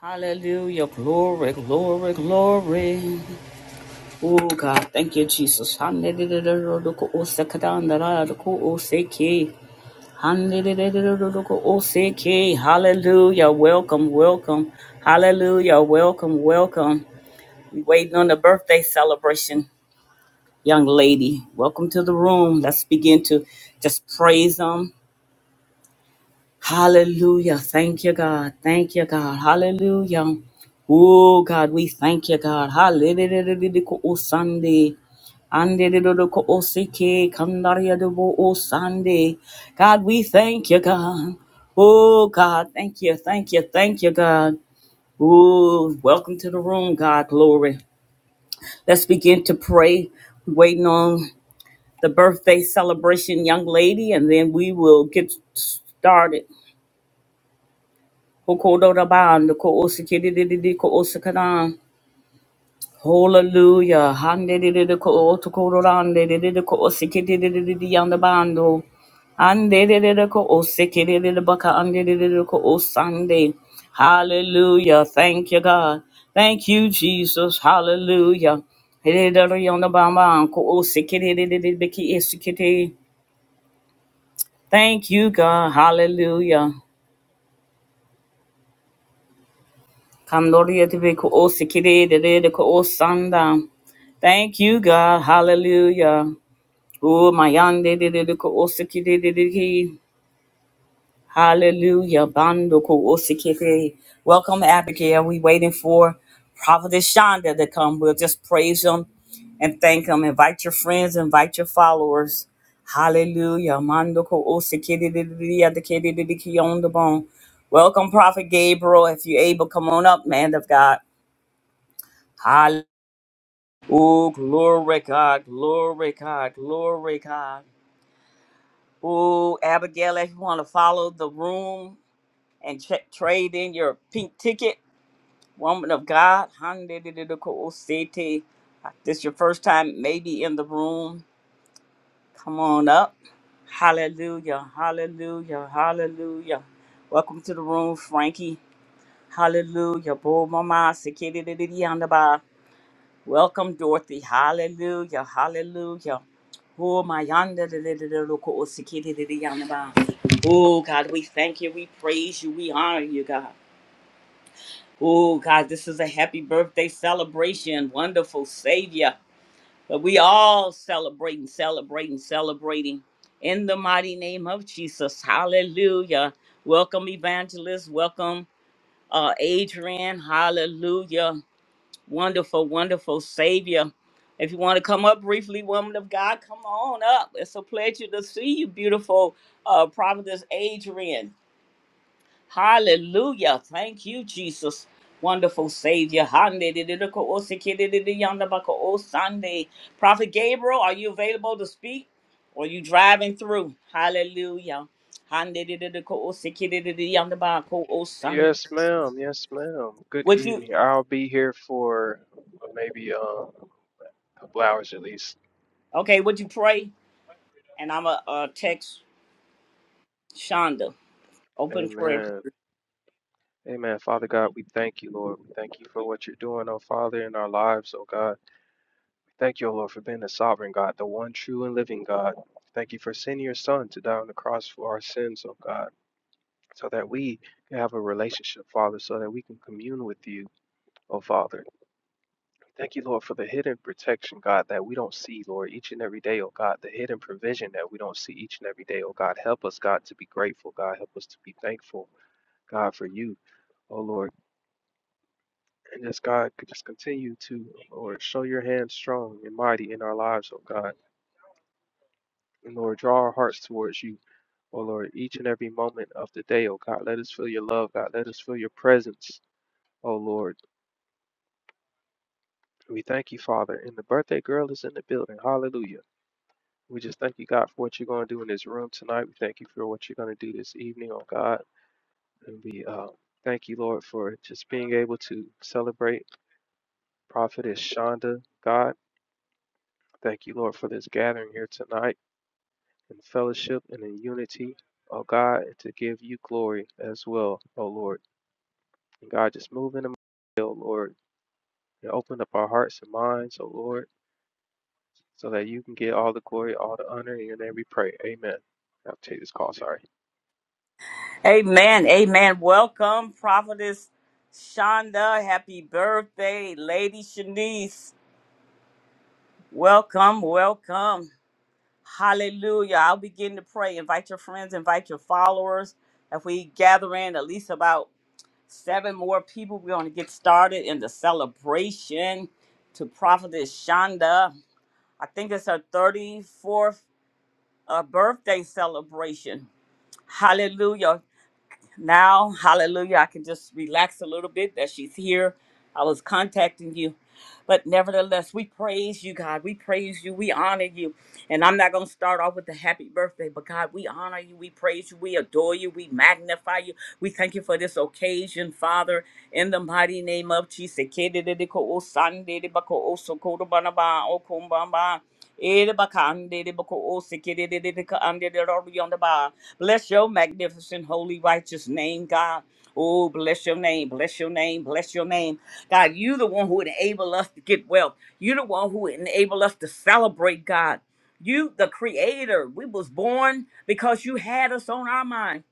Hallelujah. Glory, glory, glory. Oh God, thank you, Jesus. Hallelujah. Welcome, welcome. Hallelujah. Welcome, welcome. We waiting on the birthday celebration, young lady. Welcome to the room. Let's begin to just praise Him. Hallelujah. Thank you, God. Thank you, God. Hallelujah. Oh, God, we thank you, God. Hallelujah. Oh, Sunday. Andedodoko osike kandariadobo osande. God, we thank you, God. Oh, God, thank you, thank you, thank you, God. Oh, welcome to the room, God, glory. Let's begin to pray. We're waiting on the birthday celebration, young lady, and then we will get started. Hokododaban, Kosikidididi, Kosikadan. Hallelujah. Handedididi, Kootokododan, Dedididi, Kosikidididi, Yandabando. Handedididi, Kosikidididi, Baka, Andedididi, Kosande. Hallelujah. Thank you, God. Thank you, Jesus. Hallelujah. Thank you, God. Hallelujah. Kandoria to be ko sikiri de de ko sanda. Thank you, God. Hallelujah. Oh, my yande de de de ko sikiri de de ki. Hallelujah. Bando ko sikiri. Welcome, Abigail. We waiting for Prophetess Shonda to come. We'll just praise him and thank him. Invite your friends, invite your followers. Hallelujah. Mando ko sikiri de de de de ki de de ki on the bone. Welcome, Prophet Gabriel. If you're able, come on up, man of God. Hallelujah. Oh, glory God, glory God, glory God. Oh, Abigail, if you want to follow the room and tra- trade in your pink ticket, woman of God, city. This your first time maybe in the room. Come on up. Hallelujah, hallelujah, hallelujah. Welcome to the room, Frankie. Hallelujah. Bo mama, Welcome, Dorothy. Hallelujah. Hallelujah. Oh, my yonder, da- da- da- da- look, oh, sikiti, da- yonder, ba. Oh, God, we thank you. We praise you. We honor you, God. Oh, God, this is a happy birthday celebration. Wonderful Savior. But we all celebrating, celebrating, celebrating in the mighty name of Jesus. Hallelujah. Welcome, Evangelist. Welcome, uh, Adrian. Hallelujah. Wonderful, wonderful Savior. If you want to come up briefly, woman of God, come on up. It's a pleasure to see you, beautiful uh, Providence Adrian. Hallelujah. Thank you, Jesus. Wonderful Savior. Sunday. Prophet Gabriel, are you available to speak? Or you driving through? Hallelujah. Yes, ma'am. Yes, ma'am. Good Would you evening. I'll be here for uh, maybe um, a couple hours at least. okay? Would you pray? And I'm a uh, text Shonda, open prayer. Amen. Amen. Father God, we thank you, Lord. We thank you for what you're doing, oh Father, in our lives, oh God. Thank you, oh Lord, for being the sovereign God, the one true and living God. Thank you for sending your Son to die on the cross for our sins, oh God, so that we can have a relationship, Father, so that we can commune with you, oh Father. Thank you, Lord, for the hidden protection, God, that we don't see, Lord, each and every day, oh God, the hidden provision that we don't see each and every day, oh God. Help us, God, to be grateful, God. Help us to be thankful, God, for you, oh Lord. And this God could just continue to, Lord, show your hand strong and mighty in our lives, oh God. And Lord, draw our hearts towards you, oh Lord, each and every moment of the day, oh God. Let us feel your love, God. Let us feel your presence, oh Lord. We thank you, Father. And the birthday girl is in the building. Hallelujah. We just thank you, God, for what you're going to do in this room tonight. We thank you for what you're going to do this evening, oh God. And we uh, thank you, Lord, for just being able to celebrate Prophetess Shonda, God. Thank you, Lord, for this gathering here tonight in fellowship and in unity, oh God, and to give you glory as well, oh Lord. And God, just move in the middle, Lord, and open up our hearts and minds, oh Lord, so that you can get all the glory, all the honor, and your name we pray. Amen. I'll take this call, sorry. Amen. Amen. Welcome, Prophetess Shonda. Happy birthday, Lady Shanice. Welcome. Welcome. Hallelujah. I'll begin to pray. Invite your friends, invite your followers. If we gather in at least about seven more people, we're going to get started in the celebration to Prophetess Shonda. I think it's her 34th uh, birthday celebration. Hallelujah. Now, hallelujah, I can just relax a little bit that she's here. I was contacting you. But nevertheless, we praise you, God. We praise you. We honor you. And I'm not going to start off with the happy birthday, but God, we honor you. We praise you. We adore you. We magnify you. We thank you for this occasion, Father, in the mighty name of Jesus. Kedededeko osandedebako osokodobanaba okombamba. Edebakandedebako osekedededeko andededorobiyondaba. Bless your magnificent, holy, righteous name, God. Oh, bless your name, bless your name, bless your name. God, you the one who enable us to get wealth. You the one who enable us to celebrate, God. You the creator. We was born because you had us on our mind.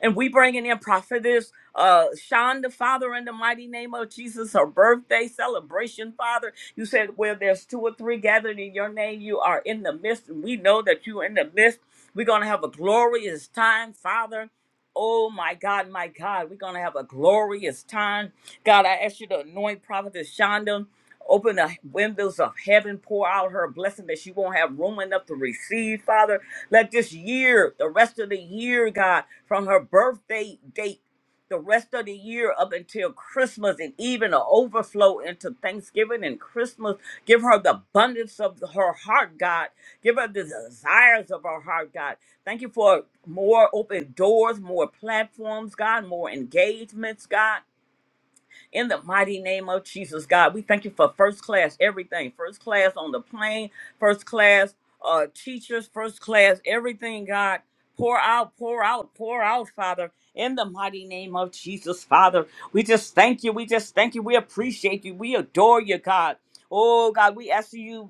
And we bringing in prophetess uh, Shonda, Father, in the mighty name of Jesus, her birthday celebration, Father. You said where there's two or three gathered in your name, you are in the midst. And we know that you're in the midst. We're going to have a glorious time, Father. Oh my God, my God, we're going to have a glorious time. God, I ask you to anoint prophetess Shonda open the windows of heaven, pour out her blessing that she won't have room enough to receive, Father. Let this year, the rest of the year, God, from her birthday date, the rest of the year up until Christmas and even an overflow into Thanksgiving and Christmas. Give her the abundance of her heart, God. Give her the desires of her heart, God. Thank you for more open doors, more platforms, God, more engagements, God. In the mighty name of Jesus, God, we thank you for first class everything. First class on the plane, first class uh, teachers, first class everything, God. Pour out, pour out, pour out, Father, in the mighty name of Jesus, Father. We just thank you. We just thank you. We appreciate you. We adore you, God. Oh, God, we ask you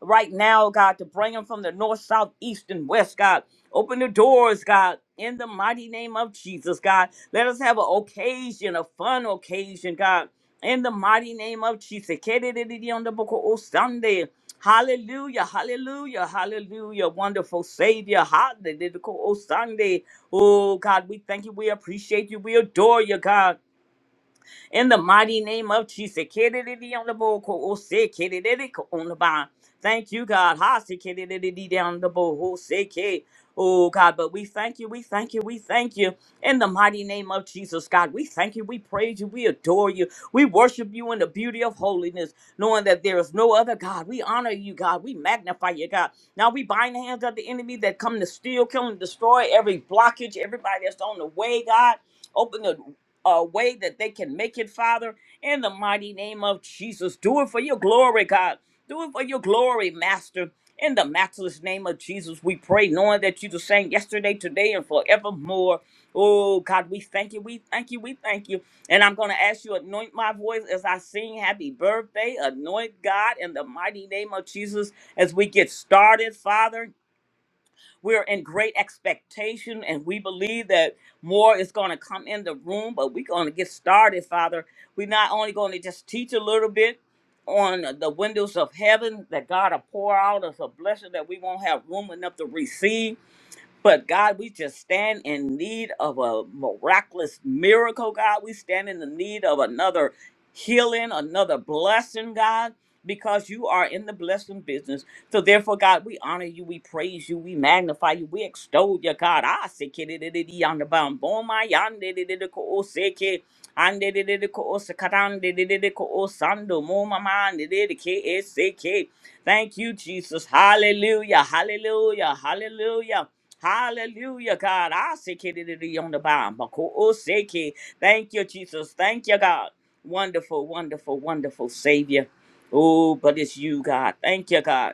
right now, God, to bring them from the north, south, east, and west, God. Open the doors, God, in the mighty name of Jesus, God. Let us have an occasion, a fun occasion, God, in the mighty name of Jesus. Kedididi on the book of Sunday. Hallelujah, hallelujah, hallelujah. Wonderful Savior. Hallelujah, Oh, Sunday. Oh, God, we thank you. We appreciate you. We adore you, God. In the mighty name of Jesus. Kidididi on the bowl, oh, say kidididi ko- on the bond. Thank you, God. Ha, say kidididi down the bowl, oh, say ki- Oh, God, but we thank you, we thank you, we thank you. In the mighty name of Jesus, God, we thank you, we praise you, we adore you. We worship you in the beauty of holiness, knowing that there is no other God. We honor you, God. We magnify you, God. Now we bind the hands of the enemy that come to steal, kill, and destroy every blockage, everybody that's on the way, God. Open the a way that they can make it, Father, in the mighty name of Jesus. Do it for your glory, God. Do it for your glory, Master. In the matchless name of Jesus, we pray, knowing that you're the same yesterday, today, and forevermore. Oh, God, we thank you. We thank you. We thank you. And I'm going to ask you, anoint my voice as I sing happy birthday. Anoint God in the mighty name of Jesus as we get started, Father. We're in great expectation and we believe that more is going to come in the room, but we're going to get started, Father. We're not only going to just teach a little bit on the windows of heaven that God will pour out us a blessing that we won't have room enough to receive but God, we just stand in need of a miraculous miracle, God. We stand in the need of another healing, another blessing, God, because you are in the blessing business. So therefore, God, we honor you, we praise you, we magnify you, we extol you, God. I say kidididi on the bound. Boma yandididi ko o seke. Andididi ko Moma mandididi ke e Thank you, Jesus. Hallelujah. Hallelujah. Hallelujah. Hallelujah, God. I say kiddy on the bomb. Thank you, Jesus. Thank you, God. Wonderful, wonderful, wonderful Savior. Oh, but it's you, God. Thank you, God.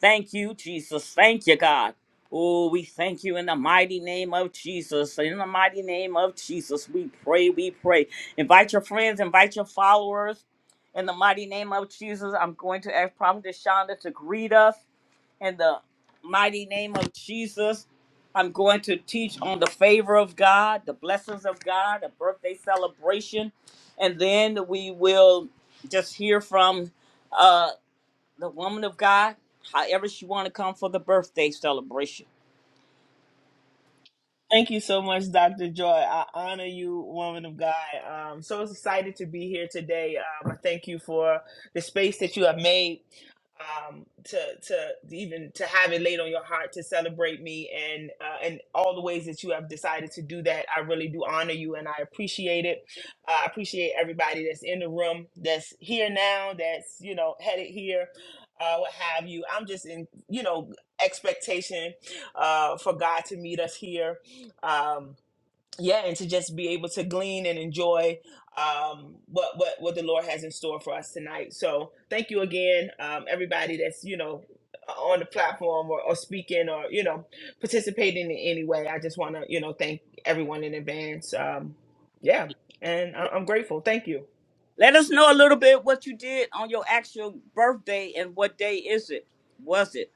Thank you, Jesus. Thank you, God. Oh, we thank you in the mighty name of Jesus. In the mighty name of Jesus, we pray, we pray. Invite your friends, invite your followers. In the mighty name of Jesus, I'm going to ask Prophet Shonda to greet us. In the mighty name of Jesus, I'm going to teach on the favor of God, the blessings of God, a birthday celebration. And then we will just hear from uh, the woman of God, however she want to come for the birthday celebration. Thank you so much, Dr. Joy. I honor you, woman of God. I'm so excited to be here today. Um, I thank you for the space that you have made um, to to even to have it laid on your heart to celebrate me and uh, and all the ways that you have decided to do that. I really do honor you and I appreciate it. Uh, I appreciate everybody that's in the room, that's here now, that's you know headed here, uh, what have you. I'm just in you know expectation uh, for God to meet us here. Um, yeah and to just be able to glean and enjoy um what what what the lord has in store for us tonight so thank you again um everybody that's you know on the platform or, or speaking or you know participating in any way i just want to you know thank everyone in advance um yeah and I- Let, i'm grateful thank you let us know a little bit what you did on your actual birthday and what day is it? Was it?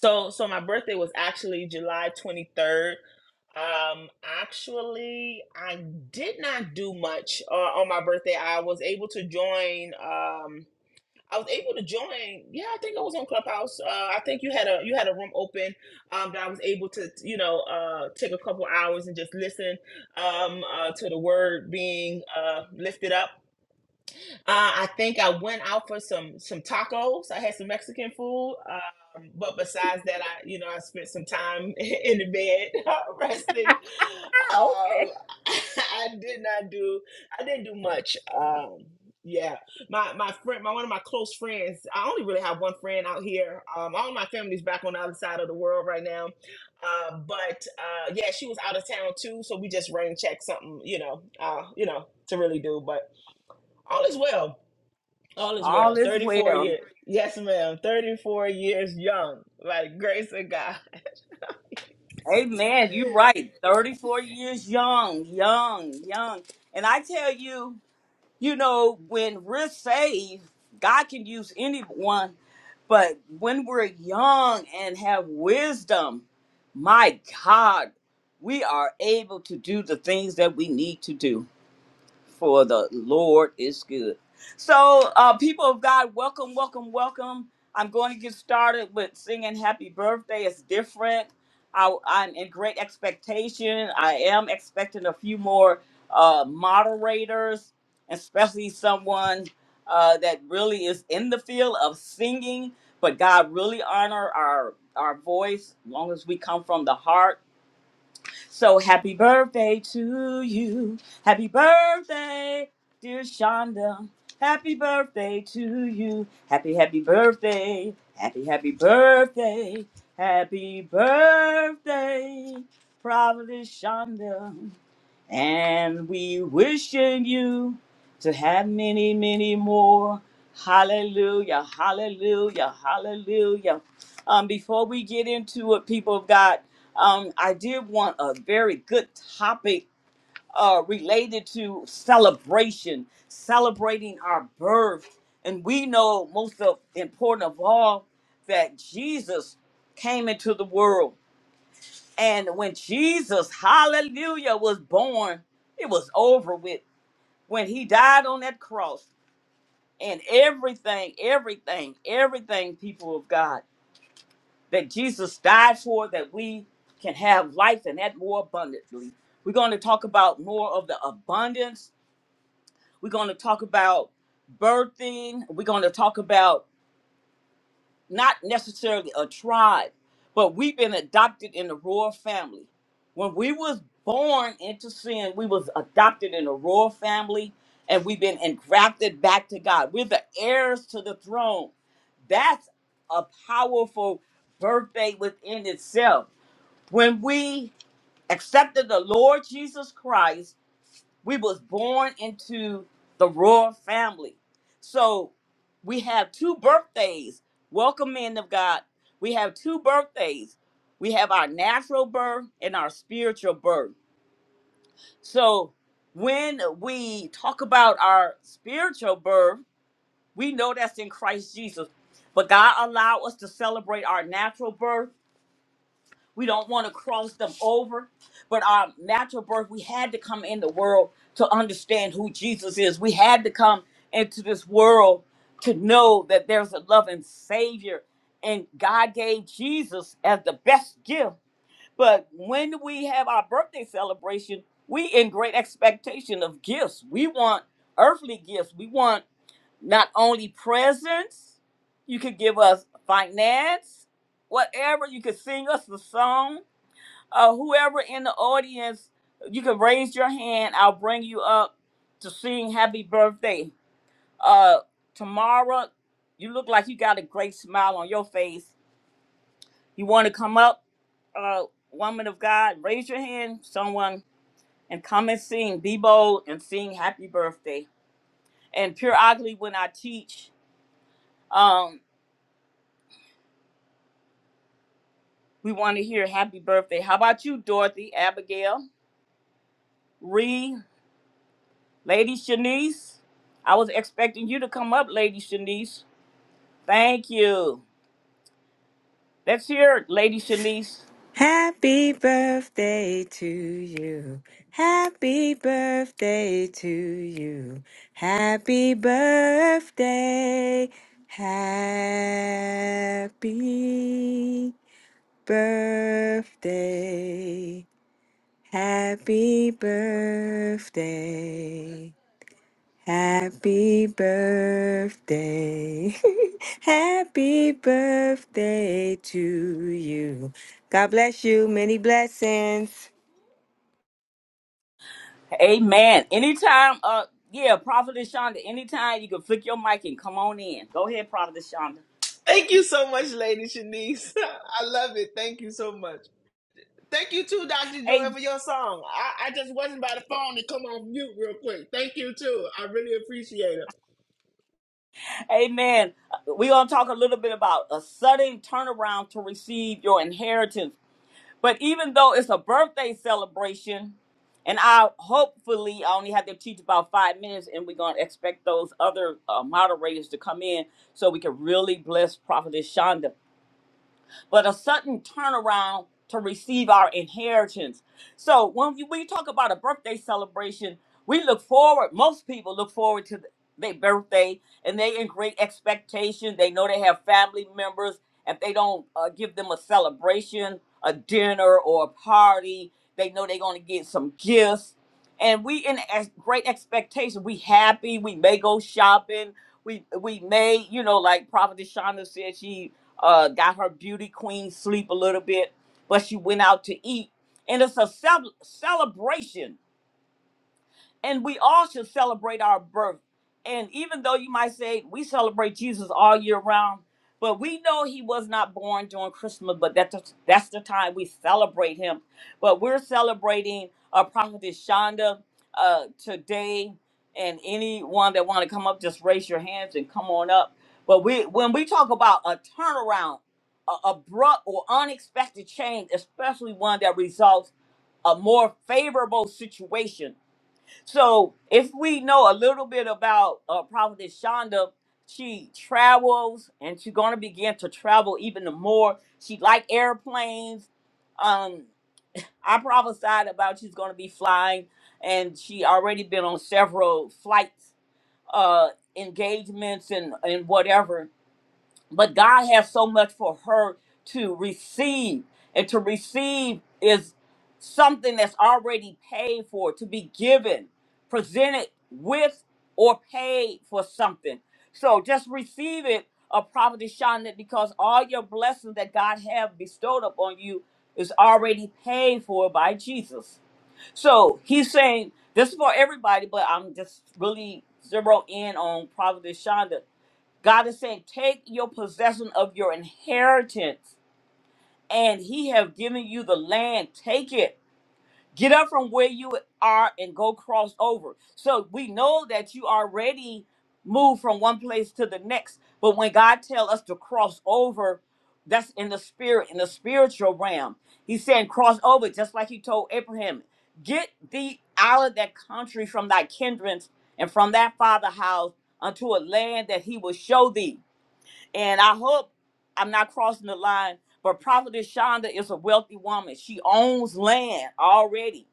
so so my birthday was actually july 23rd um actually i did not do much uh, on my birthday i was able to join Um, I was able to join. Yeah, I think I was on Clubhouse. Uh, I think you had a you had a room open um, that I was able to you know uh, take a couple hours and just listen um, uh, to the word being uh, lifted up. Uh, I think I went out for some some tacos. I had some Mexican food. Um, but besides that, I you know I spent some time in the bed resting. Ah, Um, okay. I did not do I didn't do much. Um, yeah, my my friend, my one of my close friends. I only really have one friend out here. Um, all my family's back on the other side of the world right now. Uh, but uh, yeah, she was out of town too, so we just rain checked something, you know, uh, you know, to really do. But all is well all is All well. is 34 well. years. Yes, ma'am. 34 years young. By grace of God. Amen. You're right. 34 years young, young, young. And I tell you, you know, when we're saved, God can use anyone. But when we're young and have wisdom, my God, we are able to do the things that we need to do for the Lord is good. So, uh, people of God, welcome, welcome, welcome. I'm going to get started with singing Happy Birthday. It's different. I, I'm in great expectation. I am expecting a few more uh, moderators, especially someone uh, that really is in the field of singing, but God really honor our our voice long as we come from the heart so happy birthday to you. Happy birthday, dear Shonda. Happy birthday to you. Happy, happy birthday. Happy, happy birthday. Happy birthday, Providence Shonda. And we wishing you to have many, many more. Hallelujah, hallelujah, hallelujah. Um, before we get into it, people of God, um, I did want a very good topic uh, related to celebration, celebrating our birth. And we know most of important of all that Jesus came into the world and when Jesus, hallelujah, was born, it was over with. When he died on that cross, and everything, everything, everything, people of God, that Jesus died for, that we can have life and that more abundantly. We're going to talk about more of the abundance. We're going to talk about birthing. We're going to talk about not necessarily a tribe, but we've been adopted in the royal family. When we was born into sin, we was adopted in the royal family, and we've been engrafted back to God. We're the heirs to the throne. That's a powerful birthday within itself. When we accepted the Lord Jesus Christ we was born into the royal family so we have two birthdays welcome men of god we have two birthdays we have our natural birth and our spiritual birth so when we talk about our spiritual birth we know that's in christ jesus but god allowed us to celebrate our natural birth we don't want to cross them over. But our natural birth, we had to come in the world to understand who Jesus is. We had to come into this world to know that there's a loving Savior. And God gave Jesus as the best gift. But when we have our birthday celebration, we in great expectation of gifts. We want earthly gifts. We want not only presents, you could give us finance, whatever. You could sing us a song uh, whoever in the audience, you can raise your hand. I'll bring you up to sing happy birthday. Uh, Tamara, you look like you got a great smile on your face. You want to come up, uh, woman of God? Raise your hand, someone, and come and sing. Be bold and sing happy birthday. And pure ugly, when I teach, um, we want to hear happy birthday. How about you, Dorothy, Abigail, Ree? Lady Shanice, I was expecting you to come up, Lady Shanice. Thank you. Let's hear it, Lady Shanice. Happy birthday to you. Happy birthday to you. Happy birthday. Happy birthday. Happy birthday. Happy birthday. Happy birthday to you. God bless you. Many blessings. Amen. Anytime, uh, yeah, Prophet Shonda, anytime you can flick your mic and come on in. Go ahead, Prophet Shonda. Thank you so much, Lady Shanice. I love it. Thank you so much. Thank you too, Dr. Joy, Hey, for your song. I, I just wasn't by the phone to come off mute real quick. Thank you too. I really appreciate it. amen. We're going to talk a little bit about a sudden turnaround to receive your inheritance. But even though it's a birthday celebration, and I hopefully I only have to teach about five minutes, and we're gonna expect those other uh, moderators to come in so we can really bless Prophetess Shonda but a sudden turnaround to receive our inheritance. So when you- we talk about a birthday celebration, we look forward, most people look forward to th- their birthday and they in great expectation. They know they have family members. If they don't uh, give them a celebration, a dinner or a party, they know they're going to get some gifts. And we in ex- great expectation. We happy. We may go shopping. We we may, you know, like Prophet Shonda said, she uh, got her beauty queen sleep a little bit, but she went out to eat. And it's a cel- celebration and we all should celebrate our birth. And even though you might say we celebrate Jesus all year round, but we know he was not born during Christmas, but that's that's the time we celebrate him. But we're celebrating uh, prophetess Shonda uh, today, and anyone that want to come up, just raise your hands and come on up. But we when we talk about a turnaround, a abrupt or unexpected change, especially one that results a more favorable situation so if we know a little bit about uh, Prophetess Shonda, she travels and she's gonna begin to travel even the more. She like airplanes. Um, I prophesied about she's gonna be flying, and she already been on several flights, uh, engagements and and whatever but God has so much for her to receive, and to receive is something that's already paid for, to be given, presented with, or paid for something. So just receive it, a prophet Shonda, because all your blessings that God have bestowed upon you is already paid for by Jesus. So he's saying this is for everybody, but I'm just really zero in on Prophet Shonda God is saying, take your possession of your inheritance, and he have given you the land. Take it. Get up from where you are and go cross over. So we know that you already moved from one place to the next. But when God tells us to cross over, that's in the spirit, in the spiritual realm. He's saying cross over, just like he told Abraham, get thee out of that country from thy kindreds and from that father house unto a land that he will show thee. And I hope I'm not crossing the line, but Prophetess Shonda is a wealthy woman. She owns land already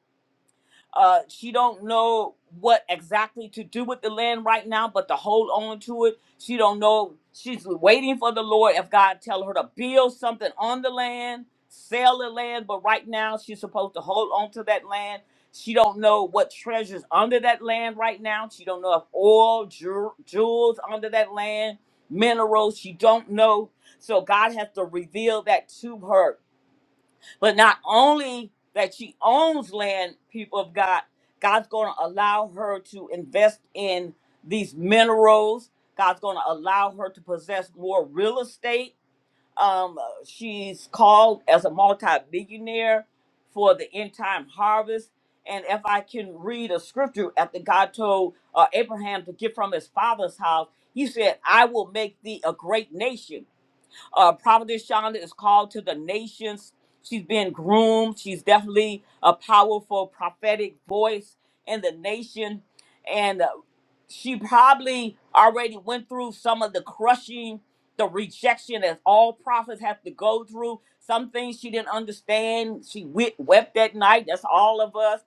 uh, she don't know what exactly to do with the land right now, but to hold on to it. She don't know. She's waiting for the Lord if God tell her to build something on the land, sell the land, but right now she's supposed to hold on to that land. She don't know what treasures under that land right now. She don't know if oil, jew- jewels under that land, minerals. She don't know. So God has to reveal that to her but not only that she owns land, people of God, God's going to allow her to invest in these minerals. God's going to allow her to possess more real estate. Um, she's called as a multi-billionaire for the end time harvest. And if I can read a scripture after God told uh, Abraham to get from his father's house, he said, I will make thee a great nation. Uh, Prophetess Shonda is called to the nations. She's been groomed. She's definitely a powerful prophetic voice in the nation. And uh, she probably already went through some of the crushing, the rejection that all prophets have to go through. Some things she didn't understand. She we- wept that night. That's all of us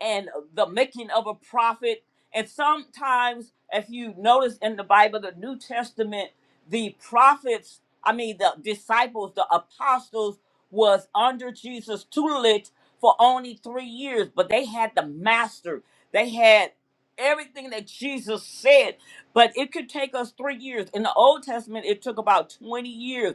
and the making of a prophet. And sometimes, if you notice in the Bible, the New Testament, the prophets, I mean, the disciples, the apostles, was under Jesus' tutelage for only three years, but they had the master. They had everything that Jesus said, but it could take us three years. In the Old Testament, it took about 20 years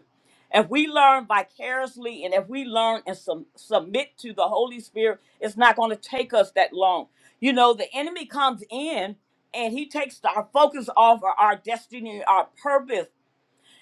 if we learn vicariously and if we learn and sum- submit to the Holy Spirit, it's not going to take us that long. You know, the enemy comes in and he takes our focus off of our destiny, our purpose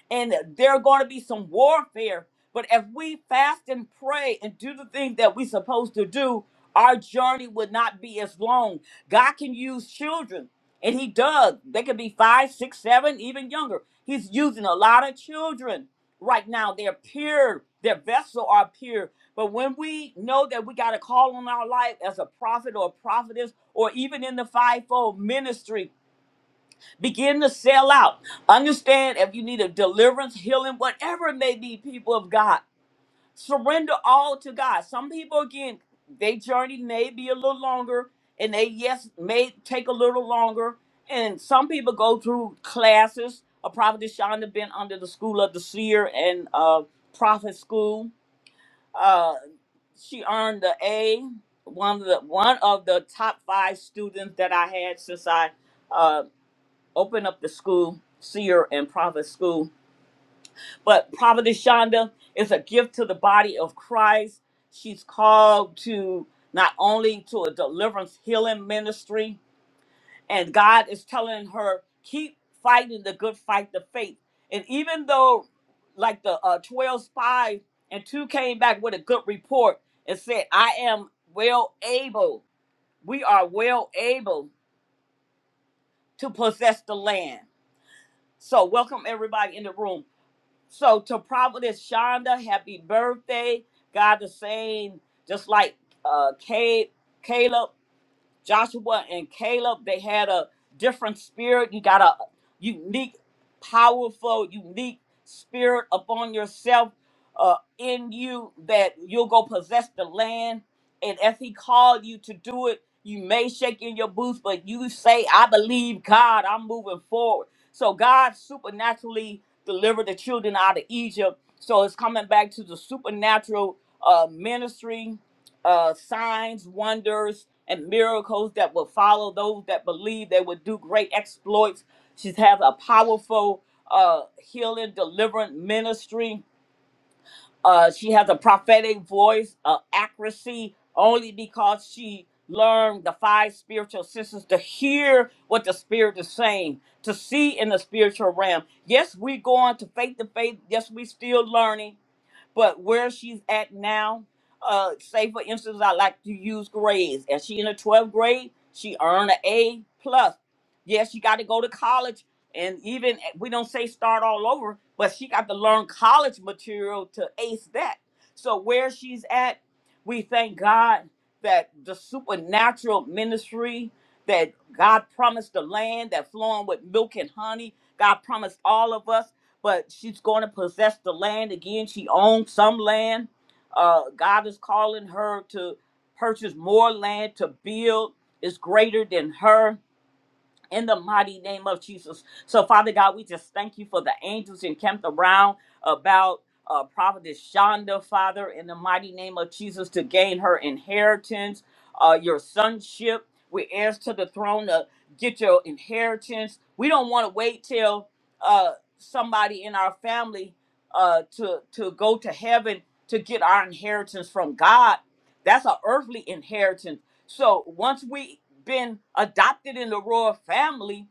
and there are going to be some warfare. But if we fast and pray and do the thing that we're supposed to do, our journey would not be as long. God can use children, and He does. They could be five, six, seven, even younger. He's using a lot of children right now. They're pure, their vessel are pure. But when we know that we got a call on our life as a prophet or a prophetess, or even in the fivefold ministry, Begin to sell out. Understand if you need a deliverance, healing, whatever it may be, people of God. Surrender all to God. Some people, again, they journey may be a little longer, and they, yes, may take a little longer. And some people go through classes. A prophet Shonda been under the school of the seer and uh, prophet school. Uh, she earned the A, one of the one of the top five students that I had since I uh, open up the school, seer and prophet school. But Prophetess Shonda is a gift to the body of Christ. She's called to not only to a deliverance healing ministry, and God is telling her, keep fighting the good fight of faith. And even though, like the uh, 12 spies, and two came back with a good report and said, I am well able, we are well able to possess the land. So, welcome everybody in the room. So to Providence Shonda, happy birthday. God is saying, just like uh Kay, Caleb. Joshua and Caleb, they had a different spirit. You got a unique, powerful, unique spirit upon yourself uh, in you that you'll go possess the land. And if he called you to do it, you may shake in your boots, but you say, I believe God, I'm moving forward. So God supernaturally delivered the children out of Egypt. So it's coming back to the supernatural uh, ministry uh, signs, wonders, and miracles that will follow those that believe they will do great exploits. She's has a powerful uh, healing, deliverance ministry. Uh, she has a prophetic voice, uh, accuracy, only because she learned the five spiritual senses to hear what the spirit is saying, to see in the spiritual realm. Yes, we're going to faith to faith. Yes, we still learning but where she's at now, uh, say for instance, I like to use grades. As she in the 12th grade, she earned an A plus. Yes, she got to go to college, and even eh, we don't say start all over, but she got to learn college material to ace that. So where she's at, we thank God that the supernatural ministry that God promised the land that flowing with milk and honey. God promised all of us but she's going to possess the land again. She owns some land. Uh, God is calling her to purchase more land to build. It's greater than her in the mighty name of Jesus. So, Father God, we just thank you for the angels encamped around about uh, Prophetess Shonda, Father, in the mighty name of Jesus, to gain her inheritance, uh, your sonship. We heirs to the throne to get your inheritance. We don't want to wait till uh, somebody in our family uh, to to go to heaven to get our inheritance from God. That's an earthly inheritance so once we have been adopted in the royal family,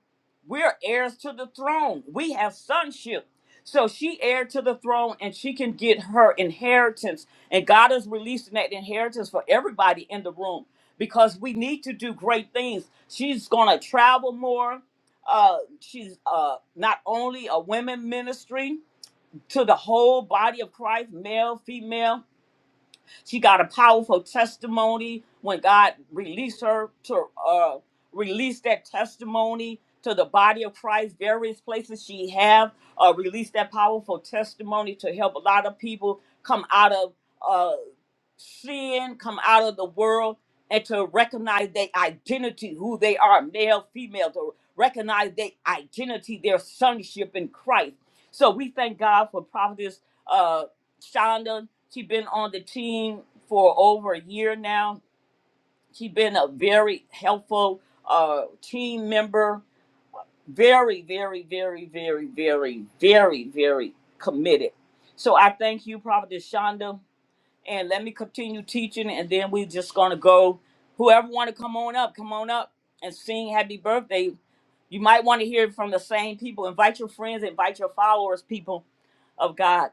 we're heirs to the throne. We have sonship. So she heir to the throne and she can get her inheritance. And God is releasing that inheritance for everybody in the room because we need to do great things. She's gonna travel more. Uh, she's uh, not only a women ministry to the whole body of Christ, male, female, she got a powerful testimony when God released her to uh, release that testimony to the body of Christ. Various places she have uh, released that powerful testimony to help a lot of people come out of. uh, sin come out of the world and to recognize their identity, who they are, male, female, to recognize their identity, their sonship in Christ. So we thank God for Prophetess uh, Shonda. She's been on the team for over a year now. She's been a very helpful uh, team member, very, very, very, very, very, very, very committed. So I thank you, Prophetess Shonda and let me continue teaching and then we just gonna go whoever want to come on up come on up and sing happy birthday you might want to hear it from the same people invite your friends invite your followers people of god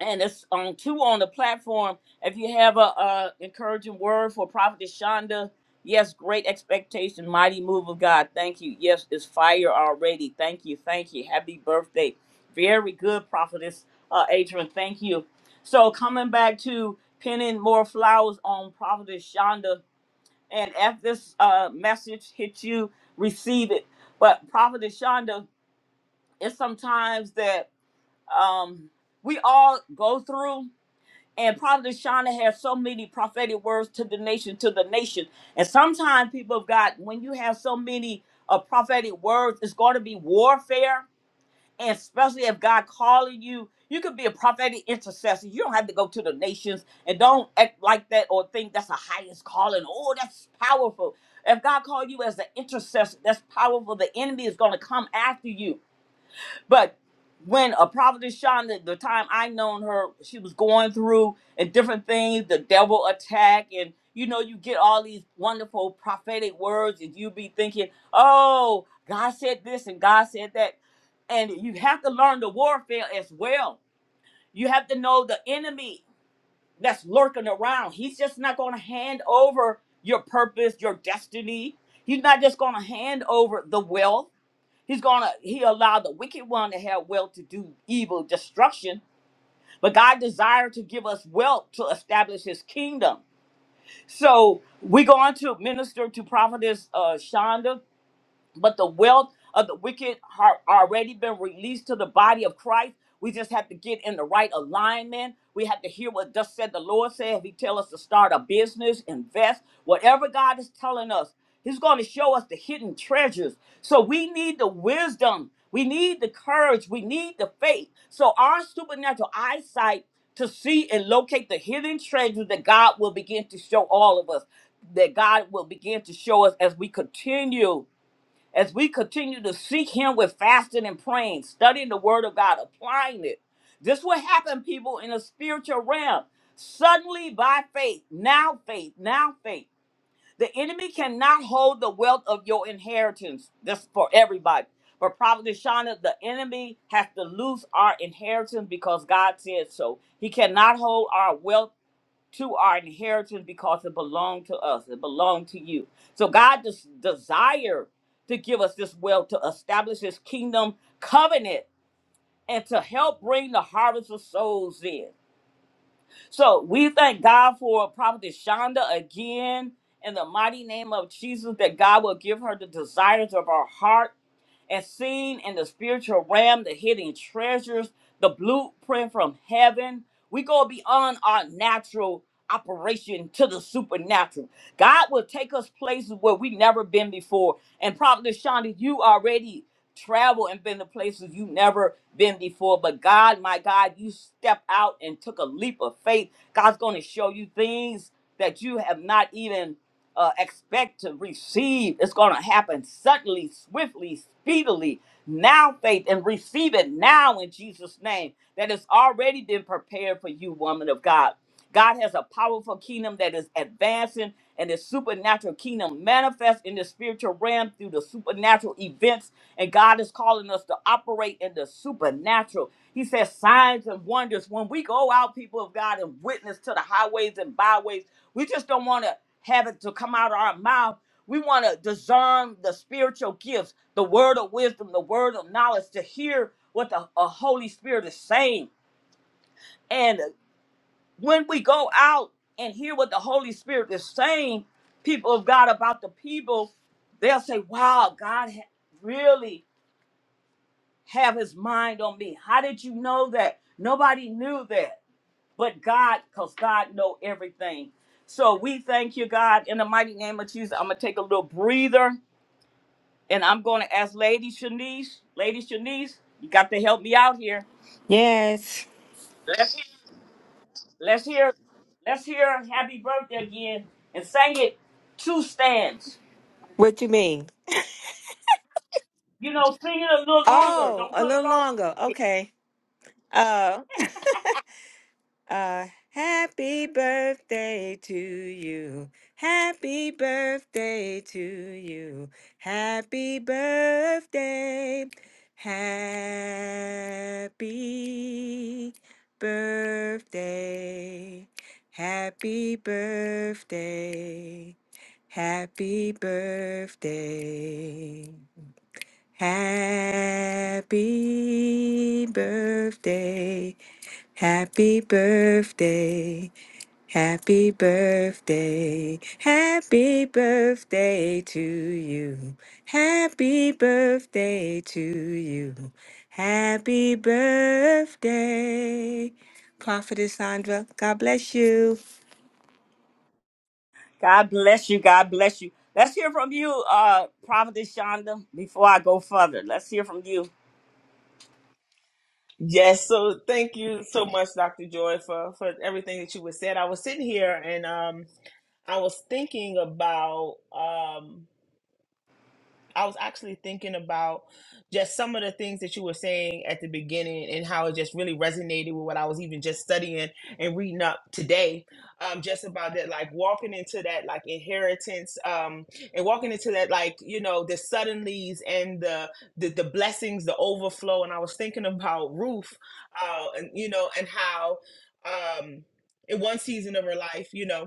and it's on two on the platform. If you have a, uh encouraging word for Prophet Shonda, yes, great expectation, mighty move of God. Thank you. Yes, it's fire already. Thank you. Thank you. Happy birthday. Very good, Prophetess uh, Adrian. Thank you. So coming back to pinning more flowers on Prophetess Shonda, and if this uh, message hits you, receive it. But Prophetess Shonda, it's sometimes that um, we all go through and Prophet Shauna has so many prophetic words to the nation, to the nation. And sometimes people have got when you have so many uh, prophetic words, it's going to be warfare. And especially if God calling you, you could be a prophetic intercessor. You don't have to go to the nations and don't act like that or think that's the highest calling. Oh, that's powerful. If God called you as an intercessor, that's powerful. The enemy is going to come after you but when a prophetess Shonda, the time I known her, she was going through and different things, the devil attack, and you know, you get all these wonderful prophetic words, and you be thinking, Oh, God said this and God said that. And you have to learn the warfare as well. You have to know the enemy that's lurking around. He's just not gonna hand over your purpose, your destiny. He's not just gonna hand over the wealth. He's gonna he allowed the wicked one to have wealth to do evil destruction, but God desired to give us wealth to establish His kingdom. So we're going to minister to prophetess uh, Shonda but the wealth of the wicked har already been released to the body of Christ. We just have to get in the right alignment. We have to hear what thus said the Lord said. If He tell us to start a business, invest, whatever God is telling us, He's going to show us the hidden treasures. So we need the wisdom. We need the courage. We need the faith. So our supernatural eyesight to see and locate the hidden treasures that God will begin to show all of us, that God will begin to show us as we continue as we continue to seek him with fasting and praying, studying the word of God, applying it. This will happen, people, in the spiritual realm. Suddenly by faith, now faith, now faith. The enemy cannot hold the wealth of your inheritance. This is for everybody. But Prophet Shana, the enemy has to lose our inheritance because God said so. He cannot hold our wealth to our inheritance because it belonged to us. It belonged to you. So God des- desired to give us this wealth to establish His kingdom covenant and to help bring the harvest of souls in. So we thank God for Prophet Shonda again in the mighty name of Jesus that God will give her the desires of her heart and seen in the spiritual realm the hidden treasures, the blueprint from heaven. We go beyond our natural operation to the supernatural. God will take us places where we've never been before. And probably, Shonda, you already traveled and been to places you've never been before. But God, my God, you stepped out and took a leap of faith. God's going to show you things that you have not even uh, expect to receive. It's going to happen suddenly, swiftly, speedily. Now, faith and receive it now in Jesus' name. That has already been prepared for you, woman of God. God has a powerful kingdom that is advancing, and the supernatural kingdom manifests in the spiritual realm through the supernatural events. And God is calling us to operate in the supernatural. He says, signs and wonders. When we go out, people of God, and witness to the highways and byways, we just don't want to have it to come out of our mouth. We want to discern the spiritual gifts, the word of wisdom, the word of knowledge, to hear what the uh, Holy Spirit is saying. And when we go out and hear what the Holy Spirit is saying, people of God, about the people, they'll say, Wow, God ha- really have his mind on me. How did you know that? Nobody knew that but God, because God know everything. So we thank you, God, in the mighty name of Jesus. I'm gonna take a little breather And I'm going to ask Lady Shanice. Lady Shanice, you got to help me out here. Yes. Let's hear, let's hear "Happy Birthday" again and sing it two stands. What you mean? You know, sing it a little longer. Oh, Don't a cut it little off so longer. quick. Okay. Uh. A happy birthday to you. Happy birthday to you. Happy birthday. Happy birthday. Happy birthday. Happy birthday. Happy birthday Happy birthday, happy birthday, happy birthday to you. Happy birthday to you. Happy birthday. Prophetess Sandra, God bless you. God bless you. God bless you. Let's hear from you, uh, Prophetess Shonda, before I go further. Let's hear from you. Yes, so thank you so much, Dr. Joy, for, for everything that you was said. I was sitting here and um I was thinking about um. I was actually thinking about just some of the things that you were saying at the beginning and how it just really resonated with what I was even just studying and reading up today. Um, just about that, like walking into that like inheritance, um, and walking into that like you know the suddenlies and the the, the blessings, the overflow. And I was thinking about Ruth, uh, and you know, and how um in one season of her life, you know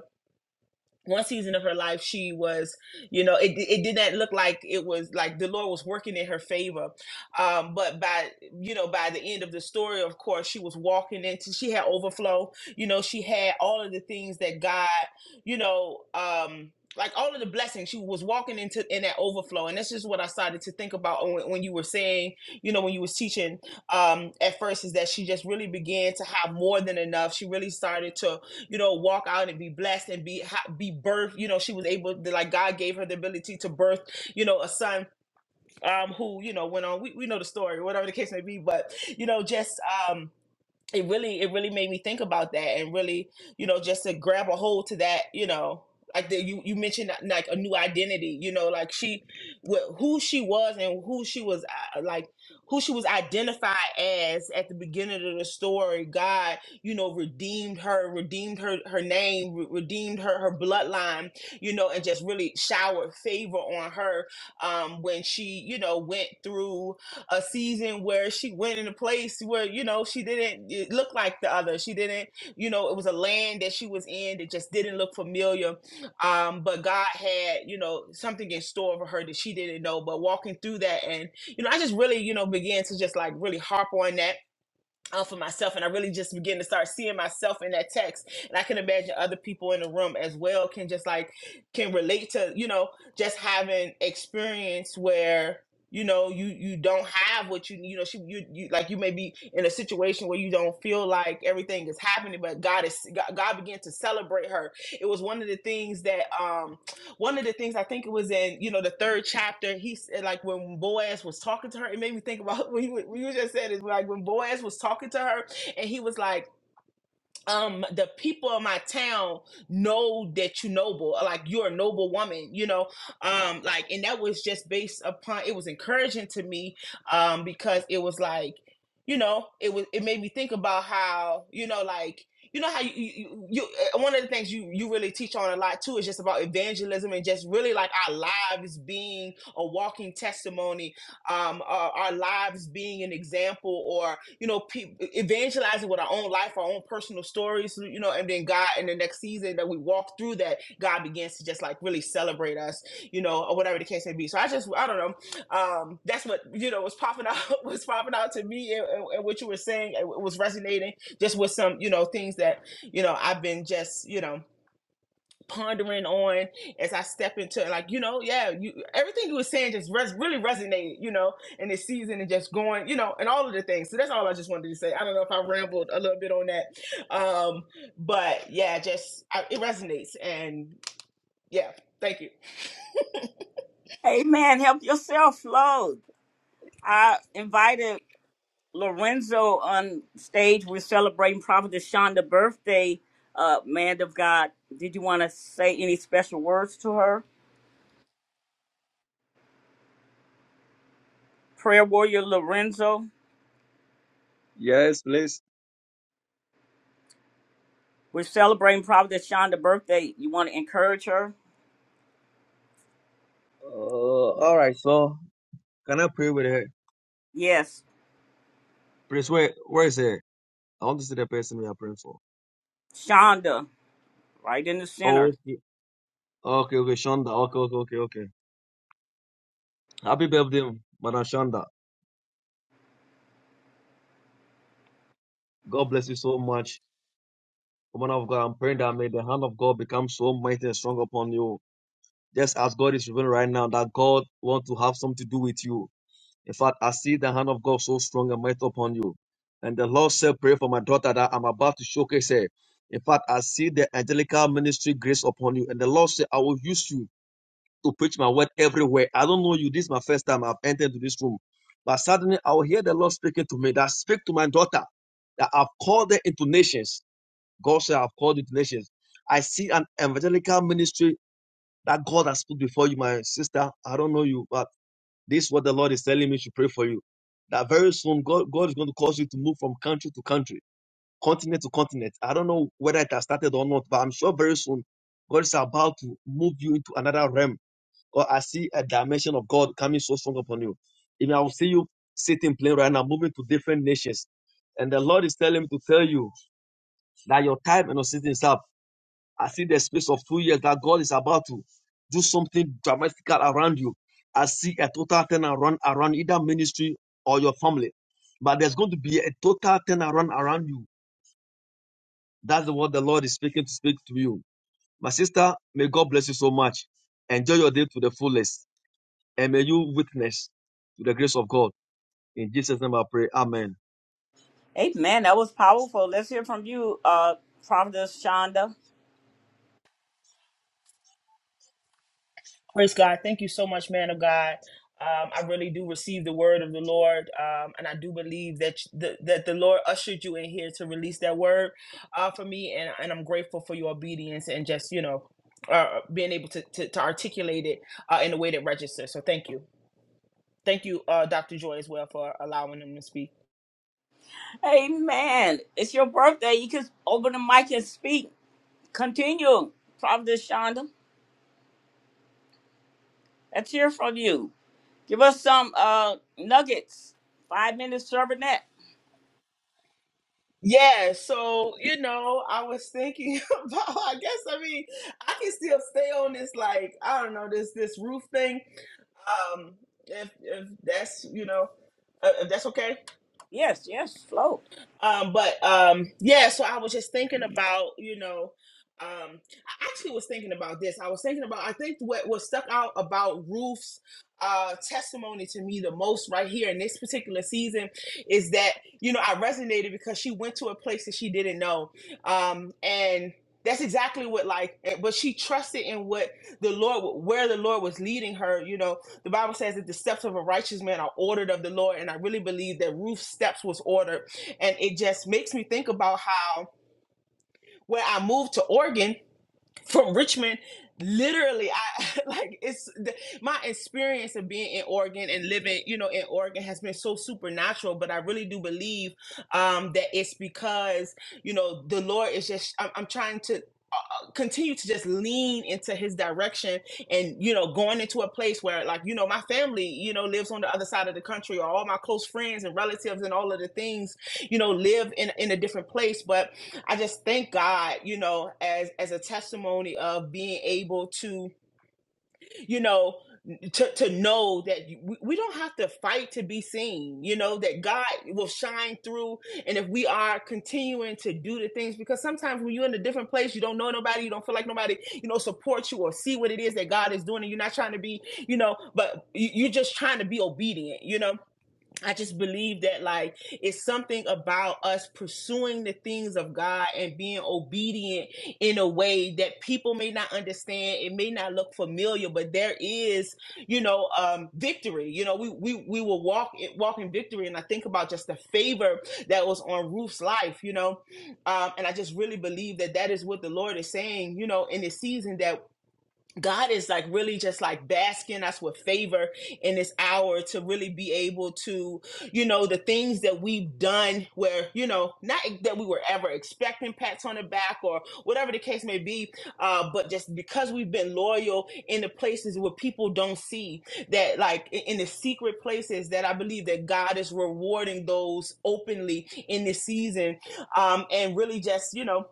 one season of her life she was you know it, it didn't look like it was like the lord was working in her favor um but by you know by the end of the story of course she was walking into she had overflow you know she had all of the things that god you know um like all of the blessings she was walking into in that overflow and that's just what i started to think about when, when you were saying you know when you was teaching um at first is that she just really began to have more than enough she really started to you know, walk out and be blessed and be be birthed. You know, she was able to like God gave her the ability to birth, you know, a son um who you know went on. We, we know the story, whatever the case may be, but you know, just um it really it really made me think about that and really you know just to grab a hold to that you know like the, you you mentioned uh, like a new identity you know like she wh- who she was and who she was uh, like who she was identified as at the beginning of the story god you know redeemed her redeemed her her name re- redeemed her her bloodline you know and just really showered favor on her um when she you know went through a season where she went in a place where you know she didn't it look like the other. She didn't, you know, it was a land that she was in that just didn't look familiar. Um, but God had you know something in store for her that she didn't know. But walking through that, and you know, I just really you know began to just like really harp on that uh, for myself and i really just begin to start seeing myself in that text and i can imagine other people in the room as well can just like can relate to you know just having experience where you know you you don't have what you you know she, you, you like you may be in a situation where you don't feel like everything is happening but god is god, god began to celebrate her it was one of the things that um, one of the things I think it was in, you know, the third chapter, he said, like, when Boaz was talking to her, it made me think about what you, what you just said is like when Boaz was talking to her and he was like, um the people of my town know that you noble like you're a noble woman you know um like and that was just based upon it was encouraging to me um because it was like you know it was it made me think about how you know like you know how you, you, you uh, one of the things you you really teach on a lot too is just about evangelism and just really like our lives being a walking testimony um, our, our lives being an example or, you know, pe- evangelizing with our own life, our own personal stories, you know, and then God in the next season that we walk through that, God begins to just like really celebrate us, you know, or whatever the case may be. So I just, I don't know. Um, that's what, you know, was popping out, was popping out to me and, and and what you were saying, it was resonating just with some, you know, things that, you know, I've been just, you know, pondering on as I step into Like, you know, yeah, you everything you were saying just res- really resonated, you know, in this season and just going, you know, and all of the things. So that's all I just wanted to say. I don't know if I rambled a little bit on that. Um, but yeah, just I, it resonates. And yeah, thank you. Hey, man, help yourself, Flo. I invited Lorenzo on stage. We're celebrating Prophetess Shonda's birthday. Uh, man of God, did you want to say any special words to her? Prayer warrior Lorenzo, Yes, please. we're celebrating Prophetess Shonda's birthday. You want to encourage her? Oh, all right. So can I pray with her? Yes, Please, where where is her? I want to see the person we are praying for. Shonda, right in the Oh, center. okay, okay, okay, Shonda. Okay, okay, okay, okay. Happy birthday, Madam Shonda. God bless you so much, woman of God. I'm praying that may the hand of God become so mighty and strong upon you. Just as God is revealing right now that God want to have something to do with you. In fact, I see the hand of God so strong and mighty upon you. And the Lord said, Pray for my daughter that I'm about to showcase her. In fact, I see the angelical ministry grace upon you. And the Lord said, I will use you to preach my word everywhere. I don't know you. This is my first time I've entered to this room. But suddenly I will hear the Lord speaking to me that speak to my daughter that I've called her into nations. God said, I've called you to nations. I see an evangelical ministry that God has put before you, my sister. I don't know you, but this is what the Lord is telling me to pray for you. That very soon God, God is going to cause you to move from country to country, continent to continent. I don't know whether it has started or not, but I'm sure very soon God is about to move you into another realm. Or I see a dimension of God coming so strong upon you. Even I will see you sitting plane right now, moving to different nations. And the Lord is telling me to tell you that your time and your season is up I see the space of two years that God is about to do something dramatical around you. I see a total turnaround around either ministry or your family. But there's going to be a total turnaround around you. That's what the Lord is speaking to speak to you. My sister, may God bless you so much. Enjoy your day to the fullest. And may you witness to the grace of God. In Jesus' name I pray. Amen. Amen. That was powerful. Let's hear from you, uh, Prophet Shonda. Praise God. Thank you so much, man of God. Um, I really do receive the word of the Lord, um, and I do believe that sh- the, that the Lord ushered you in here to release that word uh, for me, and, and I'm grateful for your obedience and just you know uh, being able to, to, to articulate it uh, in a way that registers. So thank you, thank you, uh, Dr. Joy, as well for allowing him to speak. Amen. It's your birthday. You can open the mic and speak. Continue, Prophetess Shonda. Let's hear from you. Give us some uh nuggets. Five minutes serving that. Yeah, so you know, I was thinking about. I guess I mean, I can still stay on this like I don't know this this roof thing Um, if if that's you know, uh, if that's okay. Yes, yes, flow. Um, but um, yeah, so I was just thinking about, you know, um, I actually was thinking about this. I was thinking about, I think what what stuck out about Ruth's uh testimony to me the most right here in this particular season is that, you know, I resonated because she went to a place that she didn't know. Um, and that's exactly what like eh, but she trusted in what the lord where the lord was leading her you know the bible says that the steps of a righteous man are ordered of the lord and i really believe that ruth's steps was ordered and it just makes me think about how when I moved to Oregon from Richmond, literally I like it's the, my experience of being in Oregon and living, you know, in Oregon has been so supernatural, but I really do believe um that it's because, you know, the Lord is just I'm, I'm trying to uh, continue to just lean into his direction and you know going into a place where like you know my family you know lives on the other side of the country or all my close friends and relatives and all of the things you know live in in a different place but i just thank god you know as as a testimony of being able to you know to, to know that we don't have to fight to be seen you know that god will shine through and if we are continuing to do the things because sometimes when you're in a different place you don't know nobody you don't feel like nobody you know supports you or see what it is that god is doing and you're not trying to be you know but you're just trying to be obedient you know I just believe that like it's something about us pursuing the things of God and being obedient in a way that people may not understand. It may not look familiar, but there is, you know, um, victory. You know, we we we will walk walk in victory, and I think about just the favor that was on Ruth's life. You know, um, and I just really believe that that is what the Lord is saying. You know, in the season that God is like really just like basking us with favor in this hour to really be able to, you know, the things that we've done where, you know, not that we were ever expecting pats on the back or whatever the case may be, uh, but just because we've been loyal in the places where people don't see that, like i- in the secret places that I believe that God is rewarding those openly in this season. Um, and really just, you know,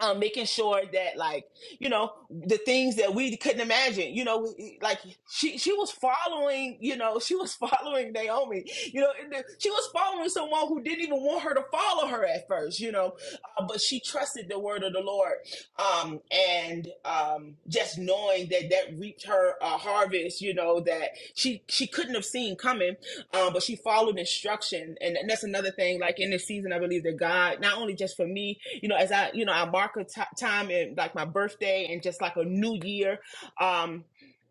um, making sure that like you know the things that we couldn't imagine you know like she she was following you know she was following naomi you know and the- she was following someone who didn't even want her to follow her at first you know uh, but she trusted the word of the lord um and um just knowing that that reaped her uh, harvest you know that she she couldn't have seen coming um but she followed instruction and, and that's another thing like in this season i believe that god not only just for me you know, as I, you know, I mark a t- time in like my birthday and just like a new year. Um,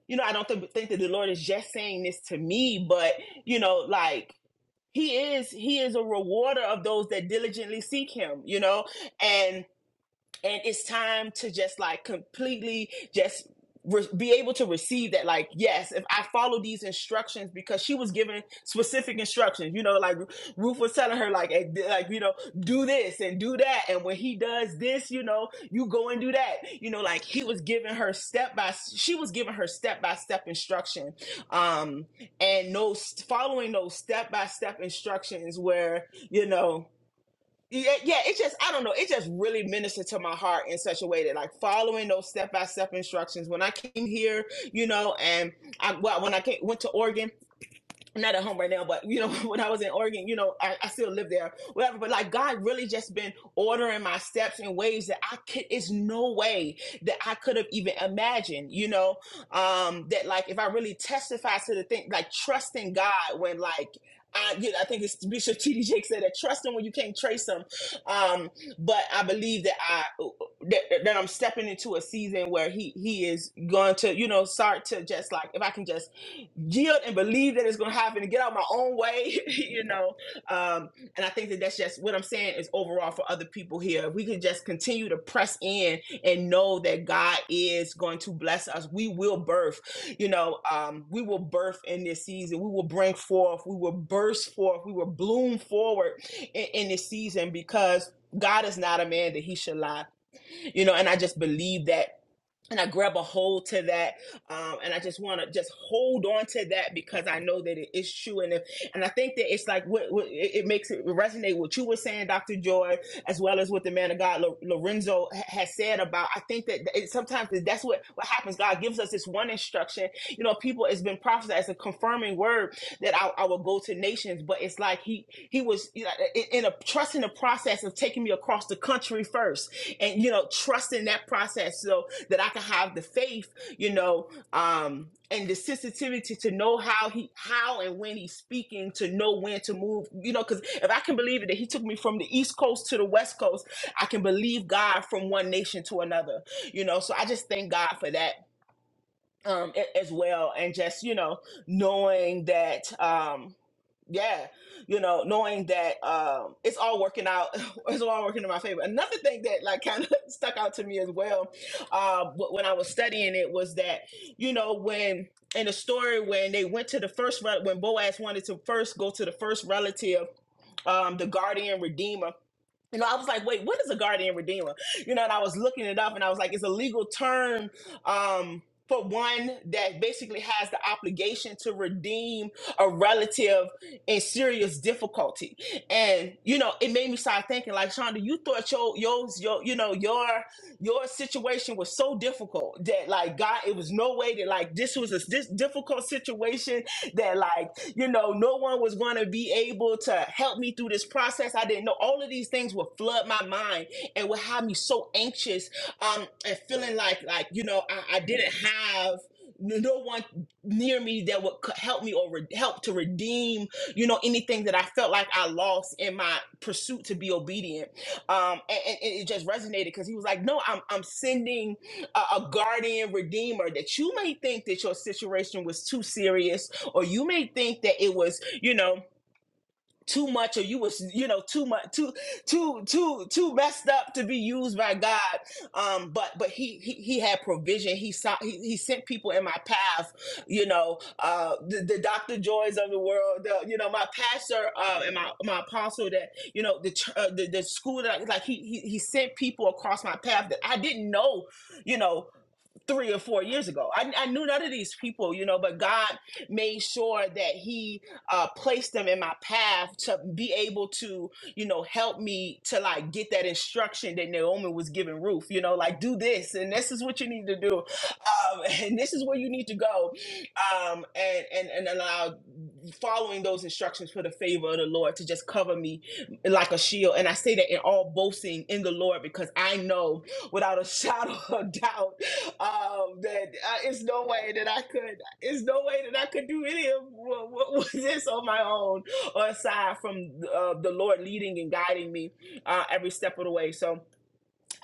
you know, I don't th- think that the Lord is just saying this to me, but you know, like he is, he is a rewarder of those that diligently seek him, you know, and and it's time to just like completely just re- be able to receive that like yes if i follow these instructions because she was given specific instructions you know like ruth was telling her like eh, like you know do this and do that and when he does this you know you go and do that you know like he was giving her step by she was giving her step by step instruction um and no following those step by step instructions where you know yeah, yeah, it's just I don't know. It just really ministered to my heart in such a way that like following those step by step instructions. When I came here, you know, and I well, when I came, went to Oregon, not at home right now, but you know, when I was in Oregon, you know, I, I still live there, whatever. But like God really just been ordering my steps in ways that I could, it's no way that I could have even imagined, you know, um, that like if I really testify to the thing, like trusting God when like, I, you know, I think it's Bishop T.D. Jake said that trust him when you can't trace him. Um, but I believe that I that, that I'm stepping into a season where he he is going to you know start to just like if I can just yield and believe that it's going to happen and get out my own way, you know. Um, and I think that that's just what I'm saying is overall for other people here. If we can just continue to press in and know that God is going to bless us, we will birth, you know, um, we will birth in this season. We will bring forth, we will burst forth, we will bloom forward in, in this season because God is not a man that he should lie, you know. And I just believe that and I grab a hold to that, um, and I just want to just hold on to that because I know that it is true, and if and I think that it's like what, what it, makes it resonate what you were saying, Doctor Joy, as well as what the man of God Lo- Lorenzo ha- has said about. I think that it, sometimes that's what what happens. God gives us this one instruction, you know. People, it's been prophesied as a confirming word that I, I will go to nations, but it's like he he was you know, in in a trusting the process of taking me across the country first, and you know trusting that process. So that I can have the faith, you know, um, and the sensitivity to know how he, how and when he's speaking, to know when to move, you know, because if I can believe it, that he took me from the East Coast to the West Coast, I can believe God from one nation to another, you know. So I just thank God for that um, a- as well, and just you know, knowing that. Um, yeah, you know, knowing that um, it's all working out, it's all working in my favor. Another thing that like kind of stuck out to me as well, uh, wh- when I was studying it was that you know when in the story when they went to the first rel- when Boaz wanted to first go to the first relative um, the guardian redeemer you know, I was like, wait, what is a guardian redeemer? You know, and I was looking it up and I was like, it's a legal term um, for one that basically has the obligation to redeem a relative in serious difficulty. And, you know, it made me start thinking like, Shonda, you thought your, yours, your, you know, your, your situation was so difficult that like, God, it was no way that like, this was a this difficult situation that like you know no one was going to be able to help me through this process i didn't know all of these things would flood my mind and would have me so anxious um and feeling like like you know i, I didn't have no one near me that would c- help me or re- help to redeem you know anything that i felt like i lost in my pursuit to be obedient um and, and and it just resonated because he was like no i'm i'm sending a, a guardian redeemer that you may think that your situation was too serious or you may think that it was you know too much or you was you know too much too too too too messed up to be used by god um but but he he, he had provision he saw he, he sent people in my path you know uh the, the dr joys of the world the, you know my pastor uh and my my apostle that you know the ch- uh, the, the school that I- like he, he he sent people across my path that i didn't know you know three or four years ago. I, I knew none of these people, you know, but God made sure that He uh, placed them in my path to be able to, you know, help me to like get that instruction that Naomi was giving Ruth, you know, like do this and this is what you need to do, um, and this is where you need to go, um, and and and allow following those instructions for the favor of the Lord to just cover me like a shield. And I say that in all boasting in the Lord because I know without a shadow of doubt um that I, it's no way that I could it's no way that I could do any of what, what was this on my own or aside from uh, the Lord leading and guiding me uh, every step of the way so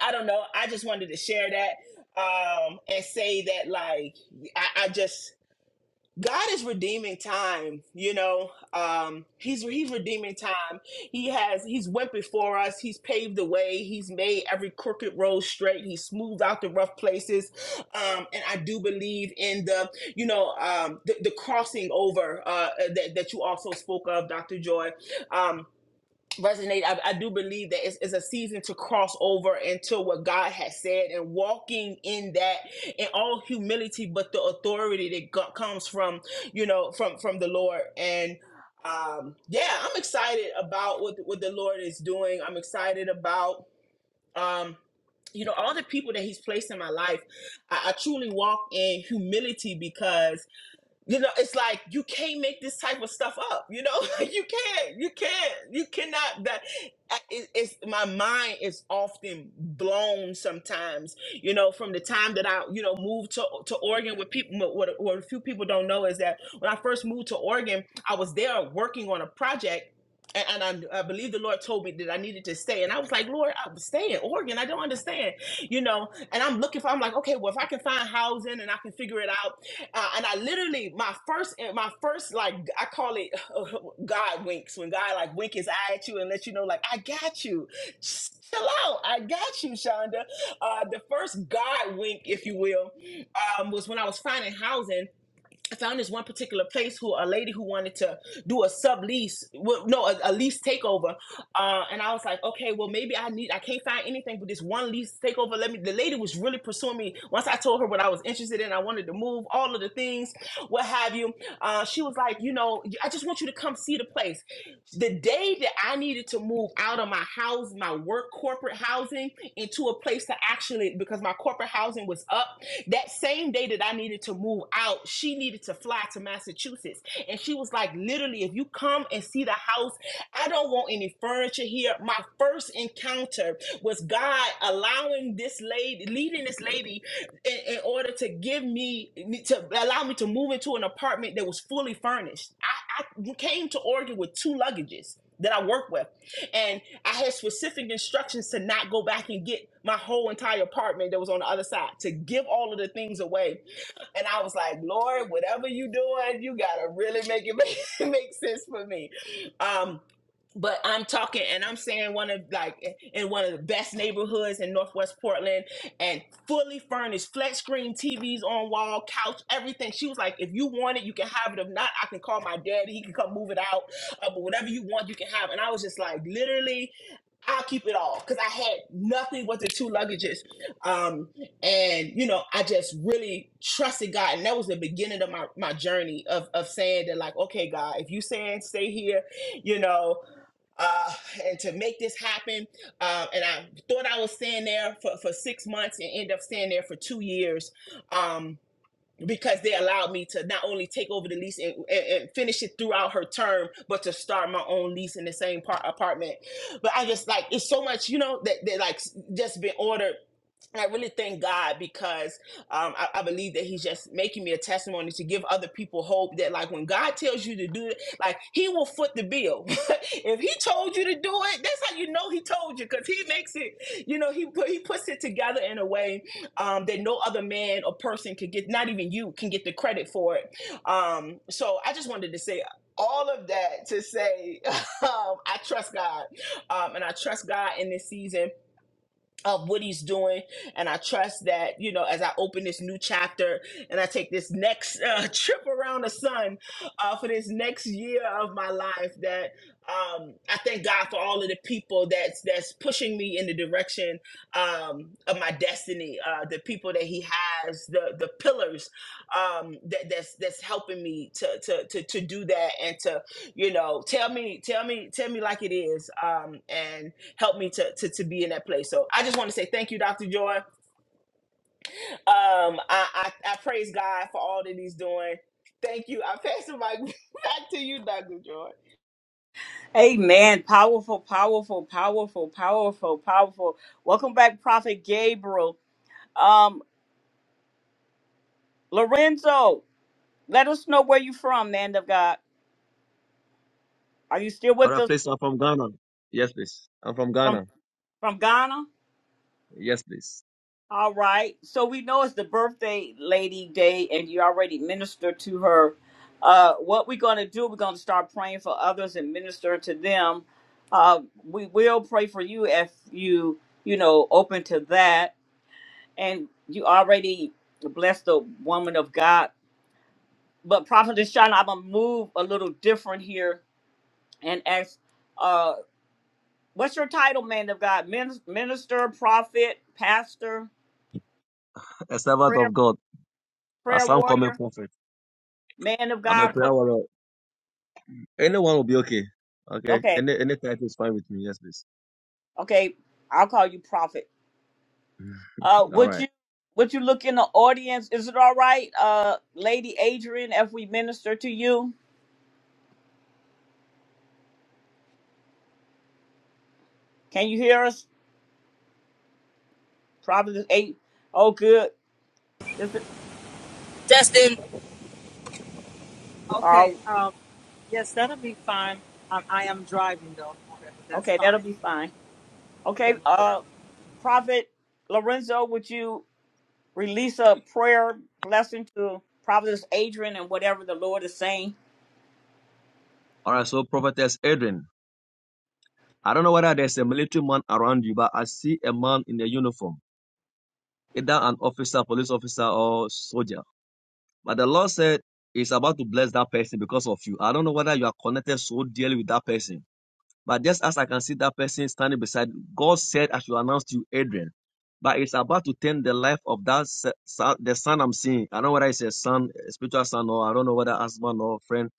I don't know I just wanted to share that um and say that like I, I just God is redeeming time, you know. Um, he's he's redeeming time. He has he's went before us. He's paved the way. He's made every crooked road straight. He smoothed out the rough places. Um, and I do believe in the you know um, the, the crossing over uh, that that you also spoke of, Doctor Joy. Um, resonate. I, I do believe that it's, it's a season to cross over into what God has said and walking in that in all humility, but the authority that go- comes from you know from from the Lord. And um, yeah, I'm excited about what what the Lord is doing. I'm excited about. Um, you know all the people that he's placed in my life I, I truly walk in humility because you know it's like you can't make this type of stuff up you know you can't you can't you cannot that I- it, it's my mind is often blown sometimes you know from the time that i you know moved to to oregon with people what, what what a few people don't know is that when i first moved to oregon i was there working on a project and, and I, I believe the Lord told me that I needed to stay. And I was like, Lord, I'm staying in Oregon. I don't understand, you know. And I'm looking for, I'm like, okay, well, if I can find housing and I can figure it out, uh, and I literally my first eh, my first like I call it uh, God winks when God like wink his eye at you and let you know like I got you. Chill out, I got you, Shonda. Uh, the first God wink, if you will, um, was when I was finding housing I found this one particular place who a lady who wanted to do a sublease, well, no, a, a lease takeover, uh, and I was like, okay, well maybe I need, I can't find anything but this one lease takeover. Let me. The lady was really pursuing me. Once I told her what I was interested in, I wanted to move, all of the things, what have you. Uh, she was like, you know, I just want you to come see the place. The day that I needed to move out of my house, my work corporate housing, into a place to actually, because my corporate housing was up, that same day that I needed to move out, she needed to fly to Massachusetts. And she was like, literally, if you come and see the house, I don't want any furniture here. My first encounter was God allowing this lady, leading this lady in, in order to give me to allow me to move into an apartment that was fully furnished. I, I came to Oregon with two luggages that I work with, and I had specific instructions to not go back and get my whole entire apartment that was on the other side to give all of the things away and I was like, Lord, whatever you doing, you gotta really make it make, make sense for me. Um, but I'm talking and I'm saying one of like in one of the best neighborhoods in Northwest Portland and fully furnished, flat screen TVs on wall, couch, everything. She was like, if you want it, you can have it. If not, I can call my daddy. He can come move it out. Uh, but whatever you want, you can have. And I was just like, literally, I'll keep it all because I had nothing but the two luggages. Um, and you know, I just really trusted God, and that was the beginning of my my journey of of saying that, like, okay, God, if you saying stay here, you know, uh, and to make this happen, uh, and I thought I was staying there for for six months and end up staying there for two years. Um, because they allowed me to not only take over the lease and, and, and finish it throughout her term, but to start my own lease in the same part apartment. But I just like it's so much, you know, that that like just been ordered. And I really thank God because um, I, I believe that He's just making me a testimony to give other people hope that, like, when God tells you to do it, like, He will foot the bill. if He told you to do it, that's how you know He told you because He makes it, you know, He put He puts it together in a way um, that no other man or person could get, not even you can get the credit for it. Um, so I just wanted to say all of that to say um, I trust God um, and I trust God in this season of what he's doing and i trust that you know as i open this new chapter and i take this next uh, trip around the sun uh, for this next year of my life that um, i thank god for all of the people that's that's pushing me in the direction um, of my destiny uh, the people that he has the the pillars um, that that's that's helping me to, to to to do that and to you know tell me tell me tell me like it is um, and help me to, to to be in that place. So I just want to say thank you, Dr. Joy. Um, I, I I praise God for all that He's doing. Thank you. I pass the mic back to you, Dr. Joy. Amen. Powerful, powerful, powerful, powerful, powerful. Welcome back, Prophet Gabriel. Um, Lorenzo, let us know where you from, man of God. Are you still All with right, us please. I'm from Ghana. Yes, please. I'm from from Ghana. from Ghana? Yes, please. All right. So we know it's the birthday lady day, and you already ministered to her. Uh, what we're going to do, we're going to start praying for others and minister to them. Uh, we will pray for you if you, you know, open to that. And you already blessed the woman of God. But Prophet Shana, I'm going to move a little different here and ask, uh, what's your title, man of God? Min- Minister, prophet, pastor, A servant prayer, of God. But prayer some common warrior? prophet. man of I'm a God, prayer warrior. Anyone will be okay. Okay. Okay, Any any title is fine with me. Yes, please. okay. I'll call you prophet. Mhm. Uh, All would right. you would you look in the audience? Is it all right, uh, Lady Adrian, if we minister to you? Can you hear us? Prophet eight. Oh, good. Is it? Justin. Okay. Oh, Um, yes, that'll be fine. Um, I am driving though. Okay, but that's okay. That'll fine. be fine. Okay, Okay, I'm gonna put it. uh, Prophet Lorenzo, would you release a prayer blessing to Prophet Adrian and whatever the Lord is saying? All right. So Prophetess Adrian, I don't know whether there's a military man around you, but I see a man in a uniform, either an officer, police officer, or soldier. But the Lord said He's about to bless that person because of you. I don't know whether you are connected so dearly with that person. But just as I can see that person standing beside, God said, I should announce to you, Adrian. But it's about to turn the life of that son, the son I'm seeing. I don't know whether it's a son, a spiritual son, or I don't know whether husband or friend.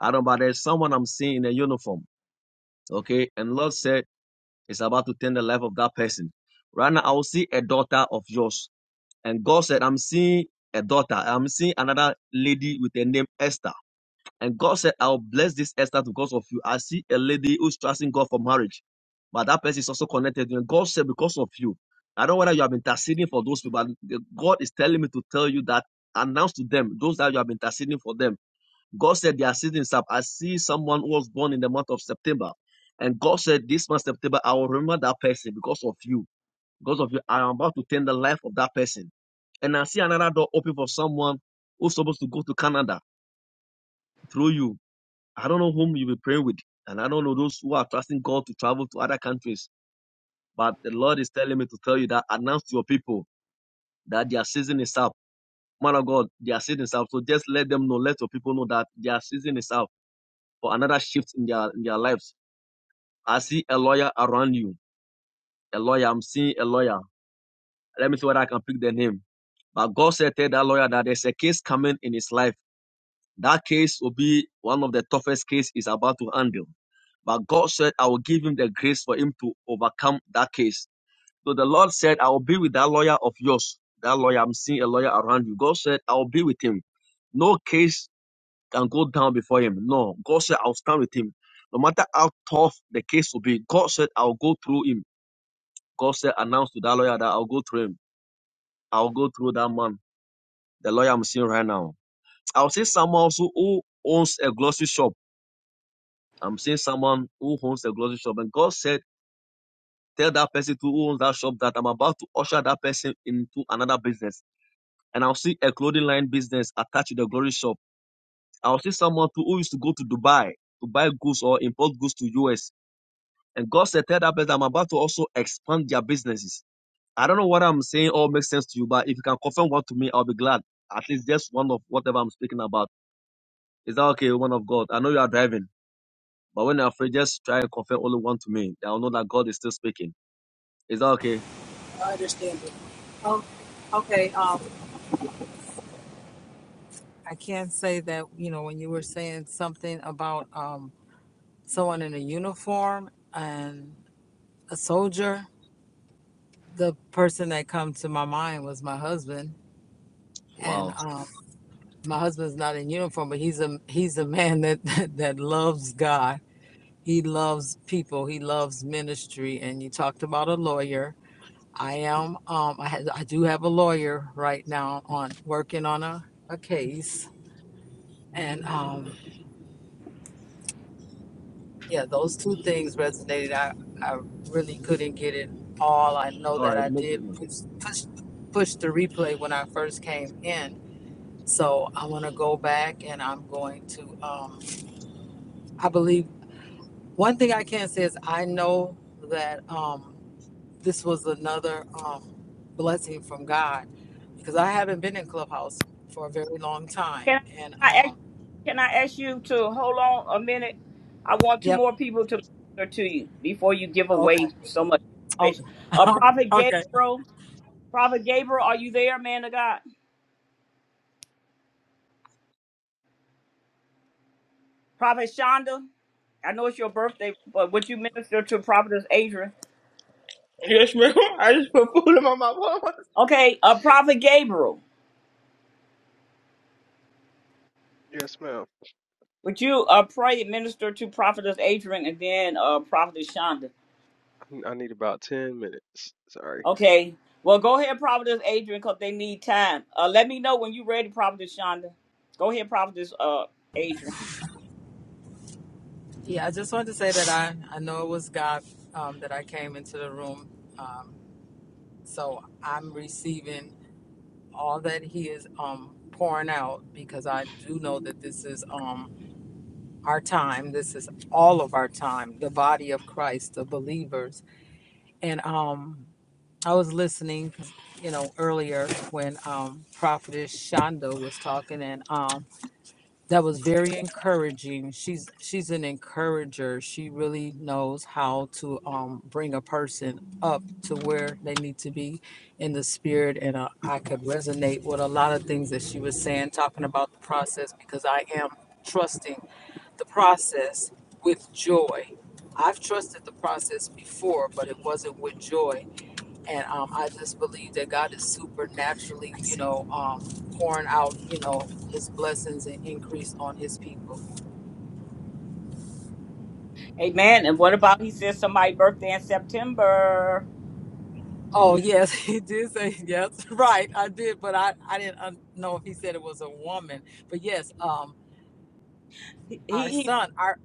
I don't know, but there's someone I'm seeing in a uniform. Okay. And Lord said, it's about to turn the life of that person. Right now, I will see a daughter of yours. And God said, I'm seeing a daughter. I'm seeing another lady with the name Esther. And God said, I'll bless this Esther because of you. I see a lady who's trusting God for marriage, but that person is also connected. And God said, because of you. I don't know whether you have been interceding for those people, but God is telling me to tell you that announce to them, those that you have been interceding for them. God said they are sitting up. I see someone who was born in the month of September. And God said, this month, September, I will remember that person because of you. Because of you, I am about to turn the life of that person. And I see another door open for someone who's supposed to go to Canada through you I don't know whom you'll be praying with, and I don't know those who are trusting God to travel to other countries. But the Lord is telling me to tell you that announce to your people that their season is up. Man of God, their season is up. So just let them know, let your people know that their season is up for another shift in their in their lives. I see a lawyer around you. A lawyer, I'm seeing a lawyer. Let me see whether I can pick the name. But God said to that lawyer that there's a case coming in his life. That case will be one of the toughest cases he's about to handle. But God said, I will give him the grace for him to overcome that case. So the Lord said, I will be with that lawyer of yours. That lawyer, I'm seeing a lawyer around you. God said, I will be with him. No case can go down before him. No. God said, I'll stand with him. No matter how tough the case will be, God said, I'll go through him. God said, announce to that lawyer that I'll go through him. I'll go through that man, the lawyer I'm seeing right now. I'll see someone also who owns a grocery shop. I'm seeing someone who owns a grocery shop. And God said, Tell that person to who owns that shop that I'm about to usher that person into another business. And I'll see a clothing line business attached to the glory shop. I'll see someone to, who used to go to Dubai to buy goods or import goods to US. And God said, tell that person I'm about to also expand their businesses. I don't know what I'm saying all makes sense to you, but if you can confirm one to me, I'll be glad. At least just one of whatever I'm speaking about. Is that okay, woman of God? I know you are driving, but when you're afraid, just try and confirm only one to me. I'll know that God is still speaking. Is that okay? Oh, okay. Um, I can say that you know when you were saying something about um someone in a uniform and a soldier, the person that come to my mind was my husband, and Wow. um, my husband's not in uniform, but he's a he's a man that that, that loves God. He loves people. He loves ministry. And you talked about a lawyer I am. Um, I had. I do have a lawyer right now on working on a, a case, and um, yeah, those two things resonated. I I really couldn't get it all. I know All that right. I No did problem. push push push the replay when I first came in, so I'm gonna go back and I'm going to. Um, I believe one thing I can say is I know that. Um, this was another um, blessing from God because I haven't been in Clubhouse for a very long time. Can And I? um, Can I ask you to hold on a minute? I want two yep, more people to minister to you before you give okay, away so much okay, information. Uh, Prophet okay. Gabriel, Prophet Gabriel, are you there, man of God? Prophet Shonda, I know it's your birthday, but would you minister to Prophetess Adrian? Yes, ma'am. I just put food in my mouth. Okay, uh, Prophet Gabriel, Yes, ma'am. would you uh, pray and minister to Prophetess Adrian and then uh, Prophetess Shonda? I need about 10 minutes. Sorry. Okay, well, go ahead, Prophetess Adrian, because they need time. Uh, let me know when you're ready, Prophetess Shonda. Go ahead, Prophetess uh, Adrian. Yeah, I just wanted to say that I I know it was God um, that I came into the room, um, so I'm receiving all that He is um, pouring out because I do know that this is um, our time. This is all of our time, the body of Christ, the believers, and um I was listening, you know, earlier when um, Prophetess Shonda was talking, and um, that was very encouraging. She's she's an encourager. She really knows how to um, bring a person up to where they need to be in the spirit, and uh, I could resonate with a lot of things that she was saying, talking about the process, because I am trusting the process with joy. I've trusted the process before, but it wasn't with joy and um, I just believe that God is supernaturally, you know, um, pouring out, you know, His blessings and increase on His people. Amen. And what about he says somebody's birthday in September? Oh yes, he did say yes, right? I did, but I I didn't un- know if he said it was a woman. But yes, um, He, our he son, our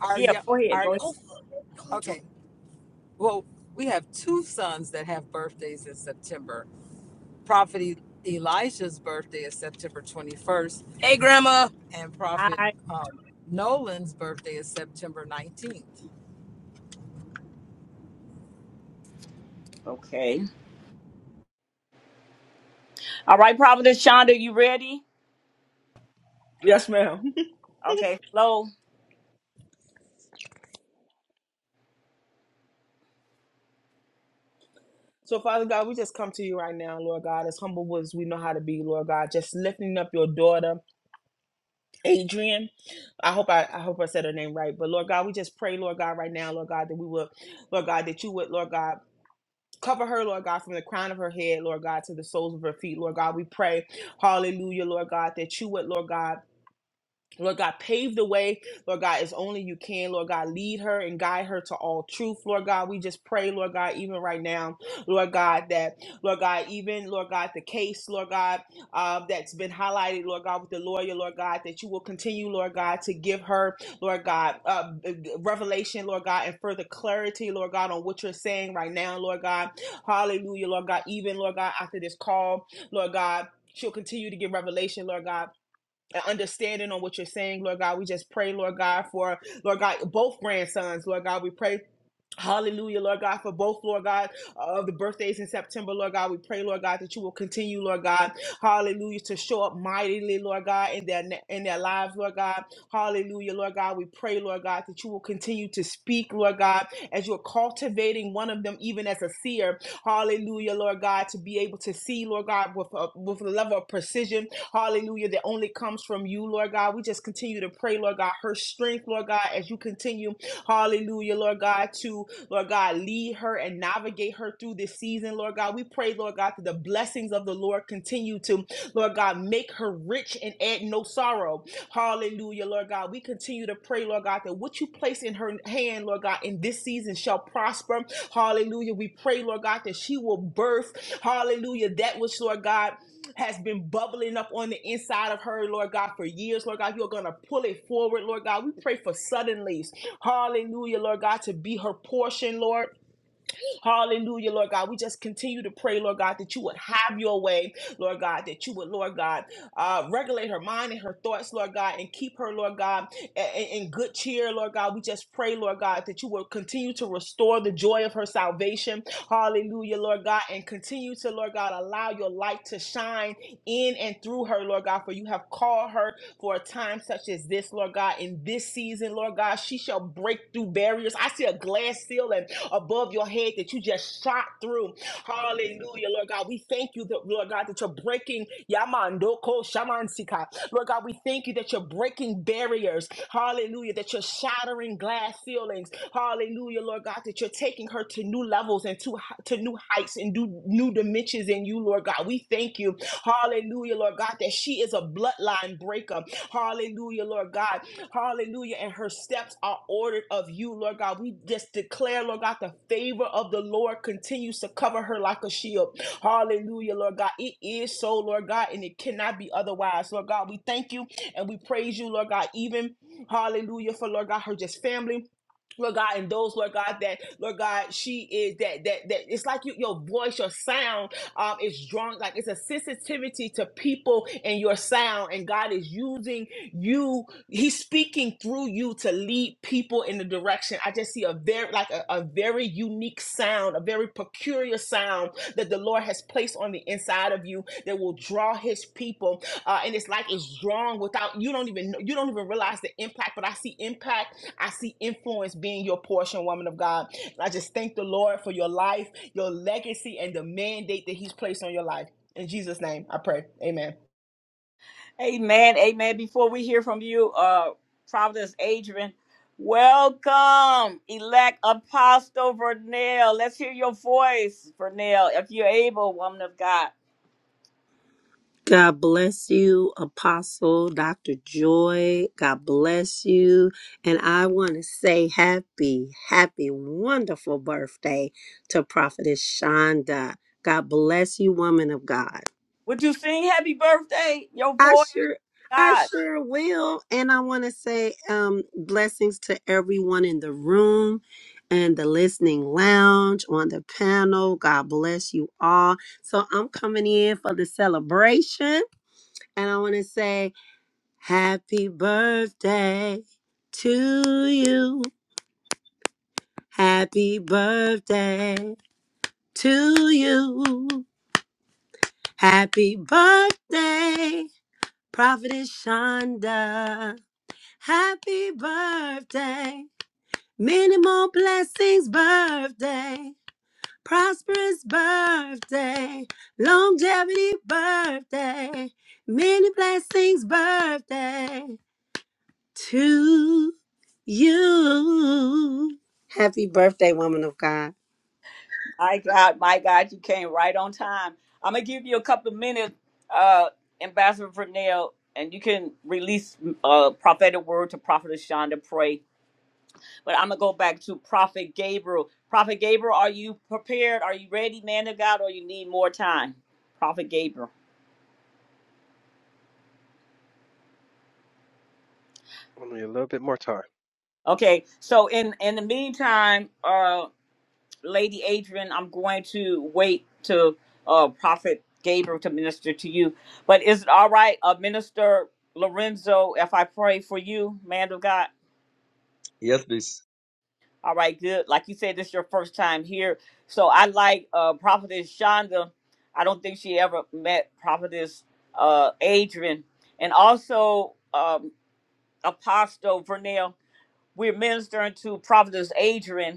our yeah, young, go ahead. our Go ahead. okay. Well, we have two sons that have birthdays in September, Prophet E- Elijah's birthday is September 21st, Hey, Grandma. and Prophet Hi. um, Nolan's birthday is September 19th. Okay. All right, Providence Shonda, you ready? Yes, ma'am. Okay, flow. So, Father God, we just come to you right now, Lord God, as humble as we know how to be, Lord God, just lifting up your daughter, Adrian. I hope I, I hope I said her name right. But Lord God, we just pray, Lord God, right now, Lord God, that we will, Lord God, that you would, Lord God. Cover her, Lord God, from the crown of her head, Lord God, to the soles of her feet, Lord God. We pray, hallelujah, Lord God, that you would, Lord God, Lord God, pave the way. Lord God, as only you can. Lord God, lead her and guide her to all truth. Lord God, we just pray, Lord God, even right now, Lord God, that, Lord God, even, Lord God, the case, Lord God, uh, that's been highlighted, Lord God, with the lawyer, Lord God, that you will continue, Lord God, to give her, Lord God, uh, uh, revelation, Lord God, and further clarity, Lord God, on what you're saying right now, Lord God. Hallelujah, Lord God. Even, Lord God, after this call, Lord God, she'll continue to give revelation, Lord God and understanding on what you're saying, Lord God. We just pray, Lord God, for Lord God, both grandsons, Lord God. We pray Hallelujah, Lord God, for both, Lord God, uh, of the birthdays in September, Lord God. We pray, Lord God, that you will continue, Lord God, hallelujah, to show up mightily, Lord God, in their in their lives, Lord God. Hallelujah, Lord God. We pray, Lord God, that you will continue to speak, Lord God, as you're cultivating one of them, even as a seer. Hallelujah, Lord God, to be able to see, Lord God, with a, with a level of precision, hallelujah, that only comes from you, Lord God. We just continue to pray, Lord God, her strength, Lord God, as you continue, hallelujah, Lord God, to Lord God, lead her and navigate her through this season, Lord God. We pray, Lord God, that the blessings of the Lord continue to, Lord God, make her rich and add no sorrow. Hallelujah, Lord God. We continue to pray, Lord God, that what you place in her hand, Lord God, in this season shall prosper. Hallelujah. We pray, Lord God, that she will birth, hallelujah, that which, Lord God, has been bubbling up on the inside of her, Lord God, for years. Lord God, you're going to pull it forward, Lord God. We pray for suddenly. Hallelujah, Lord God, to be her portion, Lord. Hallelujah, Lord God. We just continue to pray, Lord God, that you would have your way, Lord God, that you would, Lord God, uh, regulate her mind and her thoughts, Lord God, and keep her, Lord God, in, in good cheer, Lord God. We just pray, Lord God, that you will continue to restore the joy of her salvation. Hallelujah, Lord God, and continue to, Lord God, allow your light to shine in and through her, Lord God, for you have called her for a time such as this, Lord God, in this season, Lord God. She shall break through barriers. I see a glass ceiling above your head that you just shot through. Hallelujah, Lord God. We thank you, that, Lord God, that you're breaking Yamando Ko Shamansika. Lord God, we thank you that you're breaking barriers. Hallelujah. That you're shattering glass ceilings. Hallelujah, Lord God, that you're taking her to new levels and to, to new heights and new, new dimensions in you, Lord God. We thank you. Hallelujah, Lord God, that she is a bloodline breaker. Hallelujah, Lord God. Hallelujah. And her steps are ordered of you, Lord God. We just declare, Lord God, the favor of the Lord continues to cover her like a shield. Hallelujah, Lord God. It is so, Lord God, and it cannot be otherwise. Lord God, we thank you and we praise you, Lord God, even, hallelujah, for, Lord God, her just family. Lord God, and those Lord God that Lord God, she is that that that it's like you, your voice, your sound um is drawn like it's a sensitivity to people and your sound, and God is using you. He's speaking through you to lead people in the direction. I just see a very like a, a very unique sound, a very peculiar sound that the Lord has placed on the inside of you that will draw his people. Uh, and it's like it's drawn without you don't even know, you don't even realize the impact, but I see impact, I see influence being your portion, woman of God. And I just thank the Lord for your life, your legacy, and the mandate that he's placed on your life. In Jesus' name, I pray. Amen. Amen. Amen. Before we hear from you, uh Providence Adrian, welcome, elect Apostle Vernell. Let's hear your voice, Vernell, if you're able, woman of God. God bless you, Apostle Dr. Joy. God bless you. And I want to say happy, happy, wonderful birthday to Prophetess Shonda. God bless you, woman of God. Would you sing happy birthday? Your I voice, sure. I God. sure will. And I want to say um, blessings to everyone in the room and the listening lounge on the panel. God bless you all. So I'm coming in for the celebration. And I want to say Happy birthday to you. Happy birthday to you. Happy birthday, Prophetess Shonda. Happy birthday. Many more blessings, birthday. Prosperous birthday. Longevity, birthday. Many blessings, birthday. to you. Happy birthday, woman of God. My God, my God, you came right on time. I'm gonna give you a couple of minutes, uh, Ambassador Vernell, and you can release a prophetic word to Prophet Shonda pray. But I'm gonna go back to Prophet Gabriel. Prophet Gabriel, are you prepared? Are you ready, man of God, or you need more time? Prophet Gabriel. Only a little bit more time. Okay, so in in the meantime, uh. Lady Adrian, I'm going to wait to uh, Prophet Gabriel to minister to you. But is it all right, uh, Minister Lorenzo, if I pray for you, man of God? Yes, please. All right, good. Like you said, this is your first time here. So I like uh, Prophetess Shonda. I don't think she ever met Prophetess uh, Adrian. And also um, Apostle Vernell. We're ministering to Prophetess Adrian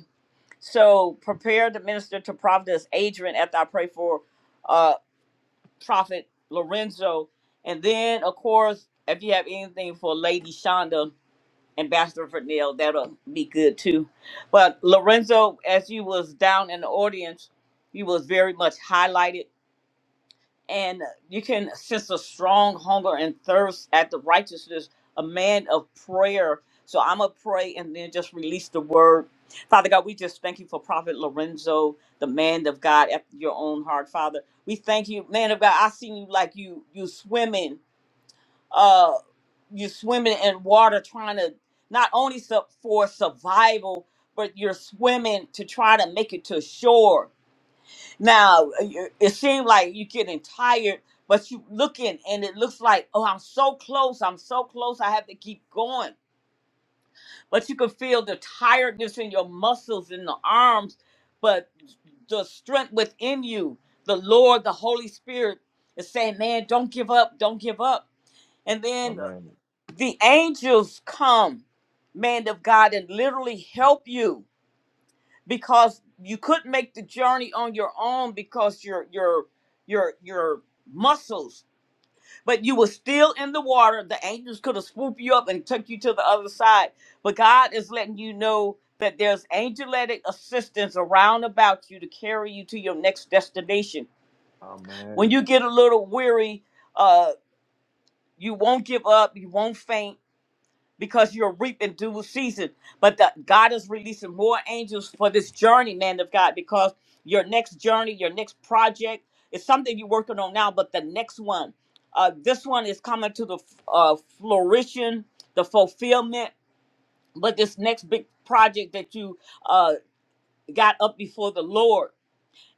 So prepare the minister to Prophetess Adrian after I pray for uh Prophet Lorenzo. And then of course, if you have anything for Lady Shonda, Ambassador for Neil, that'll be good too. But Lorenzo, as you was down in the audience, you was very much highlighted and you can sense a strong hunger and thirst at the righteousness, a man of prayer. So I'm going to pray and then just release the word. Father God, we just thank you for Prophet Lorenzo, the man of God after your own heart, Father. We thank you, man of God. I seen you like you you swimming, uh, you swimming in water, trying to not only su- for survival, but you're swimming to try to make it to shore now you- it seems like you're getting tired, but you looking and it looks like, oh, I'm so close, I'm so close, I have to keep going. But you can feel the tiredness in your muscles in the arms, but the strength within you, the Lord, the Holy Spirit is saying, man, don't give up, don't give up. And then Amen. the angels come, man of God, and literally help you because you couldn't make the journey on your own because your your your your muscles but you were still in the water the angels could have swooped you up and took you to the other side but god is letting you know that there's angelic assistance around about you to carry you to your next destination when Amen. you get a little weary uh you won't give up you won't faint because you're reaping due season. But the, God is releasing more angels for this journey, man of God, because your next journey, your next project is something you're working on now, but the next one, uh, this one is coming to the uh, flourishing, the fulfillment, but this next big project that you uh, got up before the Lord.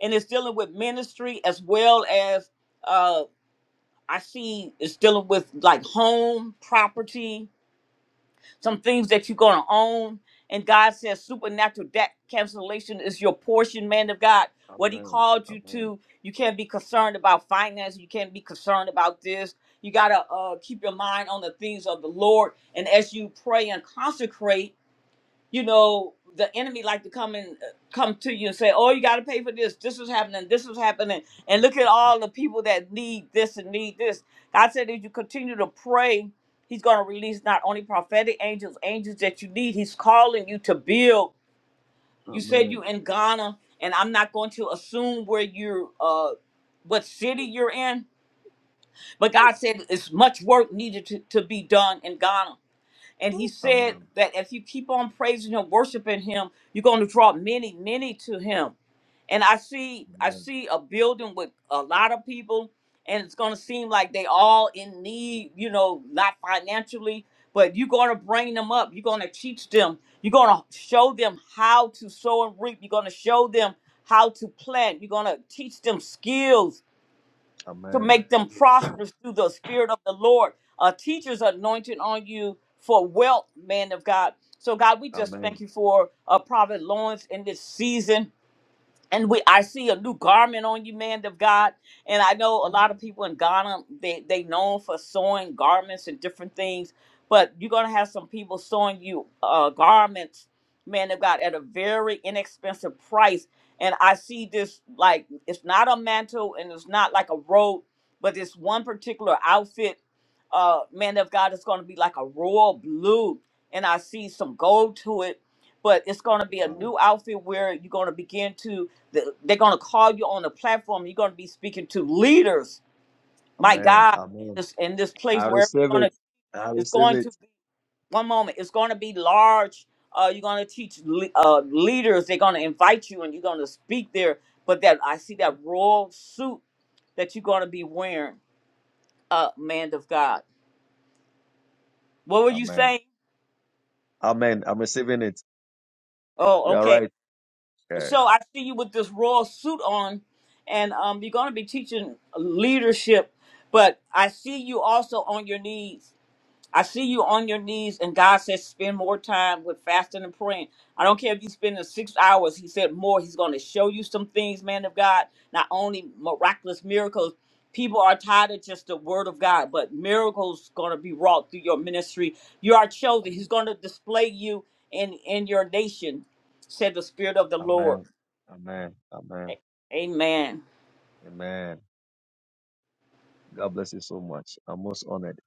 And it's dealing with ministry as well as uh, I see it's dealing with like home, property, some things that you're going to own. And God says supernatural debt cancellation is your portion, man of God. What he Amen. called you Amen. to, you can't be concerned about finance. You can't be concerned about this. You got to uh, keep your mind on the things of the Lord. And as you pray and consecrate, you know the enemy like to come and uh, come to you and say oh you got to pay for this this is happening this is happening and look at all the people that need this and need this god said if you continue to pray he's going to release not only prophetic angels angels that you need he's calling you to build you said Amen. you in ghana and i'm not going to assume where you're uh what city you're in but god said it's much work needed to, to be done in ghana and he said Amen. that if you keep on praising him, worshiping him, you're going to draw many, many to him. And I see, I Amen. see a building with a lot of people, and it's going to seem like they all in need, you know, not financially, but you're going to bring them up. You're going to teach them. You're going to show them how to sow and reap. You're going to show them how to plant. You're going to teach them skills to Amen. make them prosperous through the spirit of the Lord. A teacher's anointing on you for wealth, man of God. So, God, we just thank Amen. you for uh, Prophet Lawrence in this season and we I see a new garment on you, man of God. And I know a lot of Amen. people in Ghana, they they known for sewing garments and different things, but you're gonna have some people sewing you uh garments, man of God, at a very inexpensive price. And I see this like it's not a mantle and it's not like a robe, but this one particular outfit, uh, man of God, is gonna be like a royal blue, and I see some gold to it. But it's gonna be a new outfit where you're gonna begin to th- they're going to call you on the platform. You're going to be speaking to leaders. My Amen. God, in Amen. this in this place I where receive you're going it. to, I it's receive going to it. be one moment. It's going to be large. Uh, you're going to teach le- uh, leaders. They're going to invite you, and you're going to speak there. But that I see that royal suit that you're going to be wearing, uh, man of God. What were you Amen. saying? Amen. I'm receiving it. Oh, You are okay. right. Yeah. So I see you with this royal suit on, and um, you're going to be teaching leadership. But I see you also on your knees. I see you on your knees, and God says spend more time with fasting and praying. I don't care if you spend the six hours. He said more. He's going to show you some things, man of God. Not only miraculous miracles. People are tired of just the word of God, but miracles going to be wrought through your ministry. You are chosen. He's Amen. going to display you in in your nation, said the Spirit of the Lord. Amen. Amen. Amen. A- Amen. Amen. God bless you so much. I'm most honored.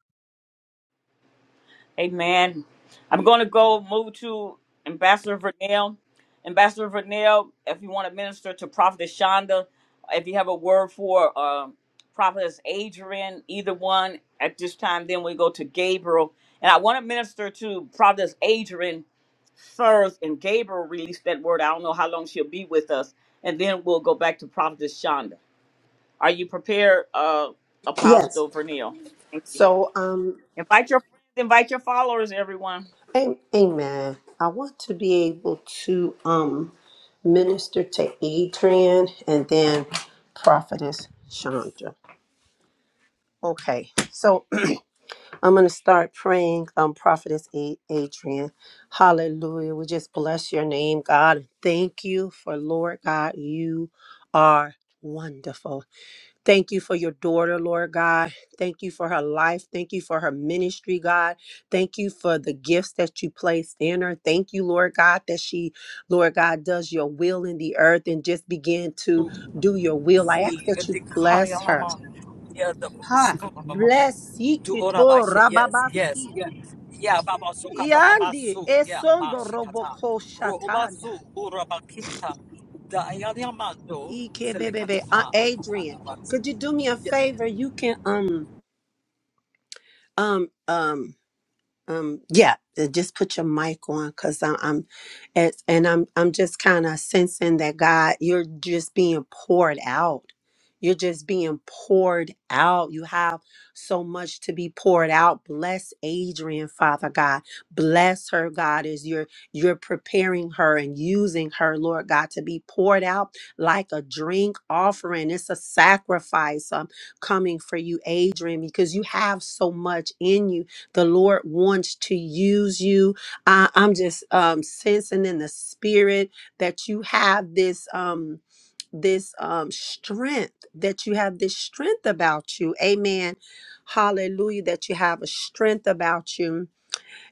Amen. I'm going to Amen. go move to Ambassador Vernell. Ambassador Vernell, if you want to minister to Prophetess Shonda, if you have a word for uh, Prophetess Adrian, either one at this time, then we go to Gabriel. And I want to minister to Prophetess Adrian first, and Gabriel released that word. I don't know how long she'll be with us. And then we'll go back to Prophetess Shonda. Are you prepared, uh, Yes. Apostle Vernell? Thank you. So, um, Invite your friends, invite your followers, everyone. am- amen. I want to be able to um minister to Adrian and then prophetess Chandra. Okay. So I'm going to start praying, um, prophetess A- Adrian. Hallelujah. We just bless your name, God. Thank you for Lord God. You are wonderful. Thank you for your daughter, Lord God. Thank you for her life. Thank you for her ministry, God. Thank you for the gifts that you placed in her. Thank you, Lord God, that she, Lord God, does your will in the earth and just begin to do your will. I ask that you bless her. Yeah, the Ha. Bless Do ora by Ikito shit. Yes, yes, Rababasi. yes. Yeah, baba sukata baba Yandi su. Yeah, ba Esondo shikata. Roboko Ro uba Shatanda. su ura bakita. Da ayani amando Ike Bebebe. Uh, Adrian, selikata could you do me a favor? You can um um um Um, yeah, uh, just put your mic on because I'm, I'm it's, and I'm, I'm just kind of sensing that God, you're just being poured out. You're just being poured out. You have so much to be poured out. Bless Adrian, Father God. Bless her, God, as you're you're preparing her and using her, Lord God, to be poured out like a drink offering. It's a sacrifice um, coming for you, Adrian, because you have so much in you the Lord wants to use you. I, I'm just um, sensing in the spirit that you have this. Um, this um strength that you have this strength about you amen hallelujah that you have a strength about you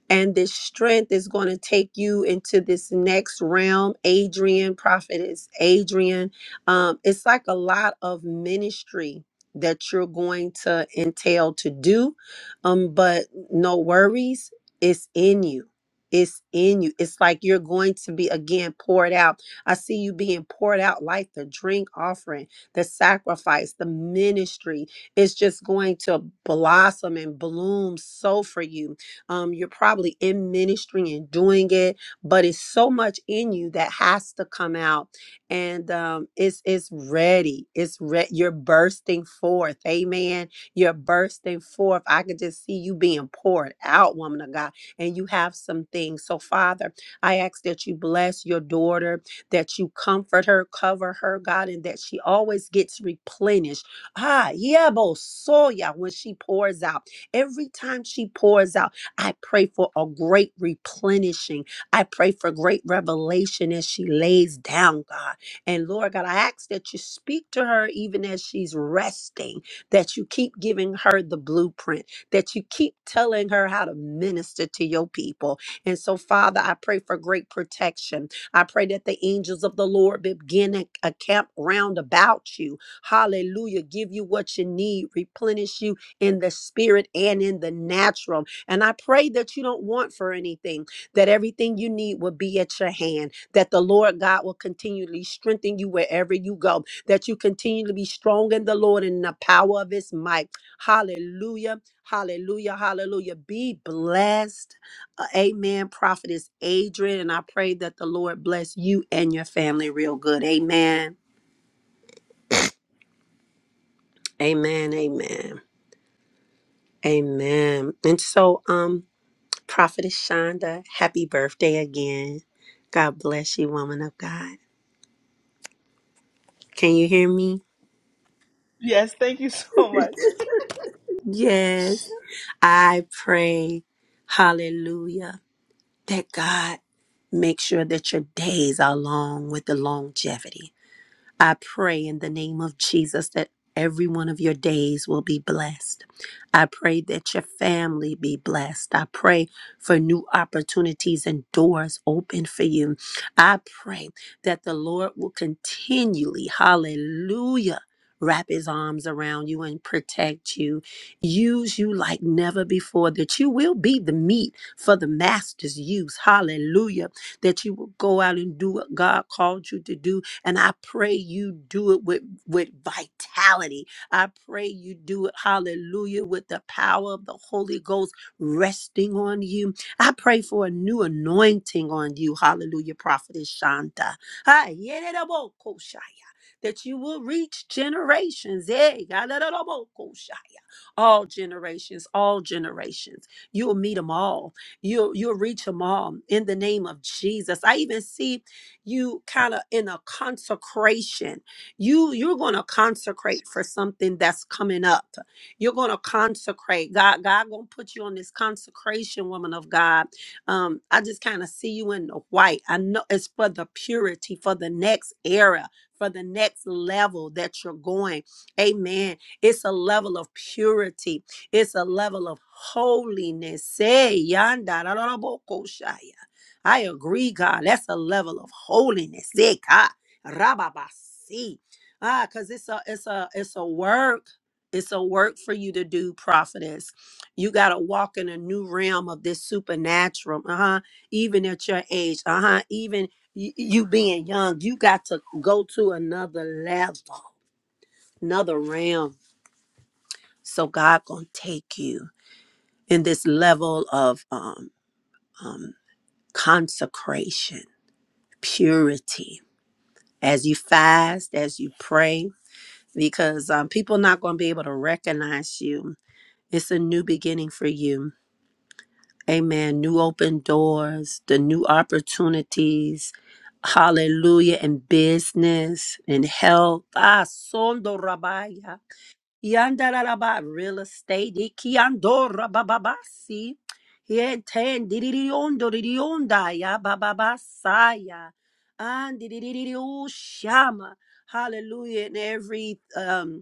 and this strength is going to take you into this next realm. Adrian, prophetess Adrian. Um, it's like a lot of ministry that you're going to entail to do. Um, but no worries, it's in you. It's in you. It's like you're going to be again poured out. I see you being poured out like the drink offering, the sacrifice, the ministry. It's just going to blossom and bloom so for you um, you're probably in ministry and doing it, but it's so much in you that has to come out, and um, it's it's ready. It's re- you're bursting forth. Amen. You're bursting forth. I could just see you being poured out, woman of God, and you have some things. So, Father, I ask that you bless your daughter, that you comfort her, cover her, God, and that she always gets replenished. Ah, yeah, soya when she pours out. Every time she pours out. I pray for a great replenishing. I pray for great revelation as she lays down, God. And Lord God, I ask that you speak to her even as she's resting, that you keep giving her the blueprint, that you keep telling her how to minister to your people. And so, Father, I pray for great protection. I pray that the angels of the Lord begin a, a camp round about you. Hallelujah. Give you what you need, replenish you in the spirit and in the natural and I pray that you don't want for anything, that everything you need will be at your hand, that the Lord God will continually strengthen you wherever you go, that you continue to be strong in the Lord and in the power of his might. Hallelujah. Hallelujah. Hallelujah. Be blessed. Uh, amen. Prophetess Adrian. And I pray that the Lord bless you and your family real good. Amen. Amen. Amen. Amen. And so, um, Prophetess Shonda, happy birthday again. God bless you, woman of God. Can you hear me? Yes, thank you so much. Yes. I pray, hallelujah, that God make sure that your days are long with the longevity. I pray in the name of Jesus that every one of your days will be blessed. I pray that your family be blessed. I pray for new opportunities and doors open for you. I pray that the Lord will continually, hallelujah. Wrap his arms around you and protect you, use you like never before. That you will be the meat for the master's use. Hallelujah. That you will go out and do what God called you to do and I pray you do it with, with vitality. I pray you do it, hallelujah, with the power of the Holy Ghost resting on you. I pray for a new anointing on you, hallelujah, prophetess Shanta. Hi, yedidabokosha that you will reach generations. eh, galalabokoshaya. All generations, all generations. You'll meet them all. You'll, you'll reach them all in the name of Jesus. I even see you kind of in a consecration. You you're going to consecrate for something that's coming up. You're going to consecrate. God God going to put you on this consecration woman of God. Um I just kind of see you in the white. I know it's for the purity for the next era, for the next level that you're going. Amen. It's a level of purity. It's a level of holiness. Say, yanda, da, da, da, bo, ko, shaya. I agree, God. That's a level of holiness. Eh, God. Rababasi. Ah, because it's a it's a it's a work. It's a work for you to do, prophetess. You gotta walk in a new realm of this supernatural. Uh-huh. Even at your age. Uh-huh. Even y- you being young, you got to go to another level, another realm. So God gonna take you in this level of um um consecration, purity as you fast, as you pray, because um, people not going to be able to recognize you. It's a new beginning for you. Amen. New open doors, the new opportunities. Hallelujah. In business, in health. Ah, sondo rabaya. Yandaraba real estate ikiandora bababasi. Yeten diririondo ririonda ya bababasaya. And shama. Hallelujah. And every um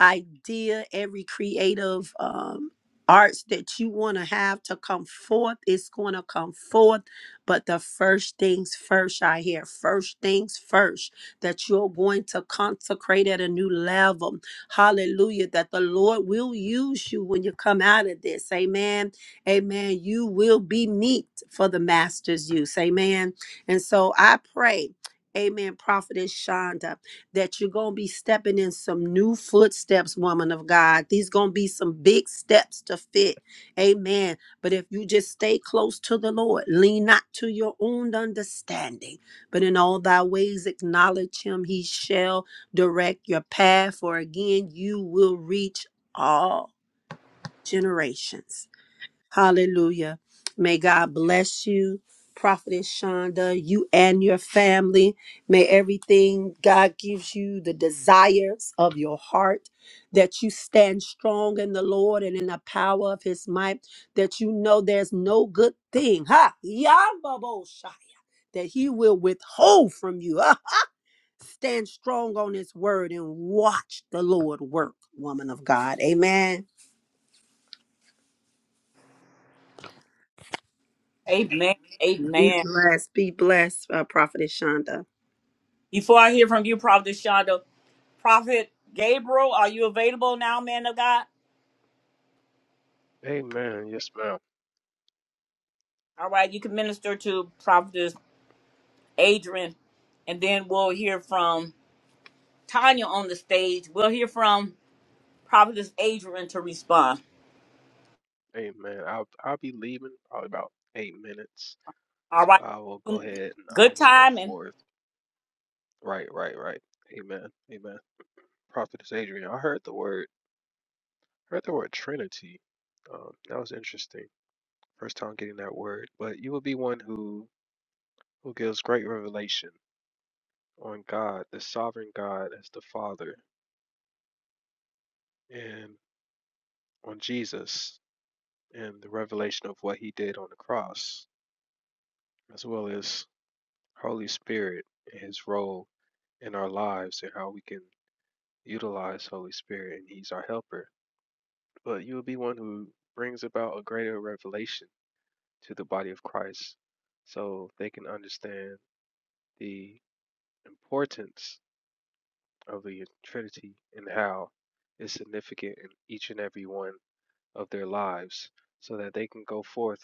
idea, every creative um, arts that you want to have to come forth, it's going to come forth. But the first things first, I hear first things first, that you're going to consecrate at a new level. Hallelujah. That the Lord will use you when you come out of this. Amen. Amen. You will be meat for the master's use. Amen. And so I pray. Amen. Prophetess Shonda that you're going to be stepping in some new footsteps, woman of God. These going to be some big steps to fit. Amen. But if you just stay close to the Lord, lean not to your own understanding, but in all thy ways acknowledge him. He shall direct your path, for again, you will reach all generations. Hallelujah. May God bless you, Prophetess Shonda, you and your family. May everything God gives you, the desires of your heart, that you stand strong in the Lord and in the power of his might, that you know there's no good thing, ha, Yambaboshai, that he will withhold from you. Ah, Stand strong on his word and watch the Lord work, woman of God. Amen. Amen. Be Amen. blessed. Be blessed, uh, Prophetess Shonda. Before I hear from you, Prophet Shonda, Prophet Gabriel, are you available now, man of God? Amen. Yes, ma'am. All right, you can minister to Prophet Adrian, and then we'll hear from Tanya on the stage. We'll hear from Prophet Adrian to respond. Amen. I'll I'll be leaving probably about eight minutes. All So right. I will go ahead and I Good will go timing. forth. Right, right, right. Amen. Amen. Prophetess Adrian, I heard the word heard the word Trinity. Um, that was interesting. First time getting that word. But you will be one who who gives great revelation on God, the sovereign God as the Father, and on Jesus and the revelation of what he did on the cross, as well as Holy Spirit and his role in our lives and how we can utilize Holy Spirit and he's our helper. But you will be one who brings about a greater revelation to the body of Christ so they can understand the importance of the Trinity and how it's significant in each and every one of their lives so that they can go forth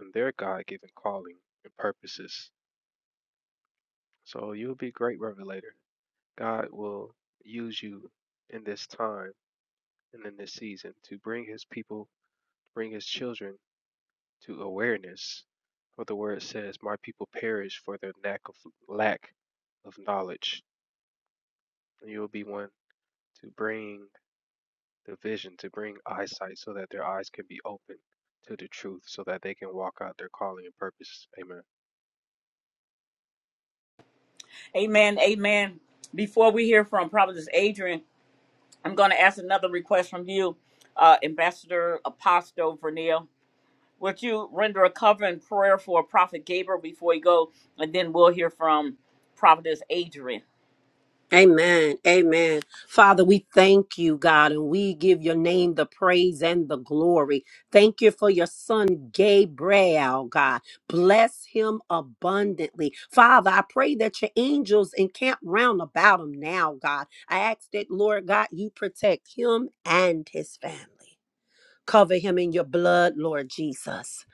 in their God given calling and purposes So you'll be a great revelator. God will use you in this time and in this season to bring his people, bring his children to awareness. What the word says, my people perish for their lack of lack of knowledge. And you'll be one to bring the vision, to bring eyesight so that their eyes can be open to the truth, so that they can walk out their calling and purpose. Amen. Amen. Amen. Before we hear from Prophet Adrian, I'm going to ask another request from you, uh, Ambassador Apostle Vernil. Would you render a cover and prayer for Prophet Gabriel before you go? And then we'll hear from Prophetess Adrian. Amen. Amen. Father, we thank you, God, and we give your name the praise and the glory. Thank you for your son, Gabriel, God. Bless him abundantly. Father, I pray that your angels encamp round about him now, God. I ask that, Lord God, you protect him and his family. Cover him in your blood, Lord Jesus.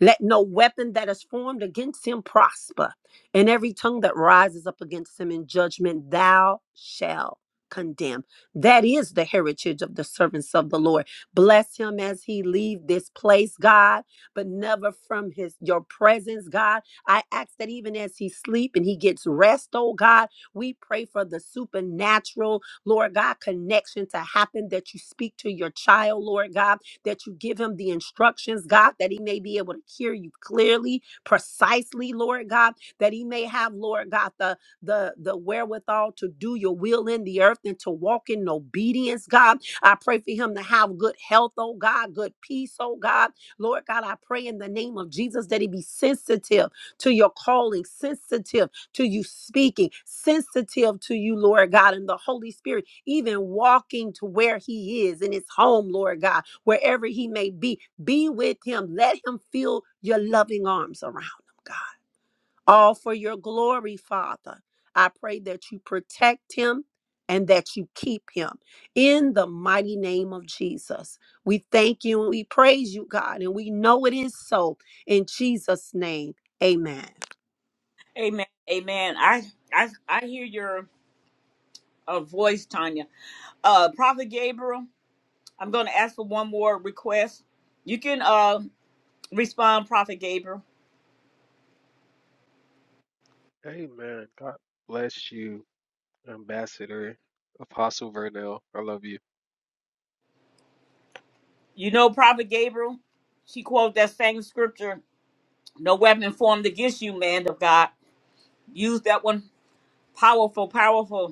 Let no weapon that is formed against him prosper, and every tongue that rises up against him in judgment, thou shalt condemn. That is the heritage of the servants of the Lord. Bless him as he leave this place, God, but never from his your presence, God. I ask that even as he sleep and he gets rest, oh God, we pray for the supernatural, Lord God, connection to happen that you speak to your child, Lord God that you give him the instructions, God, that he may be able to hear you clearly, precisely, Lord God, that he may have, Lord God, the the the wherewithal to do your will in the earth and to walk in obedience, God. I pray for him to have good health, oh God, good peace, oh God. Lord God, I pray in the name of Jesus that he be sensitive to your calling, sensitive to you speaking, sensitive to you, Lord God, and the Holy Spirit, even walking to where he is in his home, Lord God wherever he may be. Be with him. Let him feel your loving arms around him, God. All for your glory, Father. I pray that you protect him and that you keep him in the mighty name of Jesus. We thank you and we praise you, God, and we know it is so in Jesus' name. Amen. Amen. Amen. I I I hear your uh, voice, Tanya. Uh Prophet Gabriel, I'm gonna ask for one more request. You can uh respond, Prophet Gabriel. Amen. God bless you, Ambassador Apostle Vernell. I love you. You know Prophet Gabriel, she quoted that same scripture, no weapon formed against you, man of God. Use that one. Powerful, powerful.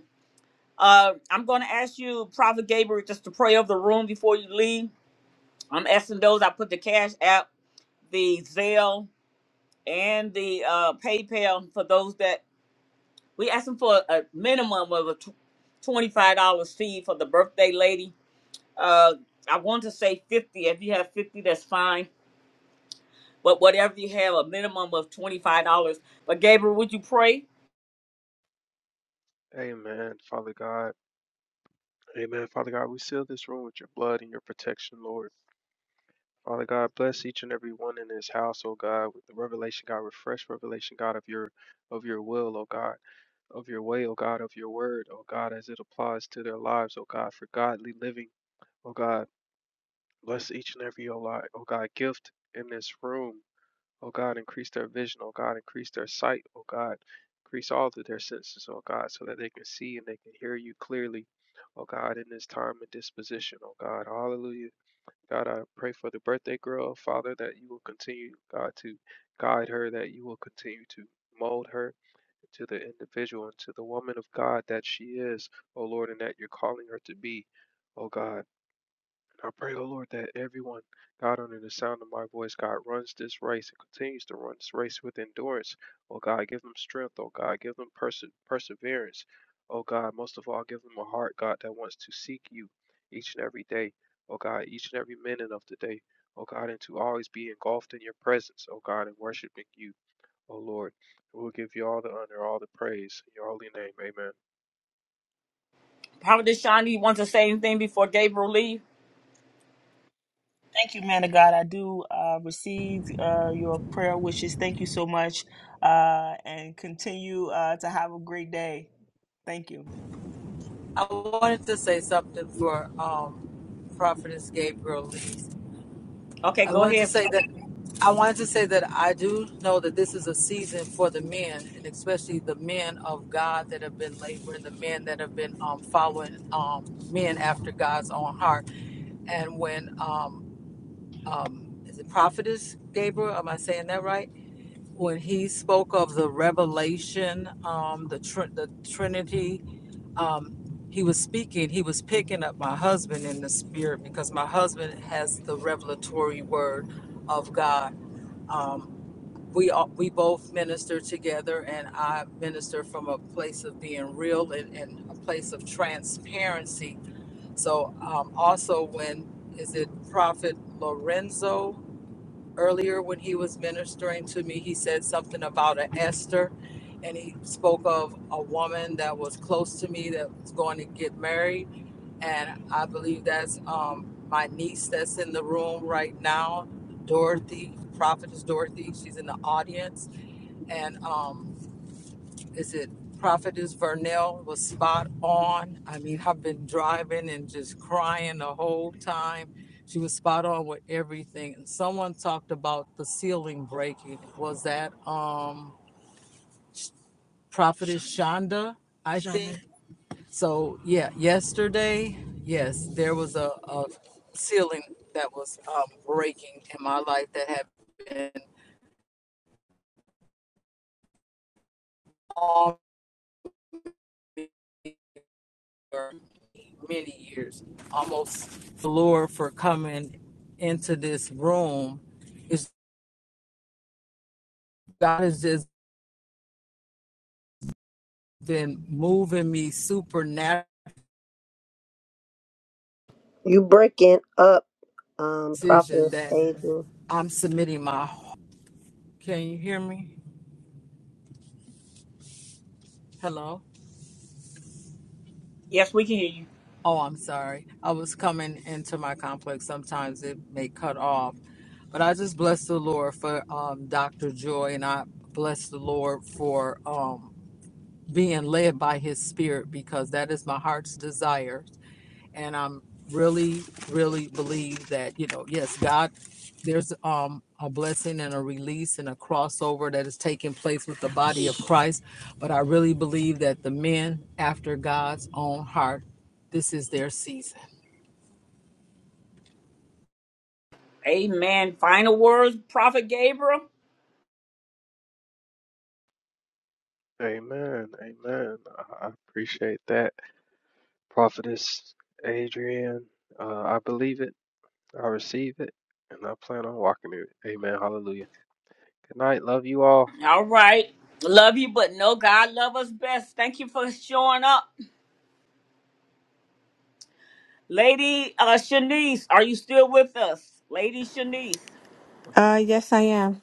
Uh, I'm going to ask you, Prophet Gabriel, just to pray over the room before you leave. I'm asking those I put the cash app, the Zelle, and the uh, PayPal for those that we asking for a minimum of a tw- twenty-five dollars fee for the birthday lady. Uh, I want to say fifty. If you have fifty, that's fine. But whatever you have, a minimum of twenty-five dollars. But Gabriel, would you pray? Amen, Father God. Amen, Father God. We seal this room with your blood and your protection, Lord. Father God, bless each and every one in this house, oh God, with the revelation, God, refresh revelation, God, of your of your will, oh God, of your way, oh God, of your word, oh God, as it applies to their lives, oh God, for godly living, oh God. Bless each and every oh, li- oh God gift in this room. Oh God, increase their vision. Oh God, increase their sight. Oh God, increase all of their senses. Oh God, so that they can see and they can hear you clearly. Oh God, in this time and disposition. Oh God, hallelujah. God, I pray for the birthday girl, Father, that you will continue, God, to guide her, that you will continue to mold her into the individual and to the woman of God that she is, O Lord, and that you're calling her to be. O God. I pray, O Lord, that everyone, God, under the sound of my voice, God, runs this race and continues to run this race with endurance. Oh, God, give them strength. Oh, God, give them perse- perseverance. Oh, God, most of all, give them a heart, God, that wants to seek you each and every day. Oh, God, each and every minute of the day. Oh, God, and to always be engulfed in your presence, oh, God, and worshiping you, oh, Lord. We'll give you all the honor, all the praise. In your holy name, amen. Prophet Shani, you want to say anything before Gabriel leave? Thank you, man of God. I do uh, receive uh, your prayer wishes. Thank you so much. Uh, and continue uh, to have a great day. Thank you. I wanted to say something for um, Prophetess Gabriel Lees. Okay, I go wanted to ahead. say that I wanted to say that I do know that this is a season for the men, and especially the men of God that have been laboring, the men that have been um, following um, men after God's own heart. And when um, um, is it Prophetess Gabriel? Am I saying that right? When he spoke of the revelation, um, the tr- the Trinity um, he was speaking, he was picking up my husband in the spirit because my husband has the revelatory word of God. Um, we all, we both minister together, and I minister from a place of being real and, and a place of transparency. So um, also when is it Prophet Lorenzo? earlier when he was ministering to me, he said something about an Esther, and he spoke of a woman that was close to me that was going to get married, and I believe that's um, my niece that's in the room right now, Dorothy, prophetess Dorothy. She's in the audience, and um, is it Prophetess Vernell was spot on. I mean, I've been driving and just crying the whole time. She was spot on with everything. And someone talked about the ceiling breaking. Was that um Prophetess Shonda? I think. So yeah, yesterday, yes, there was a, a ceiling that was um, breaking in my life that had been on. for many years. Almost the Lord for coming into this room is God has just been moving me supernatural You breaking up, um, decision Prophetess that Adrian. I'm submitting my can you hear me? Hello? Yes, we can hear you. Oh, I'm sorry. I was coming into my complex. Sometimes it may cut off. But I just bless the Lord for um, Dr. Joy, and I bless the Lord for um, being led by His Spirit because that is my heart's desire and I'm really, really believe that you know, yes, God, there's um a blessing and a release and a crossover that is taking place with the body of Christ. But I really believe that the men after God's own heart, this is their season. Amen. Final words, Prophet Gabriel. Amen. Amen. I I appreciate that. Prophetess Adrian, uh, I believe it, I receive it, and I plan on walking it. Amen. Hallelujah. Good night. Love you all. All right. Love you, but no God love us best. Thank you for showing up. Lady uh Shanice, are you still with us? Lady Shanice. Uh, yes, I am.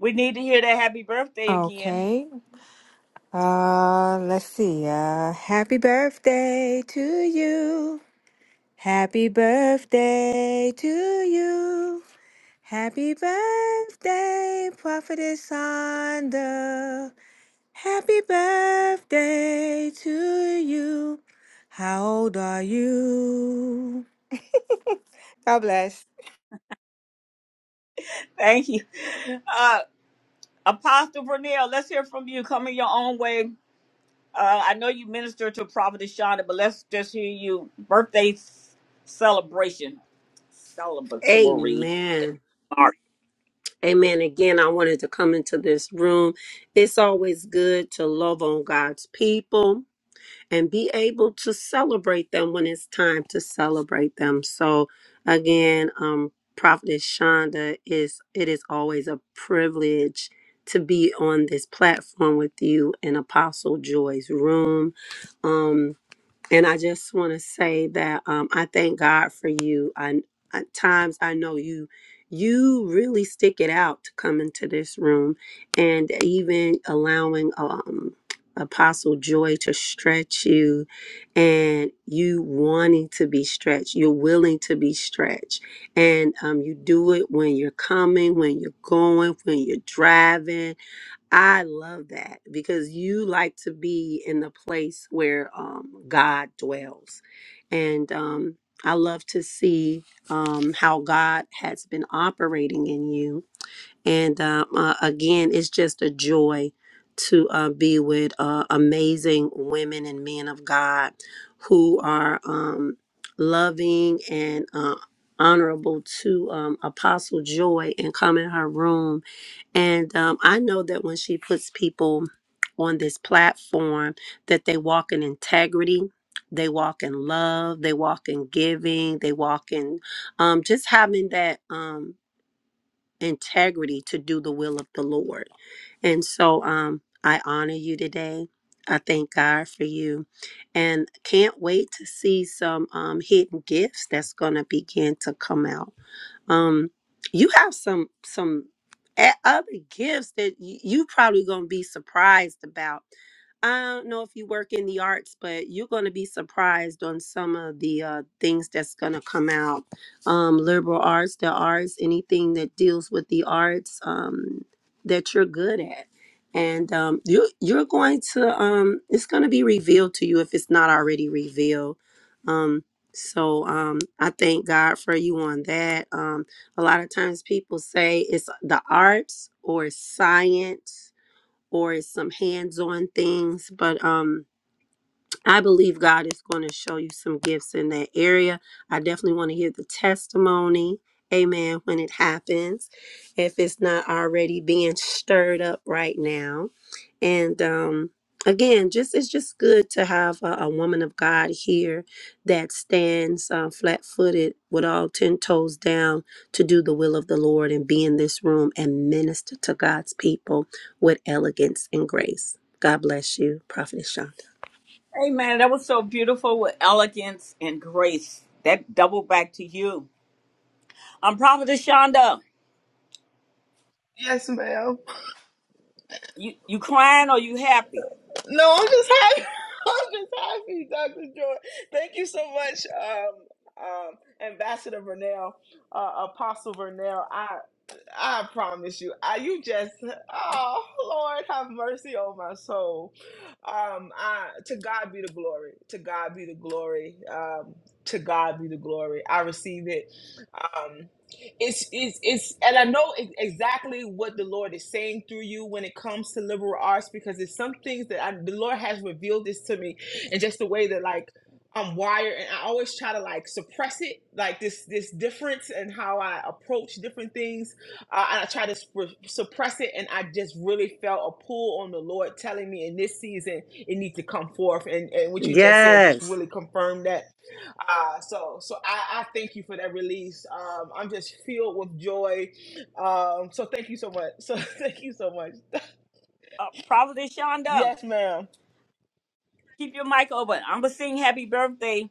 We need to hear that happy birthday again. Okay. Uh, let's see. Uh, happy birthday to you. Happy birthday to you. Happy birthday, Prophetess Sonda. Happy birthday to you. How old are you? God bless. Thank you. Uh Apostle Vernell, let's hear from you. Coming your own way. Uh I know you minister to Prophet Shonda, but let's just hear you. Birthday s- celebration. Celebratory. Amen. Amen. Again, I wanted to come into this room. It's always good to love on God's people and be able to celebrate them when it's time to celebrate them. So, again, um, Prophetess Shonda, is it is always a privilege to be on this platform with you in Apostle Joy's room. Um, and I just want to say that um, I thank God for you. I at times I know you you really stick it out to come into this room, and even allowing um, Apostle Joy to stretch you, and you wanting to be stretched, you're willing to be stretched, and um, you do it when you're coming, when you're going, when you're driving I love that because you like to be in the place where um, God dwells. And um, I love to see um, how God has been operating in you. And um, uh, again, it's just a joy to uh, be with uh, amazing women and men of God who are um, loving and uh, honorable to um, Apostle Joy and come in her room and um, I know that when she puts people on this platform, that they walk in integrity, they walk in love, they walk in giving, they walk in um, just having that um, integrity to do the will of the Lord. And so um, I honor you today. I thank God for you and can't wait to see some um, hidden gifts that's going to begin to come out um you have some some a- other gifts that y- you probably gonna be surprised about i don't know if you work in the arts but you're gonna be surprised on some of the uh, things that's gonna come out um liberal arts the arts anything that deals with the arts um that you're good at and um you you're going to um it's gonna be revealed to you if it's not already revealed Um, so um, I thank God for you on that. Um, a lot of times people say it's the arts or science or it's some hands-on things, but um, I believe God is going to show you some gifts in that area. I definitely want to hear the testimony. Amen. When it happens, if it's not already being stirred up right now. And um, again, just it's just good to have a, a woman of God here that stands uh, flat footed with all 10 toes down to do the will of the Lord and be in this room and minister to God's people with elegance and grace. God bless you, Prophet Shonda. Hey man, that was so beautiful with elegance and grace. That double back to you. I'm Prophetess Shonda. Yes, ma'am. You you crying or you happy? No, I'm just happy. I'm just happy, Dr. Joy. Thank you so much, um, um, Ambassador Vernell, uh, Apostle Vernell. I promise you, I, you just, oh Lord, have mercy on my soul. Um, I, to God be the glory. To God be the glory. Um, to God be the glory. I receive it. Um, it's, it's, it's, and I know e- exactly what the Lord is saying through you when it comes to liberal arts because it's some things that I, the Lord has revealed this to me, and just the way that like I'm wired and I always try to like suppress it, like this this difference and how I approach different things uh, and I tried to sp- suppress it, and I just really felt a pull on the Lord telling me in this season it needs to come forth. And, and what you just said just Yes. really confirmed that. Uh, so so I, I thank you for that release. Um, I'm just filled with joy. Um, so thank you so much. So thank you so much. Uh, Prophetess Shonda, Yes, ma'am. keep your mic open. I'm gonna sing happy birthday,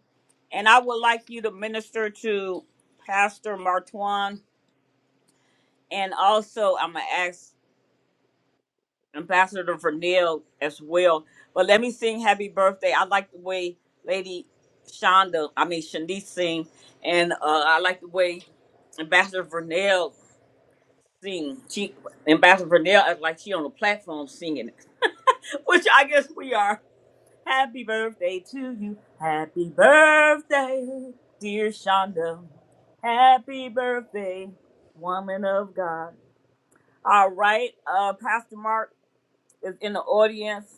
and I would like you to minister to Pastor Martwan, and also I'm gonna ask Ambassador Vernell as well. But let me sing happy birthday. I like the way Lady Shonda, I mean Shanice sing, and uh, I like the way Ambassador Vernell sing. She Ambassador Vernell acts like she on the platform singing, it, which I guess we are. Happy birthday to you. Happy birthday, dear Shonda. Happy birthday, woman of God. All right, uh, Pastor Mark is in the audience.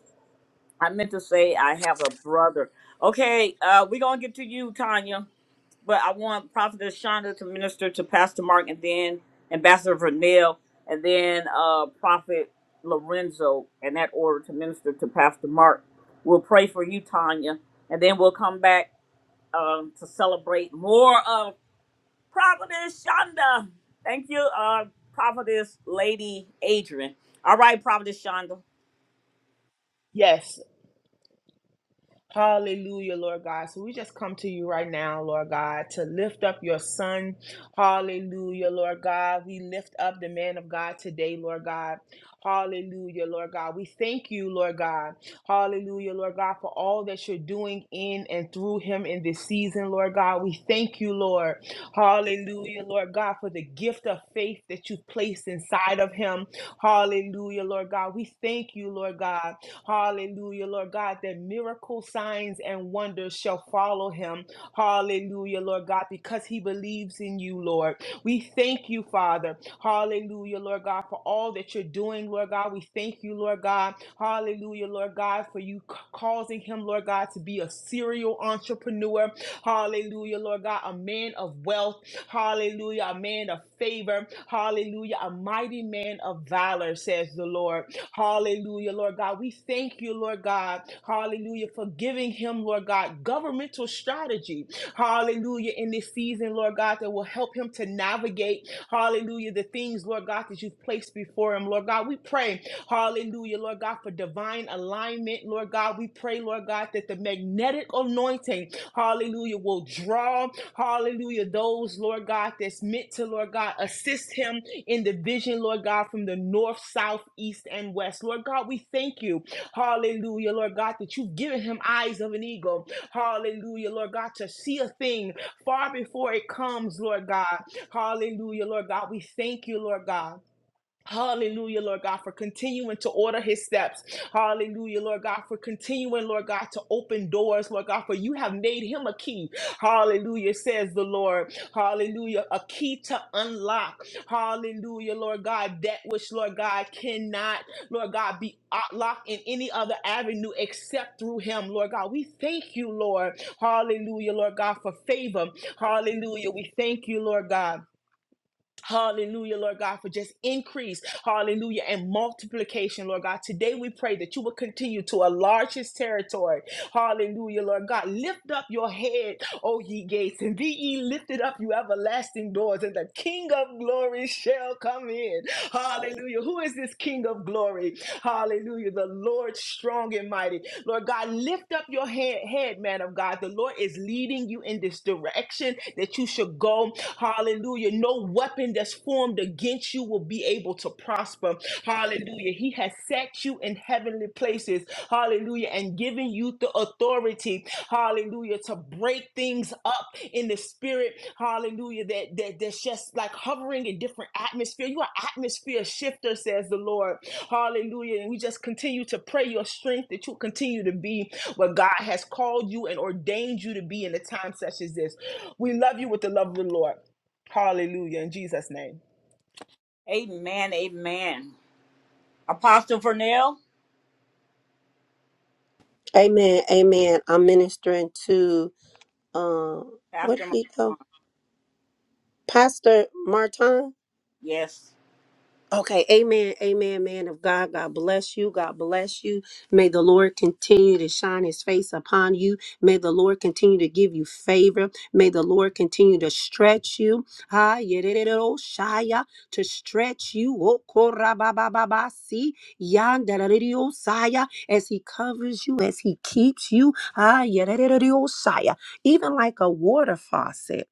I meant to say I have a brother. Okay, uh, we're gonna get to you, Tanya. But I want Prophetess Shonda to minister to Pastor Mark and then Ambassador Vernell and then uh Prophet Lorenzo and that order to minister to Pastor Mark. We'll pray for you, Tanya, and then we'll come back um to celebrate more of Prophetess Shonda. Thank you, uh Prophetess Lady Adrian. All right, Prophetess Shonda. Yes. Hallelujah, Lord God. So we just come to you right now, Lord God, to lift up your son. Hallelujah, Lord God. We lift up the man of God today, Lord God. Hallelujah, Lord God. We thank you, Lord God. Hallelujah, Lord God, for all that you're doing in and through him in this season, Lord God. We thank you, Lord. Hallelujah, Lord God, for the gift of faith that you've placed inside of him. Hallelujah, Lord God. We thank you, Lord God. Hallelujah, Lord God, that miracle signs and wonders shall follow him. Hallelujah, Lord God, because he believes in you, Lord. We thank you, Father. Hallelujah, Lord God, for all that you're doing, Lord God. We thank you, Lord God. Hallelujah, Lord God, for you c- causing him, Lord God, to be a serial entrepreneur. Hallelujah, Lord God, a man of wealth. Hallelujah, a man of favor. Hallelujah, a mighty man of valor, says the Lord. Hallelujah, Lord God. We thank you, Lord God. Hallelujah, for giving him, Lord God, governmental strategy. Hallelujah, in this season, Lord God, that will help him to navigate, hallelujah, the things, Lord God, that you've placed before him. Lord God, we pray, hallelujah, Lord God, for divine alignment. Lord God, we pray, Lord God, that the magnetic anointing, hallelujah, will draw, hallelujah, those, Lord God, that's meant to, Lord God, assist him in the vision, Lord God, from the north, south, east, and west. Lord God, we thank you. Hallelujah, Lord God, that you've given him eyes of an eagle. Hallelujah, Lord God, to see a thing far before it comes, Lord God. Hallelujah, Lord God. We thank you, Lord God. Hallelujah, Lord God, for continuing to order his steps. Hallelujah, Lord God, for continuing, Lord God, to open doors, Lord God, for you have made him a key. Hallelujah, says the Lord. Hallelujah, a key to unlock. Hallelujah, Lord God, that which, Lord God, cannot, Lord God, be locked in any other avenue except through him, Lord God. We thank you, Lord. Hallelujah, Lord God, for favor. Hallelujah. We thank you, Lord God. Hallelujah, Lord God, for just increase. Hallelujah. And multiplication, Lord God. Today we pray that you will continue to enlarge his territory. Hallelujah, Lord God. Lift up your head, O ye gates, and be ye lifted up, you everlasting doors, and the King of glory shall come in. Hallelujah. Who is this King of glory? Hallelujah. The Lord strong and mighty. Lord God, lift up your head, head, man of God. The Lord is leading you in this direction that you should go. Hallelujah. No weapon that's formed against you will be able to prosper. Hallelujah. He has set you in heavenly places. Hallelujah. And given you the authority. Hallelujah. To break things up in the spirit. Hallelujah. That, that that's just like hovering in different atmosphere. You are atmosphere shifter, says the Lord. Hallelujah. And we just continue to pray your strength that you continue to be what God has called you and ordained you to be in a time such as this. We love you with the love of the Lord. Hallelujah. In Jesus' name. Amen, amen. Apostle Vernell, Amen. Amen. I'm ministering to um where did Pastor he go? Mark. Pastor Martin. Yes. Okay, amen, amen, man of God. God bless you. God bless you. May the Lord continue to shine his face upon you. May the Lord continue to give you favor. May the Lord continue to stretch you. Ah, yedidididdo, shaya, To stretch you. Oh, korababababasi, yandadadididdo, saya, As he covers you, as he keeps you. Ah, yedidididdo, shaya, Even like a water faucet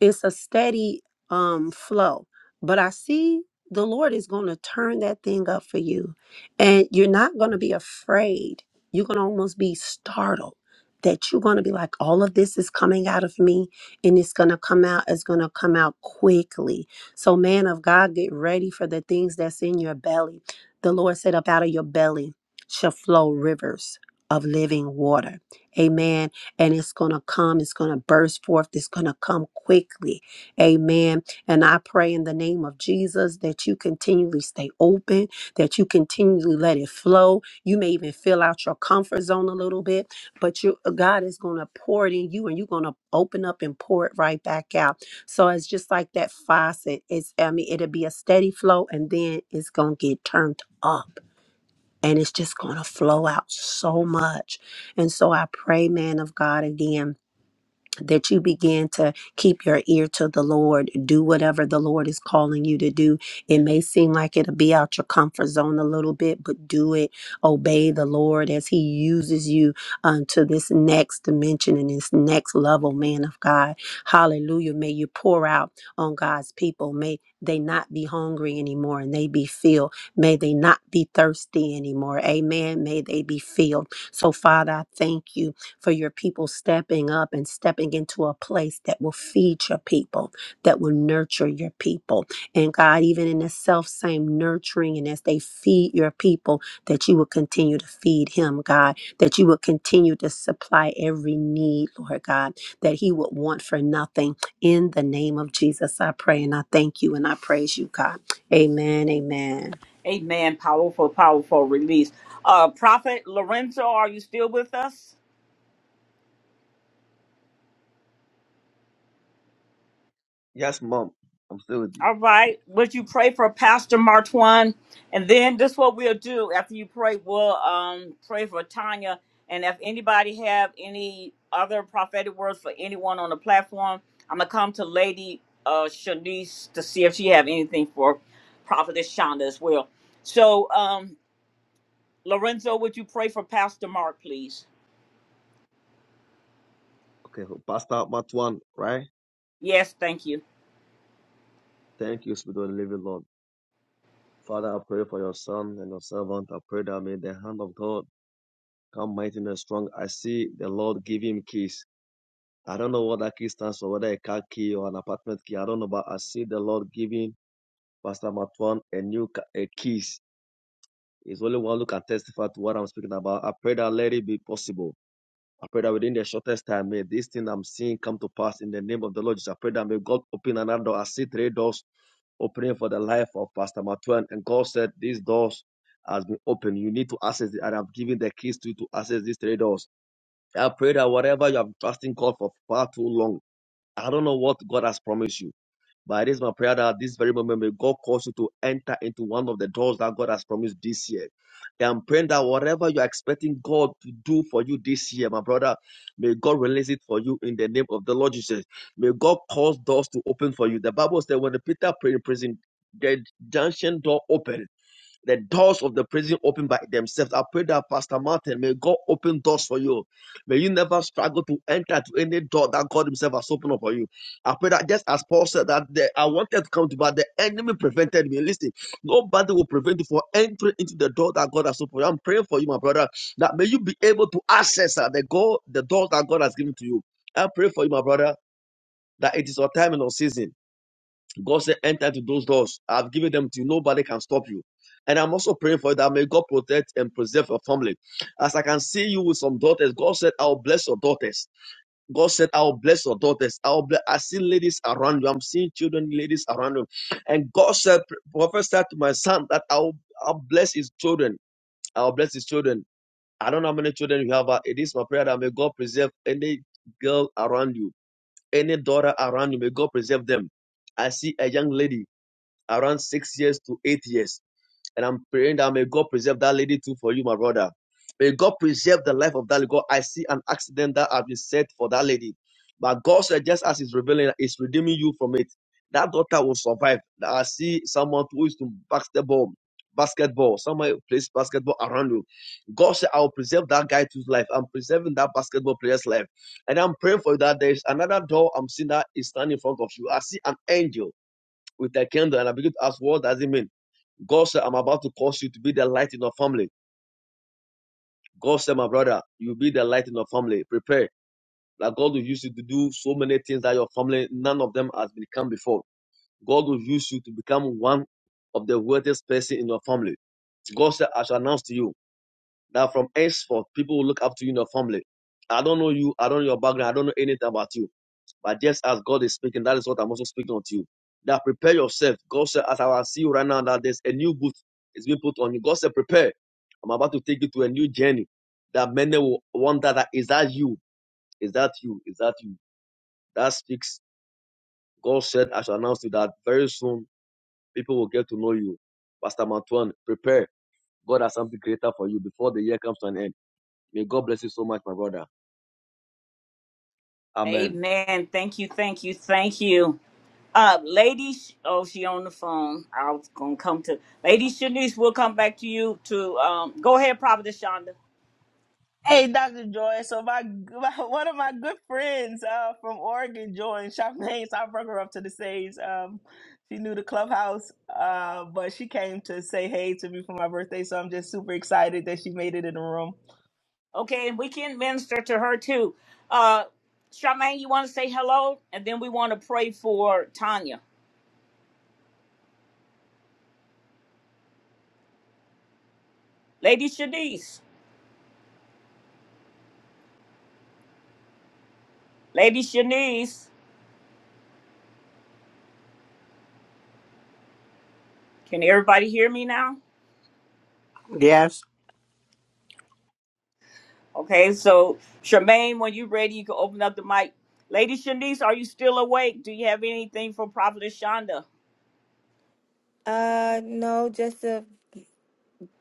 it's a steady um flow but i see the lord is going to turn that thing up for you and you're not going to be afraid you're going to almost be startled that you're going to be like all of this is coming out of me and it's going to come out it's going to come out quickly so man of god get ready for the things that's in your belly the lord said up out of your belly shall flow rivers of living water amen and it's going to come. It's going to burst forth. It's going to come quickly. Amen. And I pray in the name of Jesus that you continually stay open, that you continually let it flow. You may even fill out your comfort zone a little bit, but you uh, God is going to pour it in you and you're going to open up and pour it right back out. So it's just like that faucet. It's I mean it'll be a steady flow and then it's going to get turned up and it's just going to flow out so much. And so I pray, man of God, again that you begin to keep your ear to the Lord, do whatever the Lord is calling you to do. It may seem like it'll be out your comfort zone a little bit, but do it. Obey the Lord as He uses you unto this next dimension and this next level, man of God. Hallelujah. May you pour out on God's people. May they not be hungry anymore and they be filled. May they not be thirsty anymore. Amen. May they be filled. So, Father, I thank you for your people stepping up and stepping into a place that will feed your people, that will nurture your people. And God, even in the self same nurturing and as they feed your people, that you will continue to feed him, God, that you will continue to supply every need, Lord God, that he would want for nothing. In the name of Jesus, I pray and I thank you and I praise you, God. Amen. Amen. Amen. Powerful, powerful release. Uh, Prophet Lorenzo, are you still with us? Yes, mom. I'm still with you. All right. Would you pray for Pastor Martwan? And then this is what we'll do after you pray. We'll um, pray for Tanya. And if anybody have any other prophetic words for anyone on the platform, I'm gonna come to Lady uh, Shanice to see if she have anything for Prophetess Shonda as well. So. um, Lorenzo, would you pray for Pastor Mark, please? Okay, Pastor Matwan, right? Yes, thank you. Thank you, Spirit of the Living Lord. Father, I pray for your son and your servant. I pray that may the hand of God come mighty and strong. I see the Lord give him keys. I don't know what that key stands for, whether a car key or an apartment key. I don't know, but I see the Lord giving Pastor Matwan a new ca- a keys. It's only one who can testify to what I'm speaking about. I pray that let it be possible. I pray that within the shortest time, may this thing I'm seeing come to pass in the name of the Lord Jesus. I pray that may God open another door. I see three doors opening for the life of Pastor Matuen. And God said, These doors has been opened. You need to access it. And I've given the keys to you to access these three doors. I pray that whatever you have trusting God for far too long, I don't know what God has promised you. But it is my prayer that at this very moment, may God cause you to enter into one of the doors that God has promised this year. And I'm praying that whatever you're expecting God to do for you this year, my brother, may God release it for you in the name of the Lord Jesus. May God cause doors to open for you. The Bible said when Peter prayed in prison, the junction door opened the doors of the prison open by themselves. I pray that Pastor Martin may God open doors for you. May you never struggle to enter to any door that God Himself has opened up for you. I pray that just as Paul said that the, I wanted to come to, but the enemy prevented me. Listen, nobody will prevent you from entering into the door that God has opened. for you. I'm praying for you, my brother, that may you be able to access uh, the God, the door that God has given to you. I pray for you, my brother, that it is your time and your season. God said, enter into those doors. I've given them to you. Nobody can stop you. And I'm also praying for you that may God protect and preserve your family. As I can see you with some daughters, God said, I'll bless your daughters. God said, I'll bless your daughters. I'll bless. I see ladies around you. I'm seeing children, ladies around you. And God said, Prophet said to my son that I'll, I'll bless his children. I'll bless his children. I don't know how many children you have, but it is my prayer that may God preserve any girl around you, any daughter around you. May God preserve them. I see a young lady around six years to eight years. And I'm praying that may God preserve that lady too for you, my brother. May God preserve the life of that lady. God, I see an accident that has been set for that lady. But God said, just as He's revealing, He's redeeming you from it. That daughter will survive. I see someone who is to basketball, basketball. Someone who plays basketball around you. God said, I will preserve that guy to's life. I'm preserving that basketball player's life. And I'm praying for you that there is another door I'm seeing that is standing in front of you. I see an angel with a candle and I begin to ask, what does it mean? God said, I'm about to cause you to be the light in your family. God said, my brother, you'll be the light in your family. Prepare. That God will use you to do so many things that your family, none of them has become before. God will use you to become one of the wealthiest person in your family. God said, I shall announce to you that from henceforth, people will look up to you in your family. I don't know you. I don't know your background. I don't know anything about you. But just as God is speaking, that is what I'm also speaking unto you. That prepare yourself. God said, as I will see you right now, that there's a new boot is being put on you. God said, prepare. I'm about to take you to a new journey. That many will wonder that is that you? Is that you? Is that you? That speaks. God said, I shall announce to you that very soon people will get to know you. Pastor Mantuan, prepare. God has something greater for you before the year comes to an end. May God bless you so much, my brother. Amen. Amen. Thank you, thank you, thank you. Uh, lady, Sh- oh, she on the phone. I was gonna come to Lady Shanice. We'll come back to you. To um, go ahead, Prophetess Shonda. Hey, Dr. Joy. So my, my one of my good friends uh, from Oregon joined Charmaine, so I brought her up to the stage. Um, she knew the clubhouse, uh, but she came to say hey to me for my birthday, so I'm just super excited that she made it in the room. Okay, and we can minister to her too. Uh, Charmaine, you want to say hello, and then we want to pray for Tanya. Lady Shanice, Lady Shanice, can everybody hear me now? Yes. Okay, so Charmaine, when you're ready, you can open up the mic. Lady Shanice, are you still awake? Do you have anything for Prophet Shonda? Uh, no, just a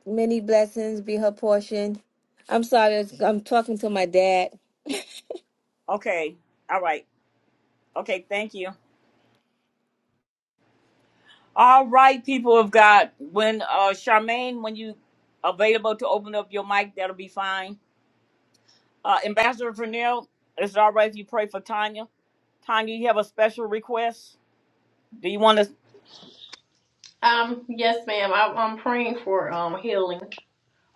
many blessings be her portion. I'm sorry, I'm talking to my dad. Okay, all right. Okay, thank you. All right, people of God, when uh Charmaine, when you available to open up your mic, that'll be fine. Uh Ambassador Vernell, is it all right if you pray for Tanya? Tanya, you have a special request? Do you want to? Um, yes, ma'am. I, I'm praying for um healing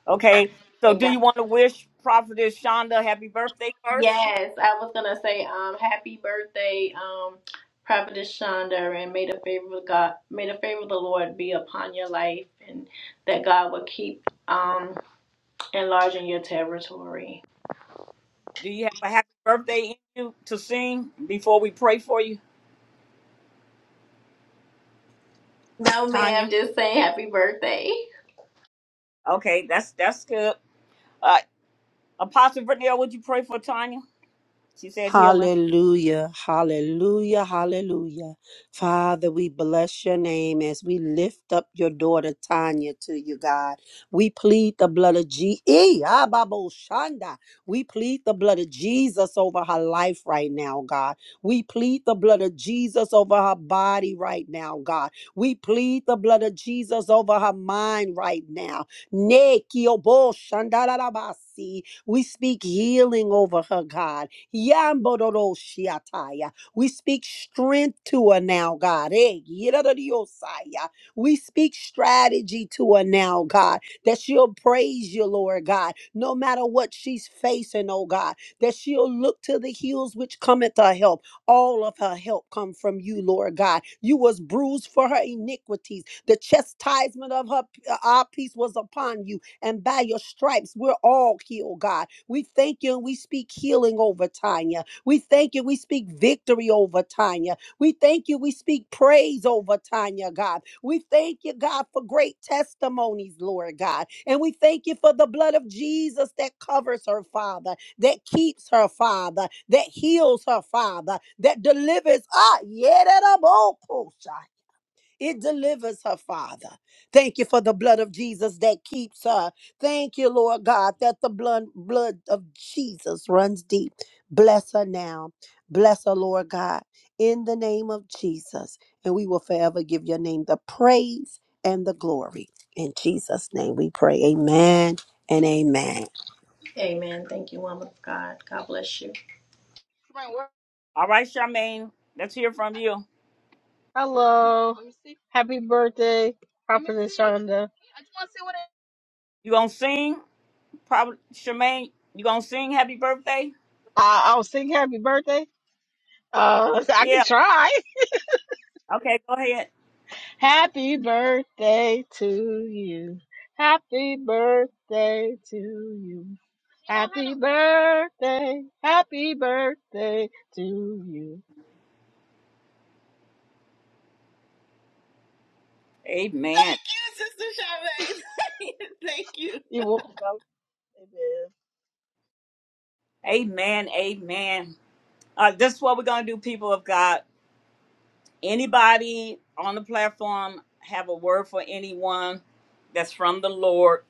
Okay, so and do God. you want to wish Prophetess Shonda happy birthday first? Yes, I was gonna say um happy birthday um Prophetess Shonda and may the favor of God may the favor of the Lord be upon your life and that God will keep um enlarging your territory. Do you have a happy birthday in you to sing before we pray for you, No, ma'am. Tanya? Just saying happy birthday. Okay, that's that's good. Uh, Apostle Vernell, would you pray for Tanya? She said healing. Hallelujah, hallelujah, hallelujah. Father, we bless your name as we lift up your daughter Tanya to you, God. We plead the blood of Jesus. We plead the blood of Jesus over her life right now, God. We plead the blood of Jesus over her body right now, God. We plead the blood of Jesus over her mind right now. Neki obo shandarabasi. We speak healing over her, God. Yambodoroshiataya. We speak strength to her now, God. Eh, yidadadiosaya. We speak strategy to her now, God, that she'll praise you, Lord God, no matter what she's facing, oh God, that she'll look to the hills which cometh her help. All of her help come from you, Lord God. You was bruised for her iniquities. The chastisement of her uh, our peace was upon you and by your stripes, we're all healed, God. We thank you and we speak healing over Tanya. We thank you. We speak victory over Tanya. We thank you. We speak praise over Tanya, God. We thank you, God, for great testimonies, Lord God. And we thank you for the blood of Jesus that covers her, Father, that keeps her, Father, that heals her, Father, that delivers. Ah, yeah, it delivers her, Father. Thank you for the blood of Jesus that keeps her. Thank you, Lord God, that the blood, blood of Jesus runs deep. Bless her now. Bless her, Lord God, in the name of Jesus. And we will forever give your name the praise and the glory. In Jesus' name we pray. Amen and amen. Amen. Thank you, woman of God. God bless you. All right, Charmaine, let's hear from you. Hello. Happy birthday, Prophetess Shonda. Uh, You gonna sing? Probably, Charmaine. You gonna sing happy birthday? I'll sing happy birthday. Uh, I can Yeah. try. Okay, go ahead. Happy birthday to you. Happy birthday to you. Happy birthday. Happy birthday to you. Amen. Thank you, Sister Charmaine. Thank you. You welcome. Amen. Amen. Amen. Uh, this is what we're gonna do, people of God. Anybody on the platform have a word for anyone that's from the Lord?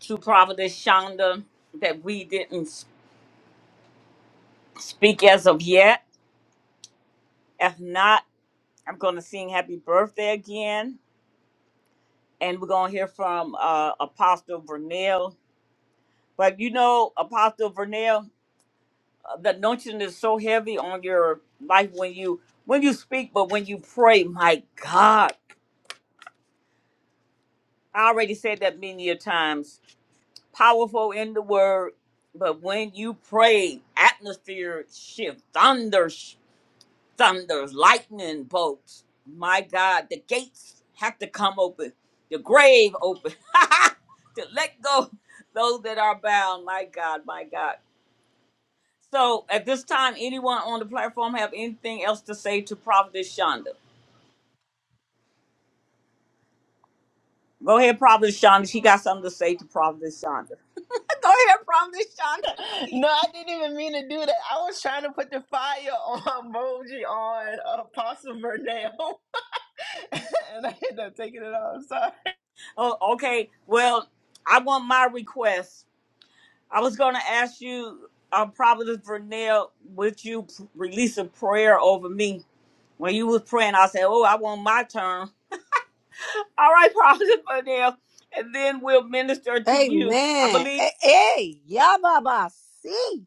to Providence Shonda that we didn't s- speak as of yet. If not, I'm going to sing happy birthday again. And we're going to hear from uh, Apostle Vernell. But you know, Apostle Vernell, uh, the notion is so heavy on your life when you when you speak, but when you pray, my God. I already said that many a times. Powerful in the word, but when you pray, atmosphere shift, thunder thunders, lightning bolts. My God, the gates have to come open, the grave open, to let go those that are bound. My God, my God. So at this time, anyone on the platform have anything else to say to Prophetess Shonda? Go ahead, Prophetess Shonda. She got something to say to Prophetess Shonda. Go ahead, Prophetess Shonda. No, I didn't even mean to do that. I was trying to put the fire on emoji on uh, Apostle Vernell, and I ended up taking it off. oh, okay. Well, I want my request. I was going to ask you, uh, Providence Vernell, would you p- release a prayer over me? When you was praying, I said, oh, I want my turn. All right, Providence Vernell, and then we'll minister to you. I Amen. believe. Hey, hey, Yababa, see.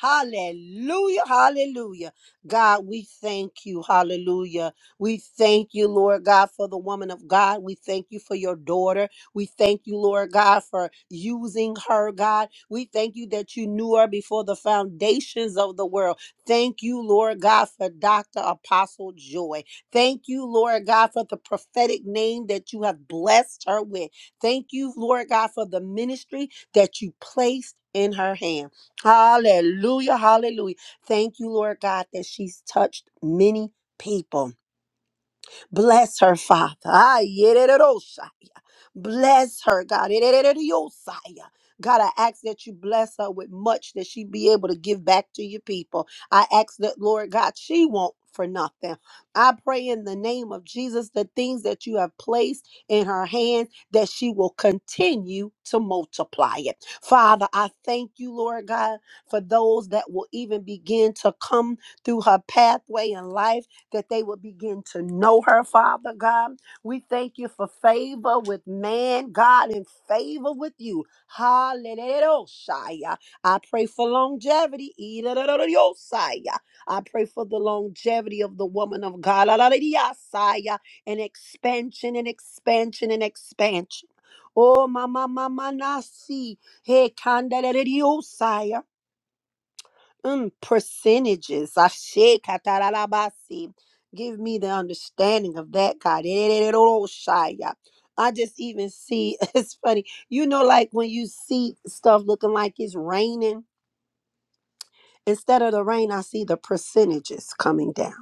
Hallelujah. Hallelujah. God, we thank you. Hallelujah. We thank you, Lord God, for the woman of God. We thank you for your daughter. We thank you, Lord God, for using her, God. We thank you that you knew her before the foundations of the world. Thank you, Lord God, for Dr. Apostle Joy. Thank you, Lord God, for the prophetic name that you have blessed her with. Thank you, Lord God, for the ministry that you placed in her hands. Hallelujah. Hallelujah. Thank you, Lord God, that she's touched many people. Bless her, Father. Ah, yedididosha. Bless her, God. Yedidididiyosaya. God, I ask that you bless her with much that she be able to give back to your people. I ask that, Lord God, she won't for nothing. I pray in the name of Jesus, the things that you have placed in her hands, that she will continue to multiply it. Father, I thank you, Lord God, for those that will even begin to come through her pathway in life that they would begin to know her, Father God. We thank you for favor with man, God, and favor with you. Hallelujah. I pray for longevity. Hallelujah. I pray for the longevity of the woman of God. Hallelujah. And expansion and expansion and expansion. Oh, mama, mama, nasi. Hey, kanda, Mm, percentages. Ashe katarabasi. Give me the understanding of that, God. Erereroroshaya. I just even see, it's funny, you know, like when you see stuff looking like it's raining, instead of the rain, I see the percentages coming down.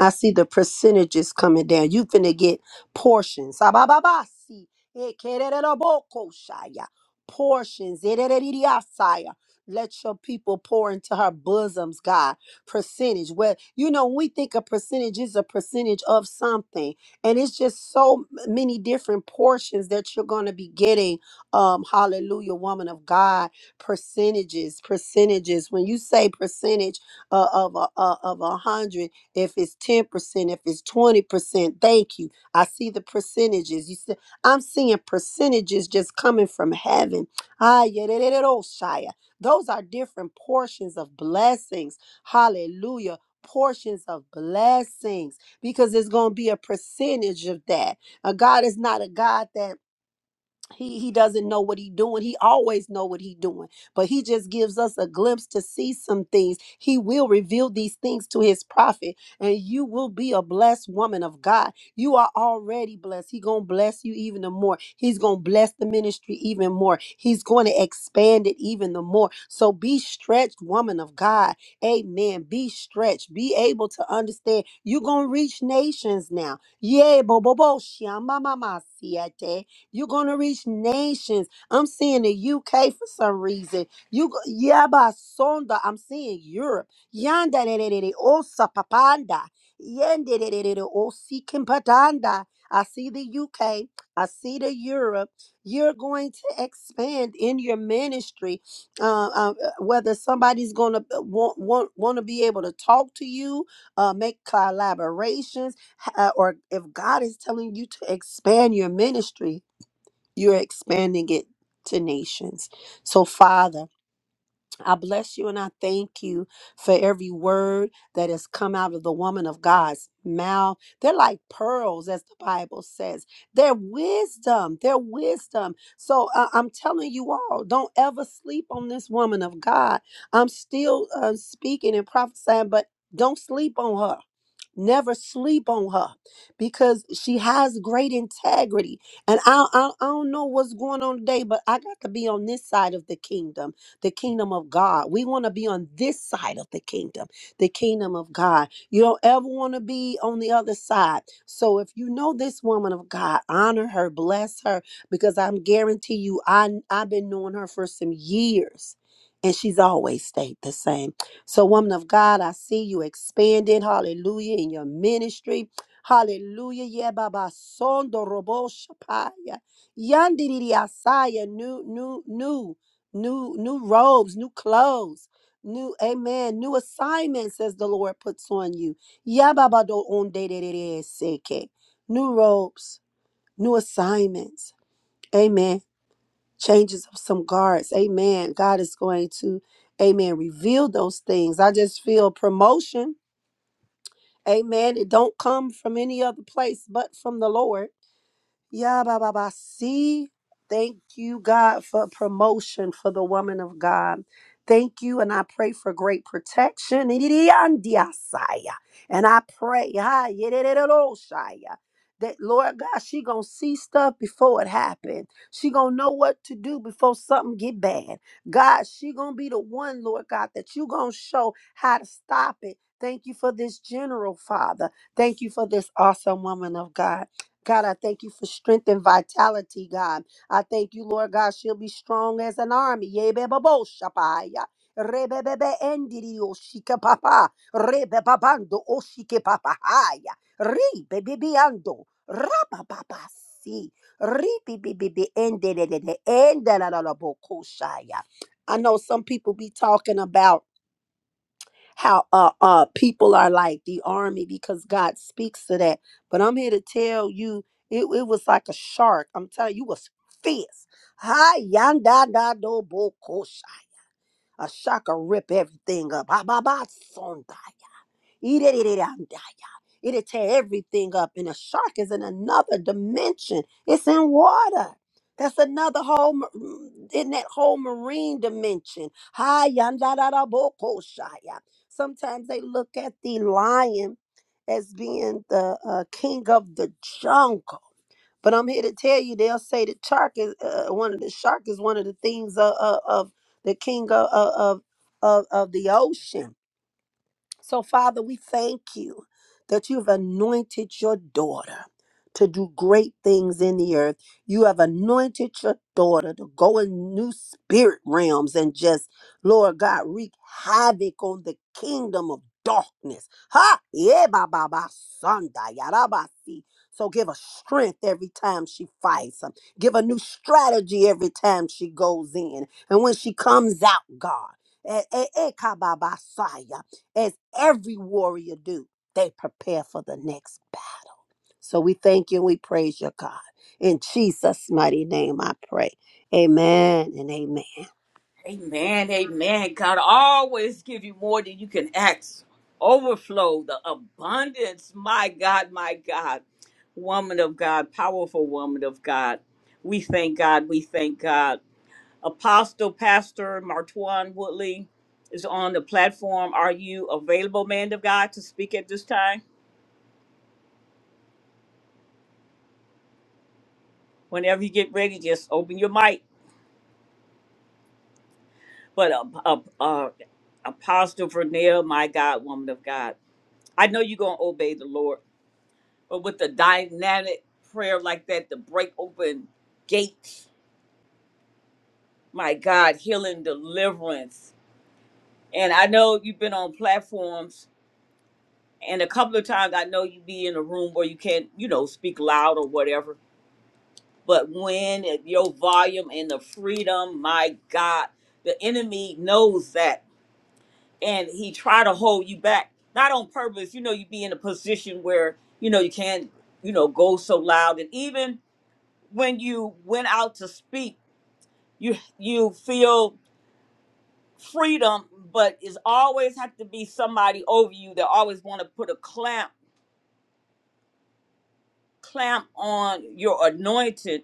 I see the percentages coming down. You finna get portions. Sabababasi, ekererebokoshaya, Portions. ererediasaya. Let your people pour into her bosoms, God. Percentage. Well, you know, when we think a percentage is a percentage of something. And it's just so m- many different portions that you're going to be getting. Um, hallelujah, woman of God. Percentages, percentages. When you say percentage uh, of a, uh, of a hundred, if it's 10%, if it's 20%. Thank you. I see the percentages. You said I'm seeing percentages just coming from heaven. Ah, yeah, da- da- da- da- Shia. Those are different portions of blessings. Hallelujah. Portions of blessings because there's going to be a percentage of that. Uh, God is not a God that he he doesn't know what he doing he always know what he doing but he just gives us a glimpse to see some things he will reveal these things to his prophet and you will be a blessed woman of god you are already blessed he gonna bless you even the more he's gonna bless the ministry even more he's gonna expand it even the more so be stretched woman of god amen be stretched be able to understand you gonna reach nations now yeah bo bo bo shia ma ma ma siete. You're going to reach nations. I'm seeing the UK for some reason. You go- Yaba Sonda. I'm seeing Europe. Yanda de de de de Osa Papanda. Yende de de de de Osi Kimpatanda. I see the UK. I see the Europe. You're going to expand in your ministry. Uh, uh, uh, whether somebody's going to want want want to be able to talk to you, uh, make collaborations, h- uh, or if God is telling you to expand your ministry, you're expanding it to nations. So, Father, I bless you and I thank you for every word that has come out of the woman of God's mouth. They're like pearls, as the Bible says. They're wisdom. They're wisdom. So, uh, I'm telling you all, don't ever sleep on this woman of God. I'm still uh, speaking and prophesying, but don't sleep on her Never sleep on her because she has great integrity. And I, I, I don't know what's going on today, but I got to be on this side of the kingdom, the kingdom of God. We want to be on this side of the kingdom, the kingdom of God. You don't ever want to be on the other side. So if you know this woman of God, honor her, bless her, because I'm guarantee you, I I've been knowing her for some years, and she's always stayed the same. So, woman of God, I see you expanding, hallelujah, in your ministry. Hallelujah. Yeah, Baba Sondo Robo Shapaya. Yandiri Asaya. New, new, new, new, new robes, new clothes. New amen, new assignments as the Lord puts on you. Yeah, Baba do on de de de de seke. New robes, new assignments. Amen changes of some guards. Amen. God is going to, amen, reveal those things. I just feel promotion. Amen. It don't come from any other place but from the Lord. Yeah, Baba Ba. See, thank you, God, for promotion for the woman of God. Thank you, and I pray for great protection. Idiyandiasaya. And I pray, ah, yedididoshaya, that Lord God, she gonna see stuff before it happen. She gonna know what to do before something get bad. God, she gonna be the one, Lord God, that you gonna show how to stop it. Thank you for this general, Father. Thank you for this awesome woman of God. God, I thank you for strength and vitality, God. I thank you, Lord God, she'll be strong as an army. Yebebabo shapaya. Rebebebe endiri oshike papa. Rebebabando oshike papa haya. Ribebibiando. Rabababa si. Ribibibibi endedede. Endedadadabokoshaya. I know some people be talking about how uh, uh people are like the army because God speaks to that. But I'm here to tell you, it, it was like a shark. I'm telling you, it was fierce. Hi, yanda da do bo ko A shark will rip everything up. Ba ba ba sondai. Eat it, eat it, and die, y'all. It'll tear everything up. And a shark is in another dimension. It's in water. That's another whole ma- mm, in that whole marine dimension. Hi, yandararabokoshaya. Sometimes they look at the lion as being the uh, king of the jungle. But I'm here to tell you, they'll say the shark is uh, uh, one of the shark is one of the things of, of, of the king of, of of of of the ocean so, Father, we thank you that you've anointed your daughter to do great things in the earth. You have anointed your daughter to go in new spirit realms and just, Lord God, wreak havoc on the kingdom of darkness. Ha! Yeah, ba ba ba sunda yada ba si. So give her strength every time she fights. um, Give her new strategy every time she goes in. And when she comes out, God as every warrior do. They prepare for the next battle. So we thank you and we praise your God. In Jesus' mighty name I pray. Amen and amen. Amen, amen. God always give you more than you can ask. Overflow, the abundance. My God, my God. Woman of God, powerful woman of God. We thank God. We thank God. Apostle Pastor Martuan Woodley is on the platform. Are you available, man of God, to speak at this time? Whenever you get ready, just open your mic. But uh, uh, uh, Apostle Vernell, my God, woman of God, I know you're going to obey the Lord, but with the dynamic prayer like that, to break open gates, my God, healing, deliverance. And I know you've been on platforms and a couple of times I know you be in a room where you can't, you know, speak loud or whatever But when your volume and the freedom, my God, the enemy knows that, and he try to hold you back, not on purpose. You know, you be in a position where you know you can't, you know, go so loud, and even when you went out to speak, you you feel freedom, but it's always have to be somebody over you that always want to put a clamp clamp on your anointing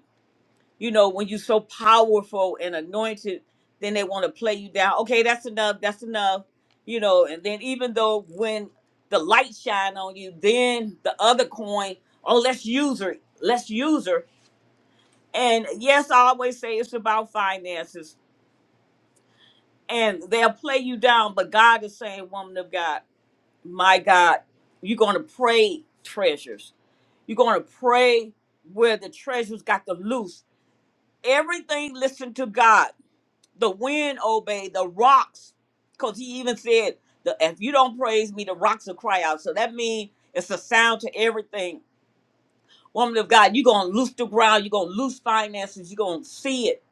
you know, when you're so powerful and anointed, then they want to play you down. Okay, that's enough. That's enough. You know, and then even though when the light shine on you, then the other coin, oh, let's use her. Let's use her. And yes, I always say it's about finances. And they'll play you down, but God is saying, woman of God, my God, you're going to pray treasures. You're going to pray where the treasures got the loose. Everything listen to God The wind obeyed the rocks, because he even said, the, "If you don't praise me, the rocks will cry out." So that means it's a sound to everything. Woman of God, you're gonna loose the ground. You're gonna loose finances. You're gonna see it.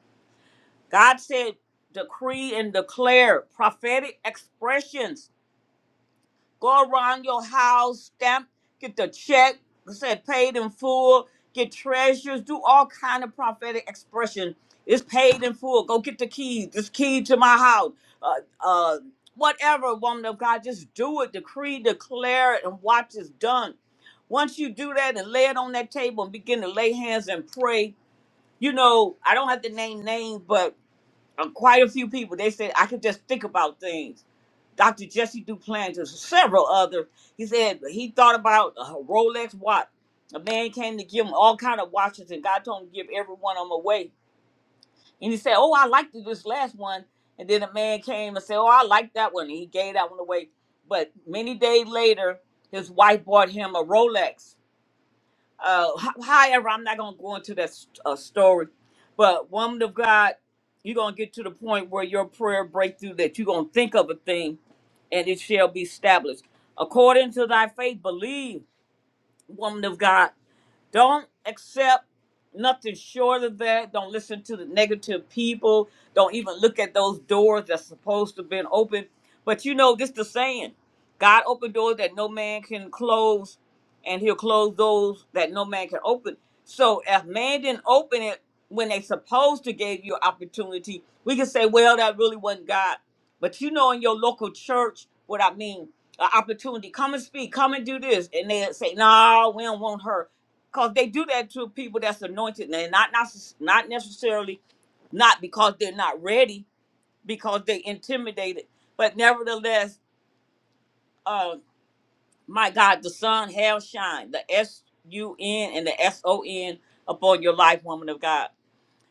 God said, "Decree and declare prophetic expressions." Go around your house, stamp, get the check, say paid in full, get treasures, do all kind of prophetic expression. It's paid in full. Go get the keys. This key to my house. Uh, uh, whatever, woman of God, just do it. Decree, declare it, and watch it's done. Once you do that and lay it on that table and begin to lay hands and pray, you know, I don't have to name names, but uh, quite a few people. They said I could just think about things. Dr. Jesse Duplantis, and several others. He said he thought about a Rolex watch. A man came to give him all kind of watches, and God told him to give every one of them away. And he said, "Oh, I liked this last one." And then a man came and said, "Oh, I like that one." And he gave that one away. But many days later, his wife bought him a Rolex uh, h- higher. I'm not gonna go into that s- uh, story, but woman of God, you're gonna get to the point where your prayer breakthrough that you're gonna think of a thing, and it shall be established according to thy faith. Believe, woman of God. Don't accept nothing short of that. Don't listen to the negative people. Don't even look at those doors that's supposed to have been open. But you know, this the saying God opened doors that no man can close, and he'll close those that no man can open. So if man didn't open it when they supposed to gave you opportunity, we can say, well, that really wasn't God. But you know, in your local church, what I mean, an opportunity, come and speak, come and do this. And they say, no, we don't want her because they do that to people that's anointed and they're not not not necessarily not because they're not ready because they intimidated but nevertheless uh my god the sun has shine the s-u-n and the s-o-n upon your life woman of god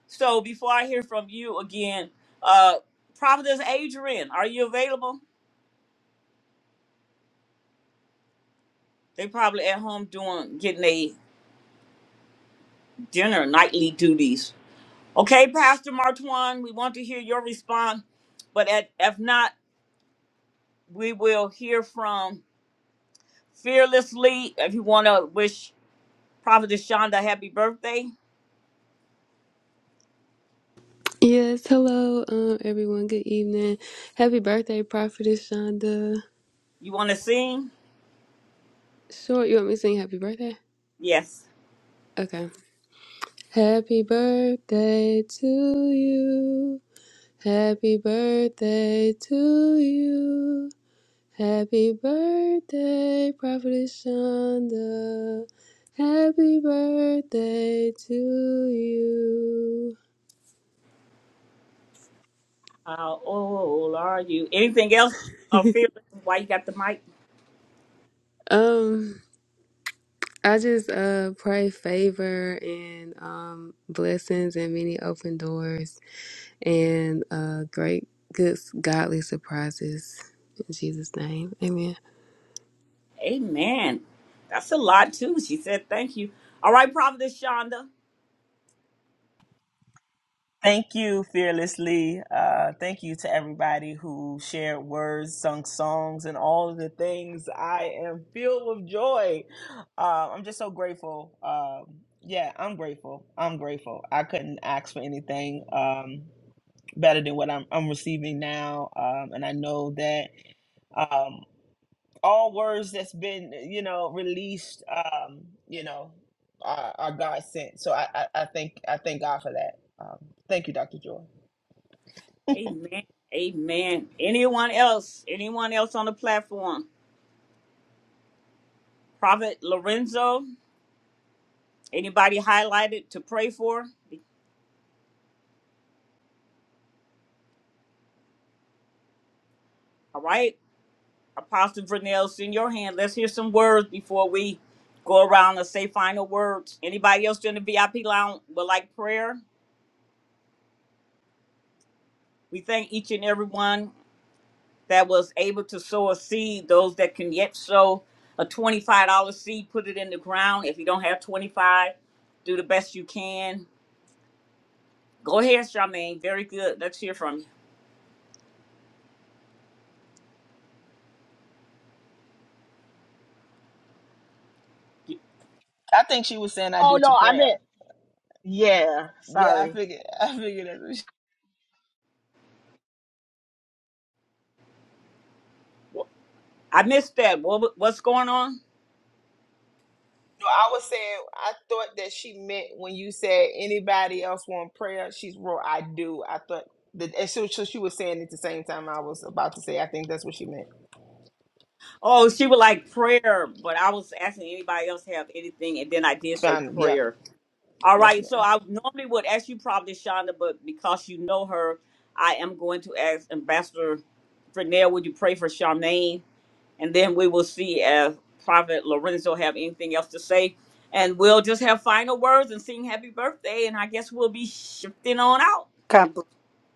so before i hear from you again uh providence adrian are you available they probably at home doing getting a dinner nightly duties Okay, Pastor Martwan, we want to hear your response, but at, if not, we will hear from Fearlessly. If you want to wish Prophetess Shonda happy birthday, Yes, hello, um, everyone. Good evening. Happy birthday, Prophetess Shonda. you want to sing? Short, you want me to sing happy birthday? Yes. Okay. Happy birthday to you. Happy birthday to you. Happy birthday, Prophetess Shonda. Happy birthday to you. How old are you? Anything else? Uh, Fearless, why you got the mic? Um. I just uh pray favor and um blessings and many open doors and uh great good godly surprises in Jesus name. Amen. Amen. That's a lot, too. She said thank you. All right, Prophetess Shonda. Thank you, fearlessly. Uh, thank you to everybody who shared words, sung songs, and all of the things. I am filled with joy. Uh, I'm just so grateful. Um, yeah, I'm grateful. I'm grateful. I couldn't ask for anything um, better than what I'm, I'm receiving now, um, and I know that um, all words that's been, you know, released, um, you know, are, are God sent. So I, I, I think I thank God for that. Um, thank you, Dr. Joy. Amen. Amen. Anyone else? Anyone else on the platform? Prophet Lorenzo? Anybody highlighted to pray for? All right. Apostle Vernell, send your hand. Let's hear some words before we go around and say final words. Anybody else in the VIP lounge would like prayer? We thank each and every one that was able to sow a seed, those that can yet sow a $25 seed, put it in the ground. If you don't have 25, do the best you can. Go ahead, Charmaine. Very good. Let's hear from you. I think she was saying I Oh do no, to I meant prayer. yeah. Yeah, I Sorry. figured. I figured that's what she. You- wh- I missed that. What, what's going on? No, I was saying I thought that she meant when you said anybody else want prayer, she's wrote I do. I thought that and so, so she was saying it at the same time I was about to say I think that's what she meant. Oh, she would like prayer, but I was asking anybody else have anything, and then I did say Fine. Yep. prayer. All Yes, right, ma'am. so I normally would ask you probably Shonda, but because you know her, I am going to ask Ambassador Fernell, would you pray for Charmaine? And then we will see if Prophet Lorenzo have anything else to say. And we'll just have final words and sing happy birthday, and I guess we'll be shifting on out. God, bl-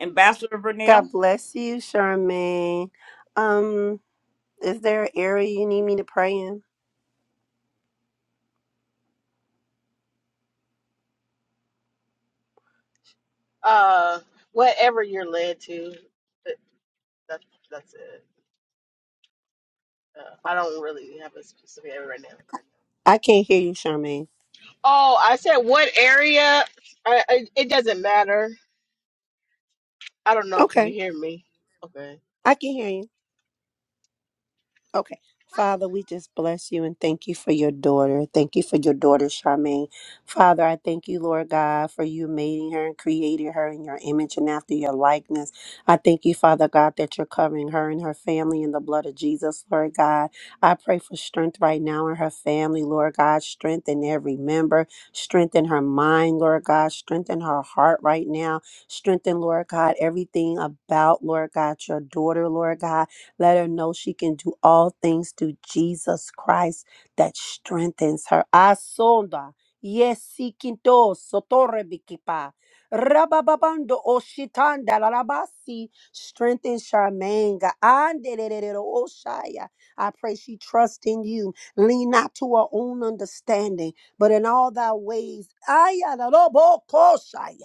Ambassador Vernell. God bless you, Charmaine. Um, is there an area you need me to pray in? Uh, whatever you're led to, that, that that's it. Uh, I don't really have a specific area right now. I can't hear you, Charmaine. Oh, I said what area? I, I, it doesn't matter. I don't know if you can Okay, hear me. Okay. I can hear you. Okay. Father, we just bless you and thank you for your daughter. Thank you for your daughter, Charmaine. Father, I thank you, Lord God, for you making her and creating her in your image and after your likeness. I thank you, Father God, that you're covering her and her family in the blood of Jesus, Lord God. I pray for strength right now in her family, Lord God. Strengthen every member. Strengthen her mind, Lord God. Strengthen her heart right now. Strengthen, Lord God, everything about, Lord God, your daughter, Lord God. Let her know she can do all things through Jesus Christ that strengthens her. Asonda. Yes, Sikinto, Sotore Bikipa. Rabababando Oshitanda Larabasi. Strengthen Charmaine. God. Anderererero Oshaya. I pray she trusts in you. Lean not to her own understanding, but in all thy ways. Ayalarobo Koshaya.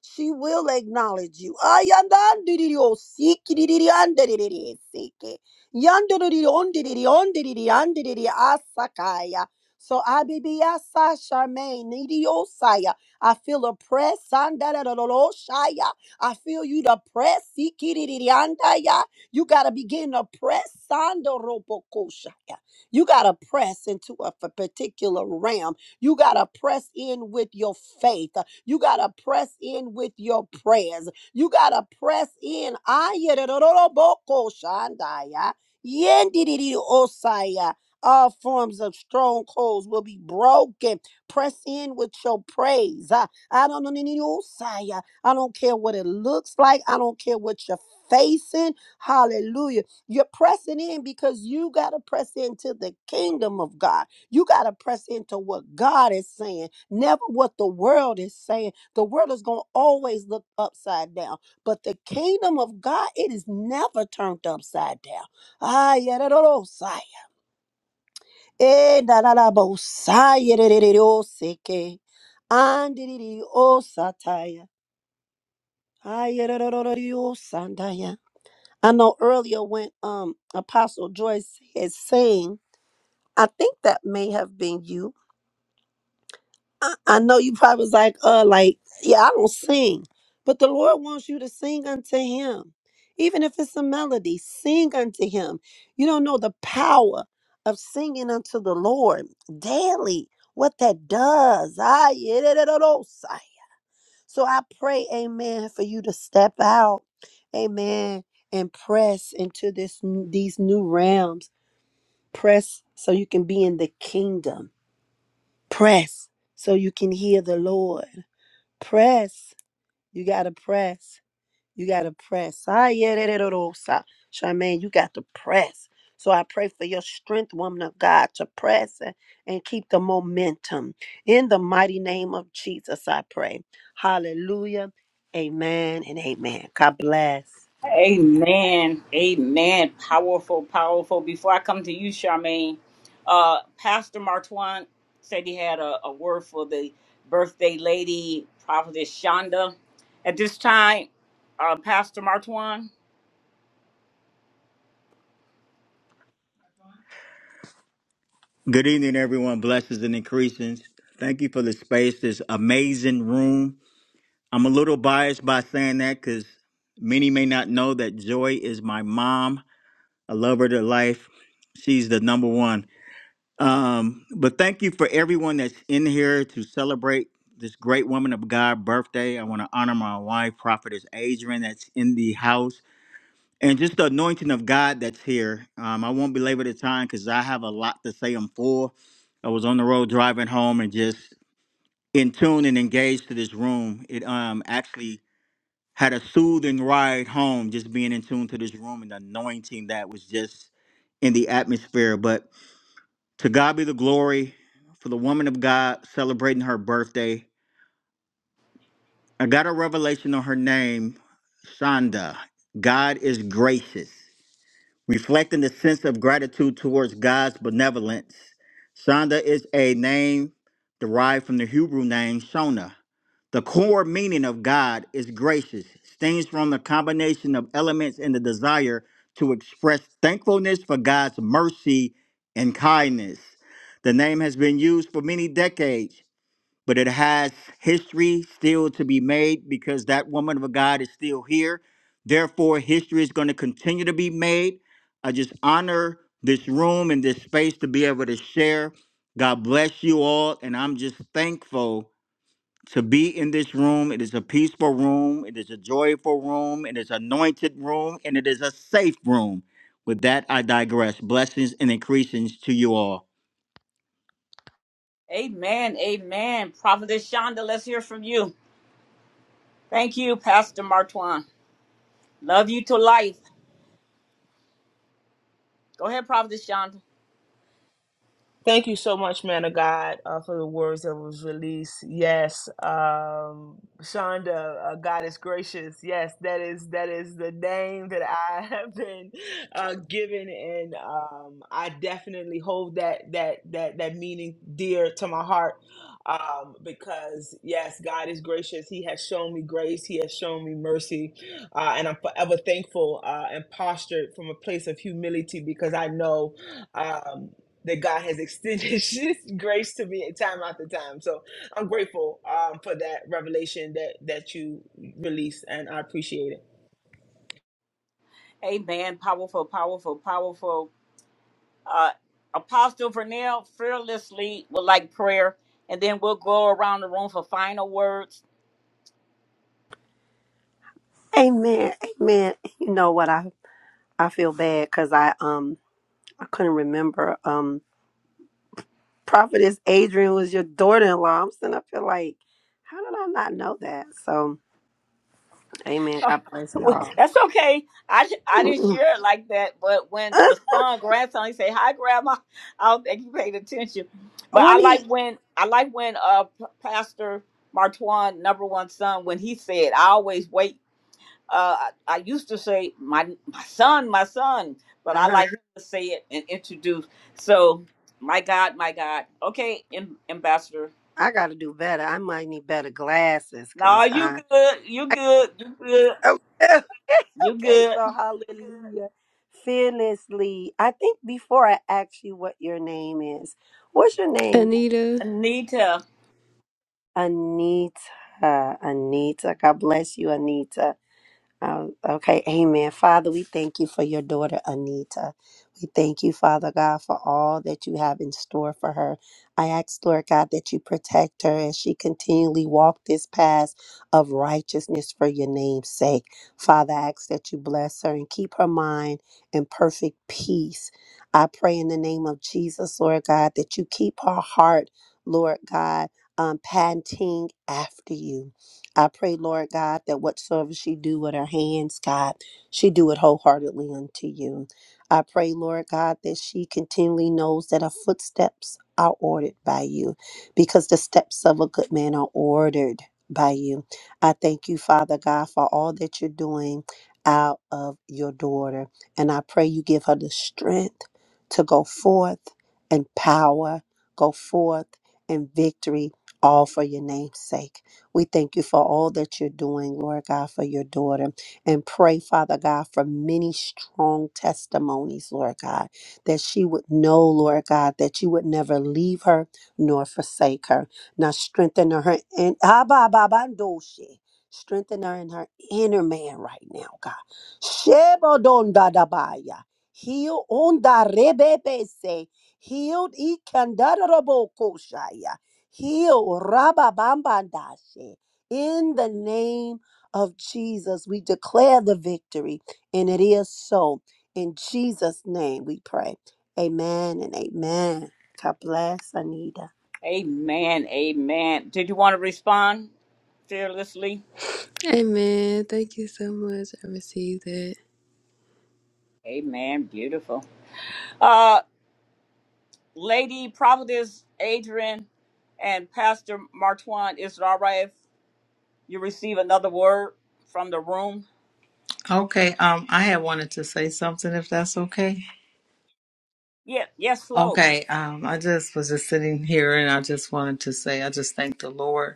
She will acknowledge you. Ayandandididiosikidididiandidididisiki. Yandididiondididiondididiondididiasakaya. So Abibiasa Charmaine, Nidiosaya. I feel oppressed. Sandadadadoloshaya. I feel you to press. Sikidididiandaya. You gotta begin to press. Sandorobokoshaya. You gotta press into a f- particular realm you got to press in with your faith. You got to press in with your prayers. You got to press in. Ayerororobokoshandaya, yendididiosaya. All forms of strongholds will be broken. Press in with your praise. Ah, I don't know. nididiosaya. I don't care what it looks like. I don't care what you're facing. Hallelujah. You're pressing in because you got to press into the kingdom of God. You got to press into what God is saying, never what the world is saying. The world is going to always look upside down, but the kingdom of God, it is never turned upside down. Ah, yeah, da, da, da, sigh. Eh, da, da, da, bo, sigh, yeah, da, da, da, da, oh, seke. And di, di, di, oh, sataya. Ah, yeah, da, da, da, da, di, oh, sandaya. I know earlier when um Apostle Joyce had sang, I think that may have been you I, I know you probably was like, uh, like, yeah, I don't sing. But the Lord wants you to sing unto him. Even if it's a melody, sing unto him. You don't know the power of singing unto the Lord daily, what that does. Ah, yeah, da, da, da, da, sigh. So I pray, amen, for you to step out, amen, and press into this n- these new realms. Press so you can be in the kingdom. Press so you can hear the Lord. Press. You gotta press. You gotta press. Ah, yeah, that it all stop. Charmaine, you got to press. So I pray for your strength, woman of God, to press and, and keep the momentum. In the mighty name of Jesus, I pray. Hallelujah. Amen and amen. God bless. Amen. Amen. Powerful, powerful. Before I come to you, Charmaine, uh, Pastor Martwan said he had a, a word for the birthday lady, Prophetess Shonda. At this time, uh, Pastor Martwan. Good evening, everyone. Blessings and increases. Thank you for the space, this amazing room. I'm a little biased by saying that because many may not know that Joy is my mom. I love her to life. She's the number one. Um, but thank you for everyone that's in here to celebrate this great woman of God birthday. I want to honor my wife, Prophetess Adrian, that's in the house and just the anointing of God that's here. Um, I won't belabor the time because I have a lot to say. I'm full. I was on the road driving home and just in tune and engaged to this room. It um actually had a soothing ride home, just being in tune to this room and the anointing that was just in the atmosphere. But to God be the glory for the woman of God celebrating her birthday. I got a revelation on her name, Shonda. God is gracious. reflecting the sense of gratitude towards God's benevolence. Shonda is a name derived from the Hebrew name Shona. The core meaning of God is gracious, stems from the combination of elements and the desire to express thankfulness for God's mercy and kindness. The name has been used for many decades but it has history still to be made because that woman of God is still here. Therefore, history is going to continue to be made. I just honor this room and this space to be able to share. God bless you all, and I'm just thankful to be in this room. It is a peaceful room, it is a joyful room, it is anointed room, and it is a safe room. With that, I digress. Blessings and increasings to you all. Amen. Amen. Prophetess Shonda, let's hear from you. Thank you, Pastor Martwan. Love you to life. Go ahead, Prophetess Shonda. Thank you so much, man of God, uh, for the words that was released. Yes, um, Shonda, uh, God is gracious. Yes, that is that is the name that I have been uh, given, and um, I definitely hold that that that that meaning dear to my heart um, because yes, God is gracious. He has shown me grace. He has shown me mercy, uh, and I'm forever thankful uh, and postured from a place of humility because I know. Um, that God has extended His grace to me time after time. So I'm grateful um, for that revelation that that you released, and I appreciate it. Amen. Powerful, powerful, powerful. Uh, Apostle Vernell fearlessly would like prayer, and then we'll go around the room for final words. Amen. Amen. You know what I I feel bad because I um I couldn't remember. Um Prophetess Adrian was your daughter in law. I'm sitting up here like, how did I not know that? So Amen. Oh, God bless well, y'all. That's okay. I sh- I didn't Mm-mm. share it like that, but when Uh, the son, grandson, he say, "Hi, grandma," I don't think he paid attention. But when I he, like when I like when uh P- Pastor Martwan, number one son, when he said, "I always wait." uh, I, I used to say my my son, my son, but I uh, like him to say it and introduce. So, my God, my God. Okay, am- ambassador. I got to do better. I might need better glasses because No, you I, good. You I good. You good. oh, okay, You okay. good. So hallelujah. Fearlessly. I think before I ask you what your name is, what's your name? Anita, Anita. Anita. Anita. God bless you, Anita. Um, okay, amen. Father, we thank you for your daughter, Anita. We thank you, Father God, for all that you have in store for her. I ask, Lord God, that you protect her as she continually walk this path of righteousness for your name's sake. Father, I ask that you bless her and keep her mind in perfect peace. I pray in the name of Jesus, Lord God, that you keep her heart, Lord God, um, panting after you. I pray, Lord God, that whatsoever she do with her hands, God, she do it wholeheartedly unto you. I pray, Lord God, that she continually knows that her footsteps are ordered by you because the steps of a good man are ordered by you. I thank you, Father God, for all that you're doing out of your daughter. And I pray you give her the strength to go forth and power, go forth in victory, all for your name's sake. We thank you for all that you're doing, Lord God, for your daughter. And pray, Father God, for many strong testimonies, Lord God, that she would know, Lord God, that you would never leave her nor forsake her. Now strengthen her in ah, ba, ba, ba, do, she strengthen her in her inner man right now, God. Shebodondadabaya. Heal on the rebebe say. Healed, e Heal Rababambandashe. In the name of Jesus, we declare the victory, and it is so. In Jesus' name we pray. Amen and amen. God bless Anita. Amen. Amen. Did you want to respond fearlessly? amen. Thank you so much. I received that. Amen. Beautiful. Uh, Lady Providence Adrian and Pastor Martwan, is it all right if you receive another word from the room? Okay, um, I had wanted to say something if that's okay. Yeah, yes, Flo. Okay, um, I just was just sitting here and I just wanted to say I just thank the Lord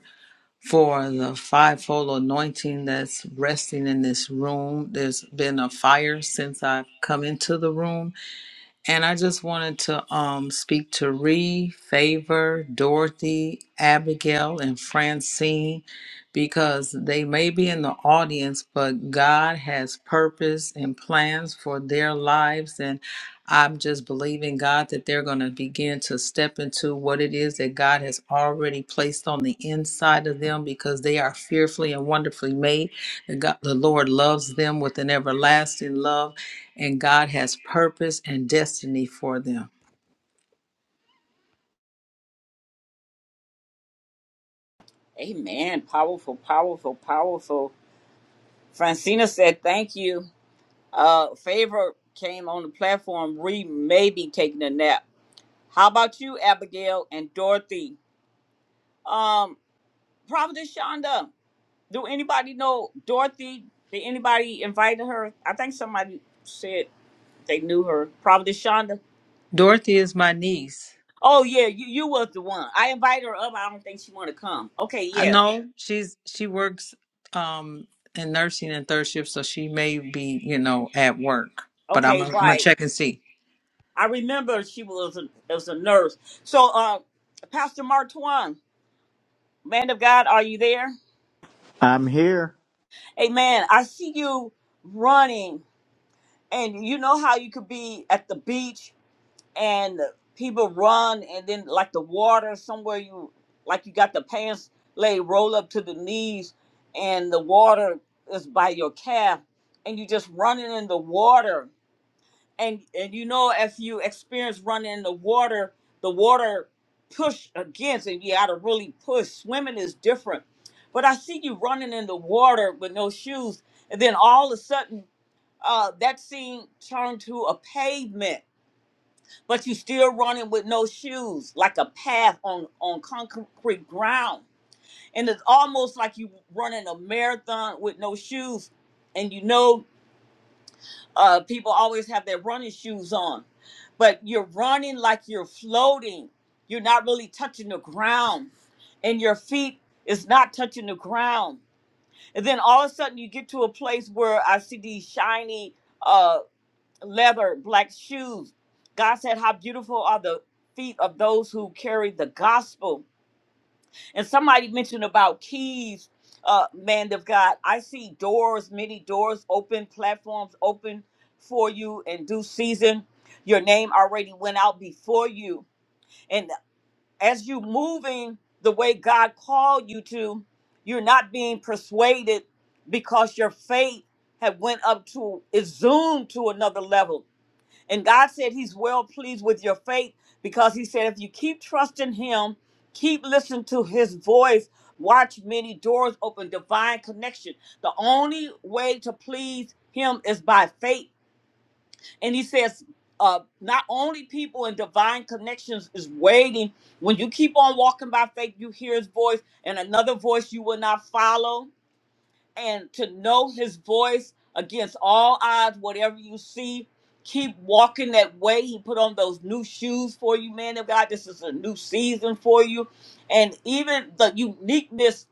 for the fivefold anointing that's resting in this room. There's been a fire since I've come into the room. And I just wanted to um, speak to Ree, Favor, Dorothy, Abigail, and Francine because they may be in the audience, but God has purpose and plans for their lives. And I'm just believing God that they're going to begin to step into what it is that God has already placed on the inside of them because they are fearfully and wonderfully made. The, God, the Lord loves them with an everlasting love and God has purpose and destiny for them. Amen. Powerful, powerful, powerful. Francina said, thank you. Uh, Favor came on the platform. Ree may be taking a nap. How about you, Abigail and Dorothy? Um, Providence Shonda, do anybody know Dorothy? Did anybody invite her? I think somebody said they knew her. Providence Shonda. Dorothy is my niece. Oh yeah, you, you was the one. I invited her up. I don't think she wanna come. Okay, I yeah. know she's she works um in nursing and third shift, so she may be, you know, at work. But I'm Okay, gonna, I'm gonna right. check and see. I remember she was a, was a nurse. So, uh, Pastor Martwan, man of God, are you there? I'm here. Amen. I see you running, and you know how you could be at the beach and people run, and then like the water somewhere you like you got the pants laid roll up to the knees, and the water is by your calf, and you just running in the water. and and you know if you experience running in the water the water push against and you gotta really push swimming is different but i see you running in the water with no shoes and then all of a sudden uh, that scene turned to a pavement but you still running with no shoes like a path on on concrete ground and it's almost like you running a marathon with no shoes and you know uh, people always have their running shoes on, but you're running like you're floating. You're not really touching the ground, and your feet is not touching the ground. And then all of a sudden, you get to a place where I see these shiny uh, leather black shoes. God said, "How beautiful are the feet of those who carry the gospel." And somebody mentioned about keys, uh, man of God. I see doors, many doors open, platforms open for you in due season. Your name already went out before you. And as you moving the way God called you to, you're not being persuaded because your faith had went up to is zoomed to another level. And God said He's well pleased with your faith because He said, if you keep trusting Him, keep listening to His voice, watch many doors open, divine connection. The only way to please Him is by faith. And He says, uh, not only people in divine connections is waiting. When you keep on walking by faith, you hear His voice, and another voice you will not follow and to know his voice against all odds, whatever you see, keep walking that way. He put on those new shoes for you, man of God. This is a new season for you. And even the uniqueness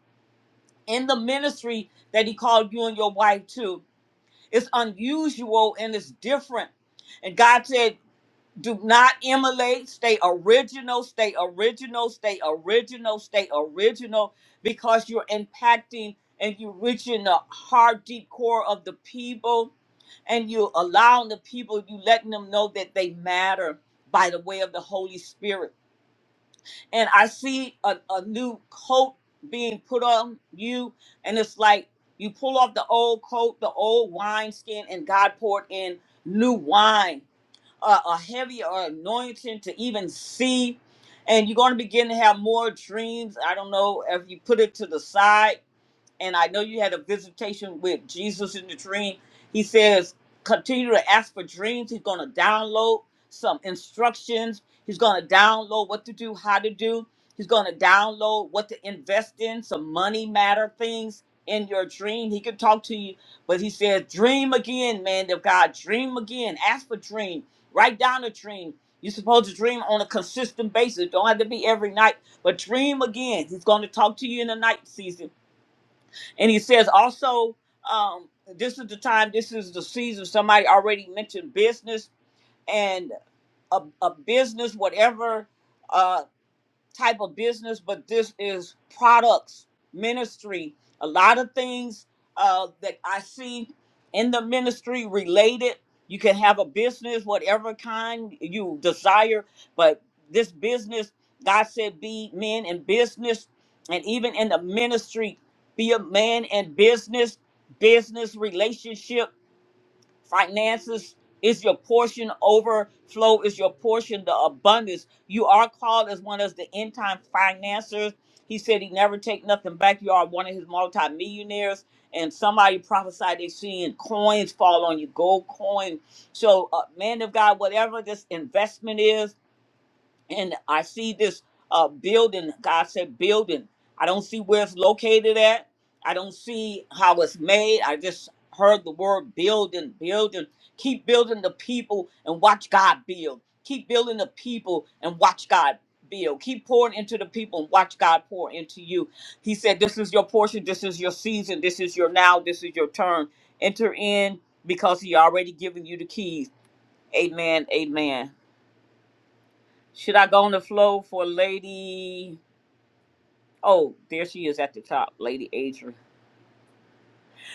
in the ministry that he called you and your wife to. It's unusual and it's different. And God said, do not emulate. Stay original. Stay original. Stay original. Stay original because you're impacting and you're reaching the heart, deep core of the people. And you allowing the people, you letting them know that they matter by the way of the Holy Spirit. And I see a, a new coat being put on you. And it's like you pull off the old coat, the old wine skin, and God poured in new wine a, a heavier anointing to even see. And you're going to begin to have more dreams. I don't know if you put it to the side and I know you had a visitation with Jesus in the dream. He says, continue to ask for dreams. He's going to download some instructions. He's going to download what to do, how to do. He's going to download what to invest in, some money matter things in your dream. He can talk to you, but he says, dream again, man of God. Dream again. Ask for dream. Write down a dream. You're supposed to dream on a consistent basis. Don't have to be every night, but dream again. He's going to talk to you in the night season and he says also, um, this is the time, this is the season. Somebody already mentioned business and a, a business, whatever. uh, type of business, but this is products, ministry. A lot of things uh, that I see in the ministry related. You can have a business, whatever kind you desire, but this business, God said, be men in business, and even in the ministry, be a man in business, business relationship finances is your portion overflow is your portion the abundance you are called as one of the end time financiers he said he never take nothing back you are one of his multimillionaires and somebody prophesied they seeing coins fall on you gold coin so uh, man of god whatever this investment is and I see this uh, building. God said building. I don't see where it's located at. I don't see how it's made. I just heard the word building, building. Keep building the people and watch God build. Keep building the people and watch God build. Keep pouring into the people and watch God pour into you. He said, This is your portion. This is your season. This is your now. This is your turn. Enter in because He already given you the keys. Amen. Amen. Should I go on the flow for Lady? Oh, there she is at the top, Lady Adrian.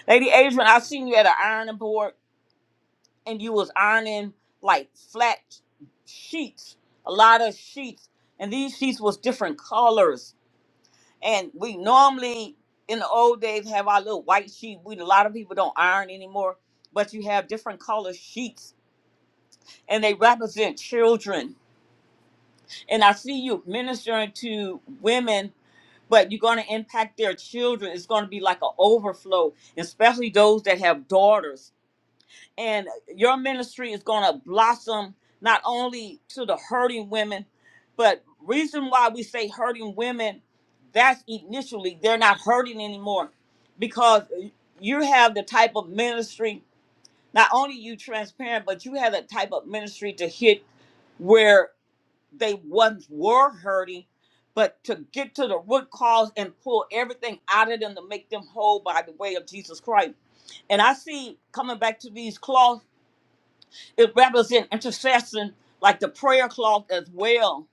Lady Adrian, I seen you at an ironing board, and you was ironing like flat sheets, a lot of sheets, and these sheets was different colors. And we normally in the old days have our little white sheet. We a lot of people don't iron anymore, but you have different color sheets, and they represent children. And I see you ministering to women but you're going to impact their children. It's going to be like an overflow, especially those that have daughters. And your ministry is going to blossom not only to the hurting women, but reason why we say hurting women, that's initially they're not hurting anymore because you have the type of ministry. Not only you transparent, but you have the type of ministry to hit where they once were hurting, but to get to the root cause and pull everything out of them to make them whole by the way of Jesus Christ. And I see coming back to these cloths, it represents intercession, like the prayer cloth as well,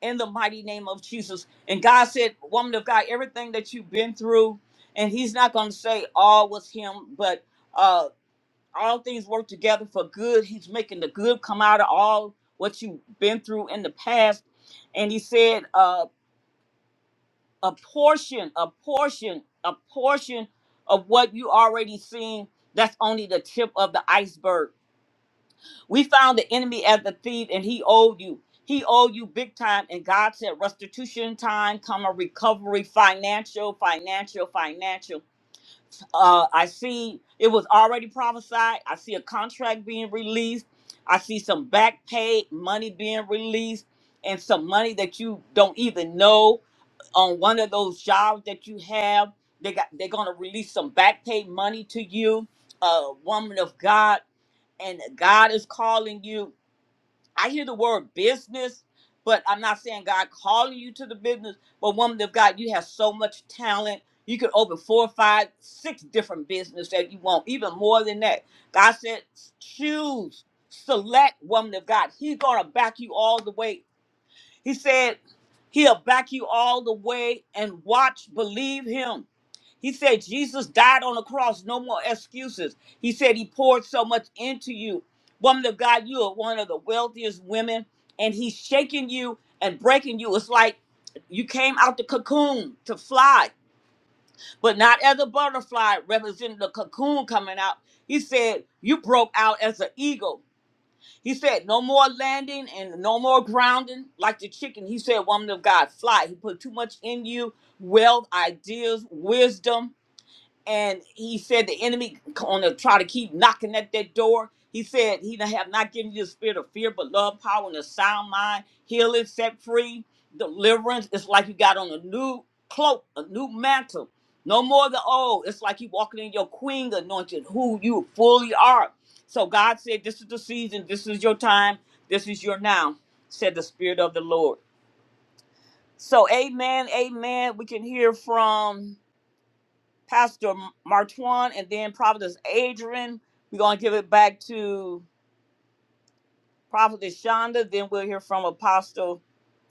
in the mighty name of Jesus. And God said, Woman of God, everything that you've been through, and He's not going to say all was Him, but. uh, all things work together for good. He's making the good come out of all what you've been through in the past. And he said, uh, a portion, a portion, a portion of what you already seen, that's only the tip of the iceberg. We found the enemy as the thief, and he owed you. He owed you big time. And God said, restitution time, come a recovery, financial, financial, financial uh, I see it was already prophesied. I see a contract being released. I see some back pay money being released and some money that you don't even know on one of those jobs that you have. They got they're gonna release some back pay money to you, uh, woman of God, and God is calling you. I hear the word business, but I'm not saying God calling you to the business. But woman of God, you have so much talent. You could open four, five, six different business that you want, even more than that. God said, choose, select woman of God. He's gonna back you all the way he said, He'll back you all the way and watch, believe Him. He said, Jesus died on the cross, no more excuses. He said, He poured so much into you. Woman of God, you are one of the wealthiest women, and He's shaking you and breaking you. It's like you came out the cocoon to fly, but not as a butterfly representing the cocoon coming out. He said, You broke out as an eagle he said, No more landing and no more grounding like the chicken. He said, Woman of God, fly. He put too much in you wealth, ideas, wisdom, and he said the enemy going to try to keep knocking at that door. He said he done have not given you the spirit of fear, but love, power, and a sound mind. Healing, set free, deliverance. It's like you got on a new cloak, a new mantle. No more the old. It's like you walking in your queen anointed, who you fully are. So God said, "This is the season. This is your time. This is your now," said the Spirit of the Lord. So, Amen, Amen. We can hear from Pastor Martuan, and then Prophetess Adrian. We're gonna give it back to Prophetess Shonda. Then we'll hear from Apostle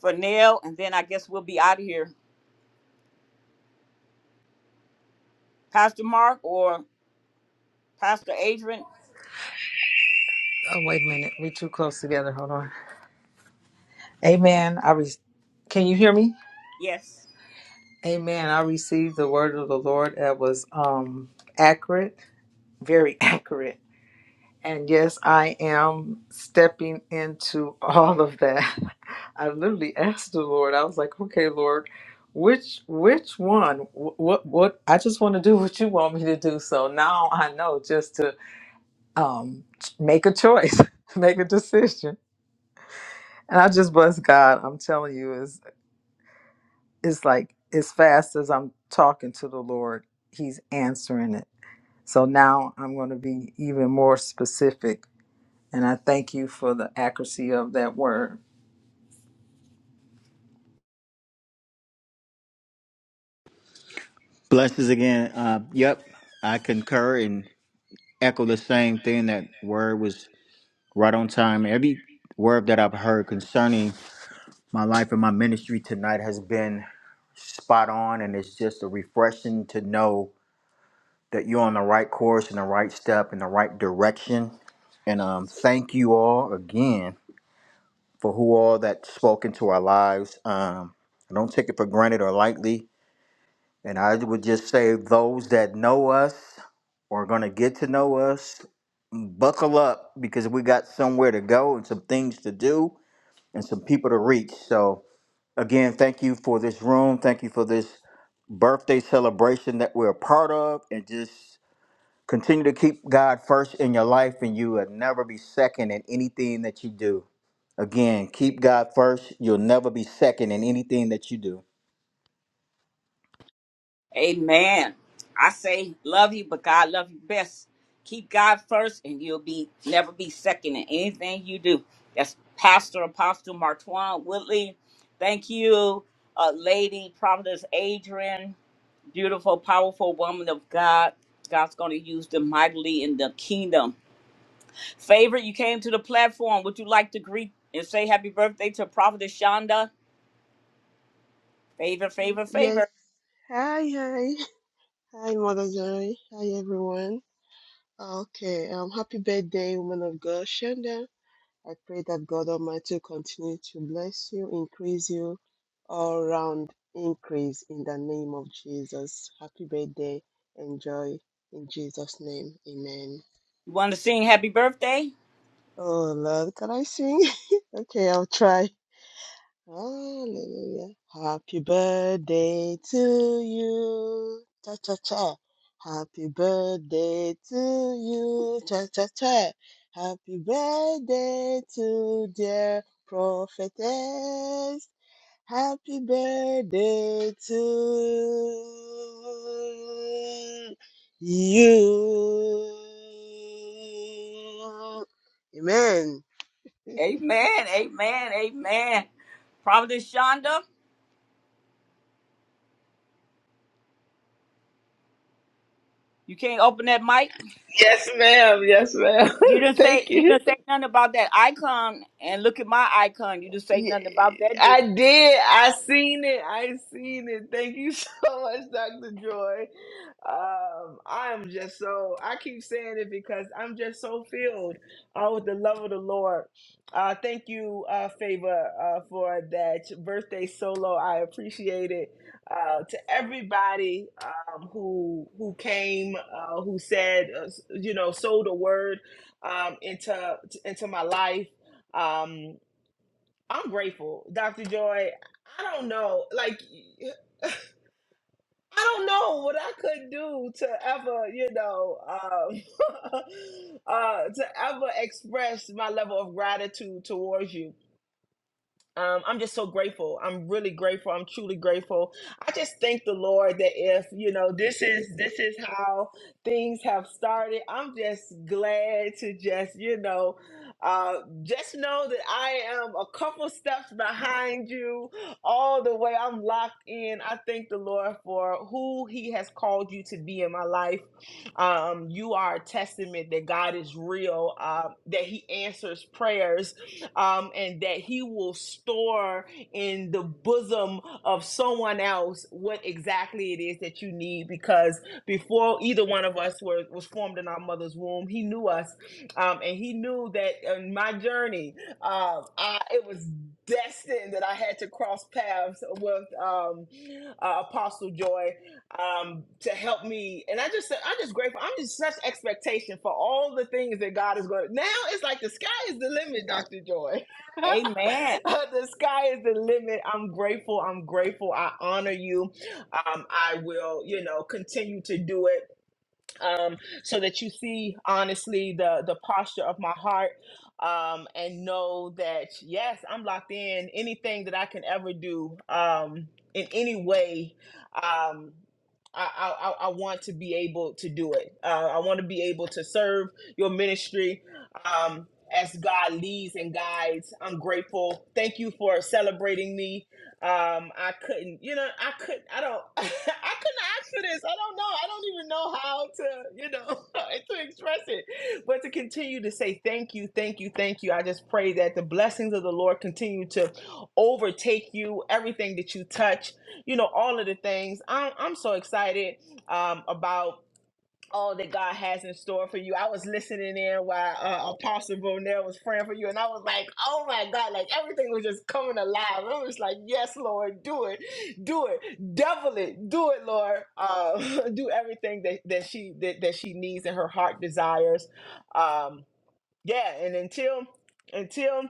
Fernell, and then I guess we'll be out of here. Pastor Mark or Pastor Adrian? Oh wait a minute, we too close together. Hold on. Amen. I re- can you hear me? Yes. Amen. I received the word of the Lord that was um accurate, very accurate. And yes, I am stepping into all of that. I literally asked the Lord. I was like, "Okay, Lord, which which one? Wh- What what? I just want to do what you want me to do." So now I know just to um make a choice, make a decision. And I just bless God. I'm telling you, is it's like as fast as I'm talking to the Lord, He's answering it. So now I'm going to be even more specific And I thank you for the accuracy of that word. Blessings again. Uh, yep, I concur and echo the same thing. That word was right on time. Every word that I've heard concerning my life and my ministry tonight has been spot on, and it's just a refreshing to know that you're on the right course and the right step in the right direction. And um, thank you all again for who all that spoke into our lives. Um, I don't take it for granted or lightly And I would just say those that know us or are going to get to know us, buckle up because we got somewhere to go and some things to do and some people to reach. So, again, thank you for this room. Thank you for this birthday celebration that we're a part of. And just continue to keep God first in your life, and you will never be second in anything that you do. Again, keep God first. You'll never be second in anything that you do. Amen. I say love you, but God love you best. Keep God first, and you'll be never be second in anything you do. That's Pastor Apostle Martuan Woodley. Thank you, uh, Lady Prophetess Adrian. Beautiful, powerful woman of God. God's going to use them mightily in the kingdom. Favor, you came to the platform. Would you like to greet and say happy birthday to Prophetess Shonda? Favor, favor, Yes. favor. Hi, hi. Hi, Mother Zoe. Hi, everyone. Okay, um, happy birthday, woman of God, Shanda. I pray that God Almighty will continue to bless you, increase you, all round increase in the name of Jesus. Happy birthday. Enjoy in Jesus' name. Amen. You want to sing happy birthday? Oh, Lord, can I sing? okay, I'll try. Hallelujah. Happy birthday to you. Cha cha cha. Happy birthday to you. Cha cha cha. Happy birthday to dear prophetess. Happy birthday to you. Amen. Amen, amen, amen. Prophetess Shonda, you can't open that mic. Yes, ma'am. Yes, ma'am. You didn't say Thank you you. didn't say nothing about that icon and look at my icon. You didn't say Yeah, nothing about that, did you? I did. I seen it. I seen it. Thank you so much, Dr. Joy. Um, I am just so I keep saying it because I'm just so filled uh, with the love of the Lord. Uh, thank you, uh, Favor, uh, for that birthday solo. I appreciate it. Uh, to everybody um, who who came, uh, who said, uh, s- you know, sold a word um, into into my life. Um, I'm grateful, Dr. Joy. I don't know, like I don't know what I could do to ever, you know, um, uh, to ever express my level of gratitude towards you um, I'm just so grateful. I'm really grateful. I'm truly grateful. I just thank the Lord that if you know this is this is how things have started. I'm just glad to just you know uh, just know that I am a couple steps behind you all the way. I'm locked in. I thank the Lord for who He has called you to be in my life. Um, you are a testament that God is real. Uh, that He answers prayers um, and that he will store in the bosom of someone else what exactly it is that you need because before either one of us were was formed in our mother's womb he knew us um, and he knew that in my journey um, I, it was destined that i had to cross paths with um, uh, apostle joy um, to help me. And I just said, I'm just grateful. I'm just such expectation for all the things that God is going to. Now it's like the sky is the limit, Dr. Joy. Amen. the sky is the limit. I'm grateful. I'm grateful. I honor you. Um, I will, you know, continue to do it um, so that you see honestly the the posture of my heart um, and know that yes i'm locked in anything that i can ever do um, in any way um, I, I, I I want to be able to do it. Uh, I want to be able to serve your ministry um, as God leads and guides. I'm grateful. Thank you for celebrating me um, I couldn't, you know, I couldn't, I don't, I couldn't ask for this. I don't know. I don't even know how to, you know, to express it, but to continue to say thank you, thank you, thank you. I just pray that the blessings of the Lord continue to overtake you, everything that you touch, you know, all of the things. I'm, I'm so excited um, about all that God has in store for you. I was listening in while uh, Apostle Bonell was praying for you, and I was like, oh my God, like everything was just coming alive. I was like, yes, Lord, do it, do it, devil it, do it, Lord. Uh, do everything that, that she that, that she needs and her heart desires. Um, yeah, and until until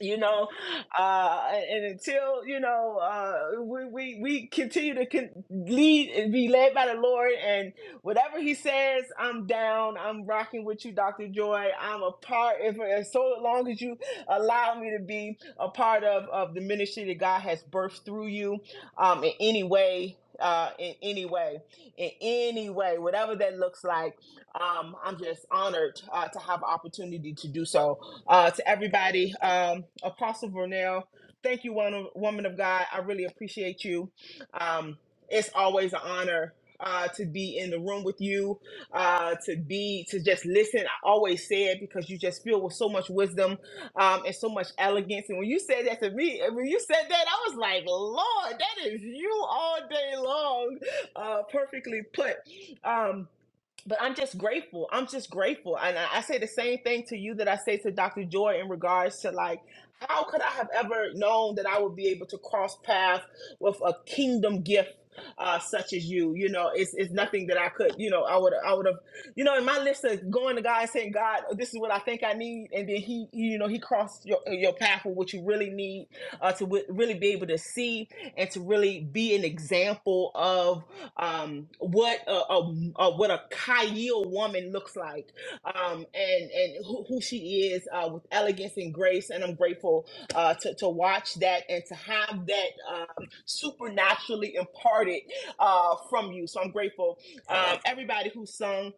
you know uh and until you know uh we we, we continue to con- lead and be led by the lord and whatever he says i'm down i'm rocking with you dr joy i'm a part if as so long as you allow me to be a part of of the ministry that god has birthed through you um in any way uh, in any way, in any way, whatever that looks like, um, I'm just honored uh, to have opportunity to do so uh, to everybody. Um, Apostle Vernell, thank you, one woman of God. I really appreciate you. Um, it's always an honor. Uh, to be in the room with you, uh, to be to just listen. I always say it because you just feel with so much wisdom um, and so much elegance. And when you said that to me, and when you said that, I was like, Lord, that is you all day long, uh, perfectly put. Um, but I'm just grateful. I'm just grateful. And I, I say the same thing to you that I say to Dr. Joy in regards to like, how could I have ever known that I would be able to cross paths with a kingdom gift? Uh, such as you, you know, it's, it's nothing that I could, you know, I would, I would have, you know, in my list of going to God and saying, God, this is what I think I need. And then he, you know, he crossed your, your path with what you really need, uh, to w- really be able to see and to really be an example of um, what a, a, a what a Kyle woman looks like, um, and and who, who she is uh, with elegance and grace. And I'm grateful uh, to to watch that and to have that um, supernaturally imparted uh, from you. So I'm grateful. Um, everybody who sung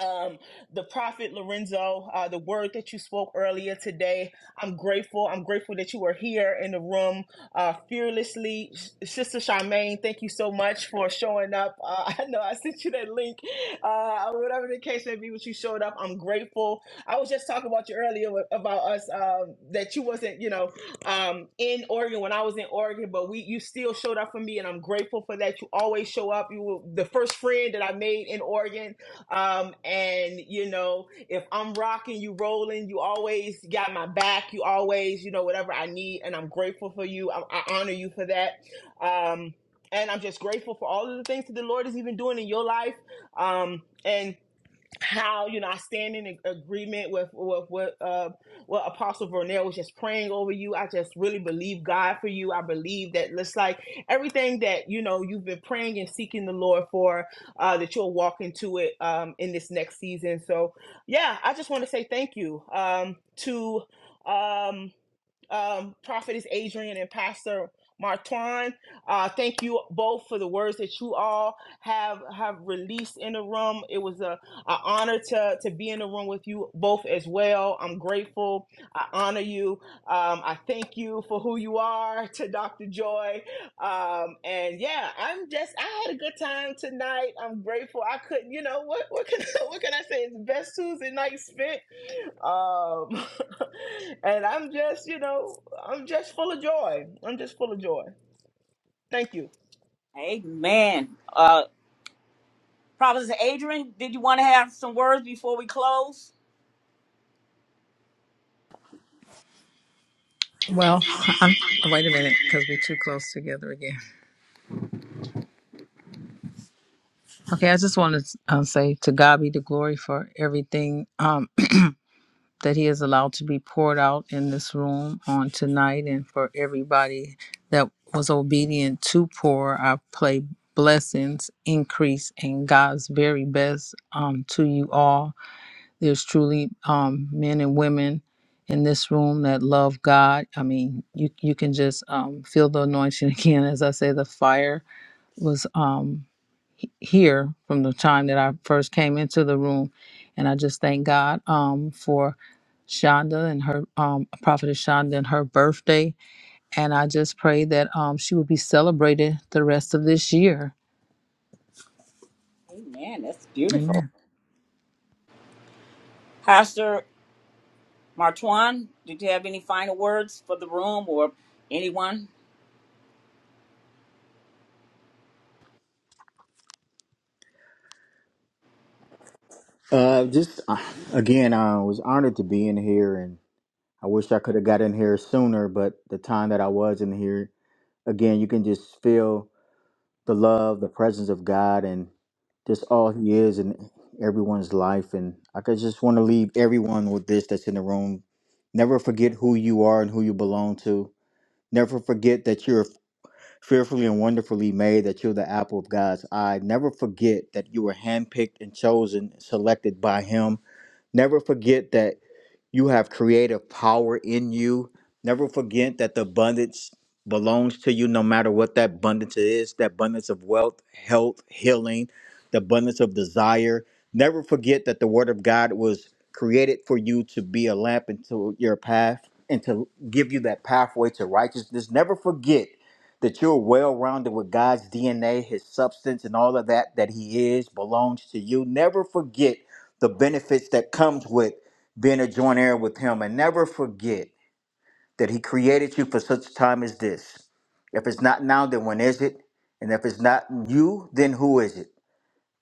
um, the prophet Lorenzo, uh, the word that you spoke earlier today. I'm grateful. I'm grateful that you are here in the room uh, fearlessly. Sister Charmaine, thank you so much for showing up. Uh, I know I sent you that link, uh, or whatever the case may be, but you showed up. I'm grateful. I was just talking about you earlier wa- about us um, that you wasn't, you know, um, in Oregon when I was in Oregon, but we you still showed up for me, and I'm grateful for that. You always show up. You were the first friend that I made in Oregon um, and you know, if I'm rocking, you rolling, you always got my back. You always, you know, whatever I need, and I'm grateful for you. I, I honor you for that. Um, and I'm just grateful for all of the things that the Lord is even doing in your life. Um, and how you know I stand in ag- agreement with with what uh, what Apostle Vernell was just praying over you. I just really believe God for you. I believe that it's like everything that you know you've been praying and seeking the Lord for uh, that you'll walk into it um, in this next season. So yeah, I just want to say thank you um, to um, um, Prophetess Adrian and Pastor. Martwan, uh, thank you both for the words that you all have have released in the room. It was a I honor to to be in the room with you both as well. I'm grateful. I honor you. Um, I thank you for who you are to Dr. Joy. Um, and yeah, I'm just I had a good time tonight. I'm grateful. I couldn't, you know, what what can what can I say? It's the best Tuesday night spent. Um, and I'm just, you know, I'm just full of joy. I'm just full of joy. Thank you. Amen. Uh Providence Adrian, did you want to have some words before we close? Well, I'm, wait a minute, because we're too close together again. Okay, I just want to uh, say to God be the glory for everything um, that He has allowed to be poured out in this room on tonight, and for everybody that was obedient to pour. I pray blessings, increase, and God's very best um, to you all. There's truly um, men and women in this room that love God. I mean, you you can just um, feel the anointing again. As I say, the fire was um, he- here from the time that I first came into the room, and I just thank God um, for Shonda and her um, prophetess Shonda and her birthday, and I just pray that um, she will be celebrated the rest of this year. Amen. That's beautiful. Amen. Pastor Martuan, did you have any final words for the room or anyone? Uh, just uh, again, I was honored to be in here, and I wish I could have got in here sooner. But the time that I was in here, again, you can just feel the love, the presence of God, and just all He is in everyone's life. And I could just want to leave everyone with this that's in the room: never forget who you are and who you belong to. Never forget that you're fearfully and wonderfully made, that you're the apple of God's eye. Never forget that you were handpicked and chosen, selected by Him Never forget that you have creative power in you. Never forget that the abundance belongs to you, no matter what that abundance is that abundance of wealth, health, healing, the abundance of desire. Never forget that the Word of God was created for you to be a lamp into your path and to give you that pathway to righteousness. Never forget that you're well rounded with God's DNA, His substance, and all of that that He is belongs to you. Never forget the benefits that comes with being a joint heir with him and never forget that he created you for such time as this. If it's not now, then when is it? And if it's not you, then who is it?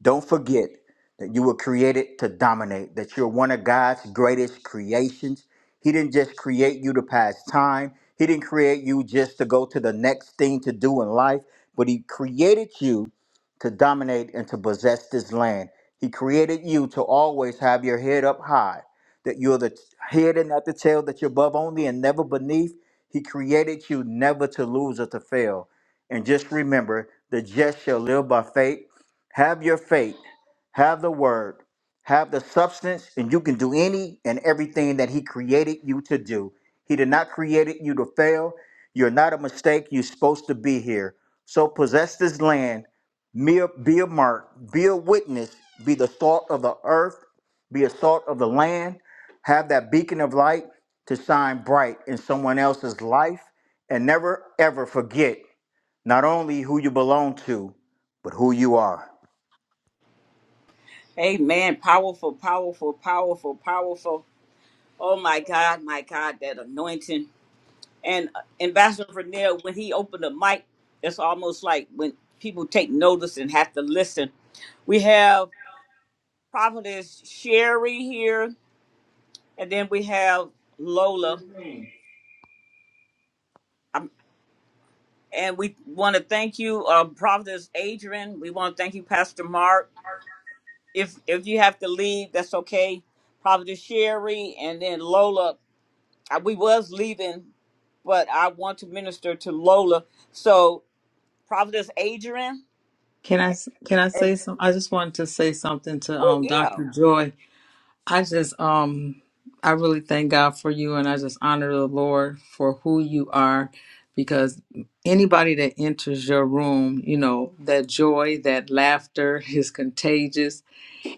Don't forget that you were created to dominate, that you're one of God's greatest creations. He didn't just create you to pass time, He didn't create you just to go to the next thing to do in life, but He created you to dominate and to possess this land. He created you to always have your head up high, that you're the head and not the tail, that you're above only and never beneath. He created you never to lose or to fail. And just remember, the just shall live by faith have your faith, have the word, have the substance, and you can do any and everything that He created you to do. He did not create you to fail. You're not a mistake. You're supposed to be here. So possess this land, be a, be a mark, be a witness, be the salt of the earth, be a salt of the land. Have that beacon of light to shine bright in someone else's life, and never ever forget not only who you belong to, but who you are. Amen. Powerful, powerful, powerful, powerful. Oh my God, my God, that anointing. And uh, Ambassador Vernell, when he opened the mic, it's almost like when people take notice and have to listen. We have Prophetess Sherry here, and then we have Lola. And we want to thank you, uh, Prophetess Adrian. We want to thank you, Pastor Mark. If if you have to leave, that's okay. Prophetess Sherry and then Lola. I, we was leaving, but I want to minister to Lola. So Prophetess Adrian Can I can I and say some? I just wanted to say something to oh um yeah, Dr. Joy. I just um I really thank God for you and I just honor the Lord for who you are because anybody that enters your room, you know, that joy, that laughter is contagious.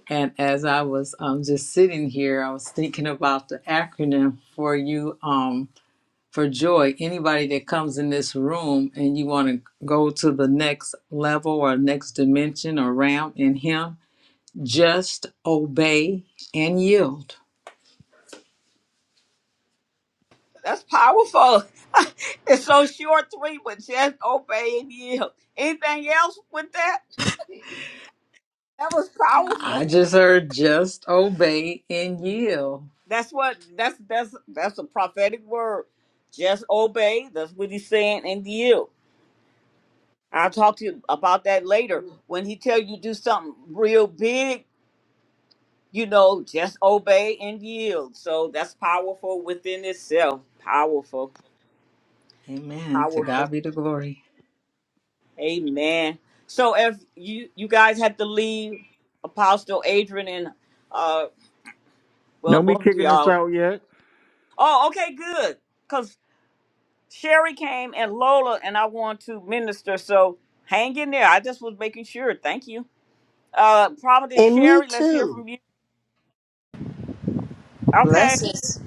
And as I was um just sitting here, I was thinking about the acronym for you um for joy. Anybody that comes in this room and you want to go to the next level or next dimension or realm in him, just obey and yield that's powerful. it's so short three, but just obey and yield. Anything else with that? That was powerful. I just heard just obey and yield. That's what that's that's that's a prophetic word. Just obey. That's what he's saying and yield. I'll talk to you about that later. When he tell you do something real big, you know, just obey and yield. So that's powerful within itself. Powerful. Amen. To Powerful. God be the glory. Amen. So if you you guys have to leave Apostle Adrian and uh well Don't be both of kicking us y'all. out yet. Oh, okay, good. Sherry came and Lola, and I want to minister. So hang in there. I just was making sure. Thank you. Uh, Providence And me Sherry, let's hear too. from you. Okay, Blessings,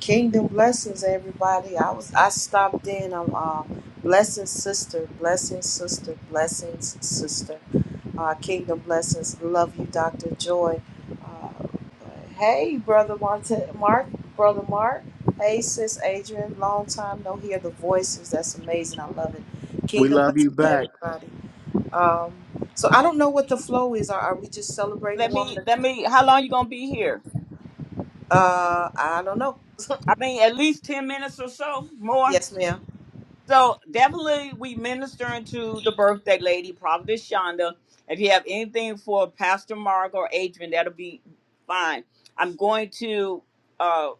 kingdom blessings, everybody. I was I stopped in. I'm uh, blessings, sister. Blessings, sister. Blessings, sister. Uh, kingdom blessings. Love you, Doctor Joy. Uh, hey, brother Martin, Mark, brother Mark. Hey, sis Adrian. Long time no hear the voices. That's amazing. I love it. We Kingdom love blessings you to back. everybody. Um, so I don't know what the flow is. Are, are we just celebrating the let woman? me let me. How long you gonna be here? Uh, I don't know. I mean, at least ten minutes or so more. Yes, ma'am. So definitely, we ministering to the birthday lady, Providence Shonda. If you have anything for Pastor Mark or Adrian, that'll be fine. I'm going to. uh.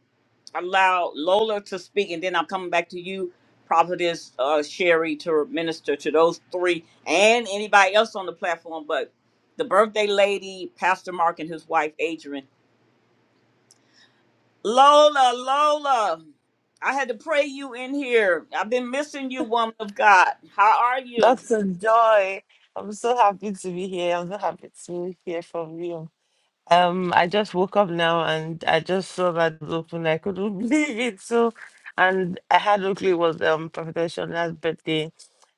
allow Lola to speak, and then I'm coming back to you, Prophetess uh, Sherry, to minister to those three and anybody else on the platform. But the birthday lady, Pastor Mark, and his wife, Adrian. Lola, Lola, I had to pray you in here. I've been missing you, woman of God. How are you? That's a joy. I'm so happy to be here. I'm so happy to hear from you. Um, I just woke up now and I just saw that it was open. I couldn't believe it. So, and I had luckily it was um Prophet Shonda's birthday.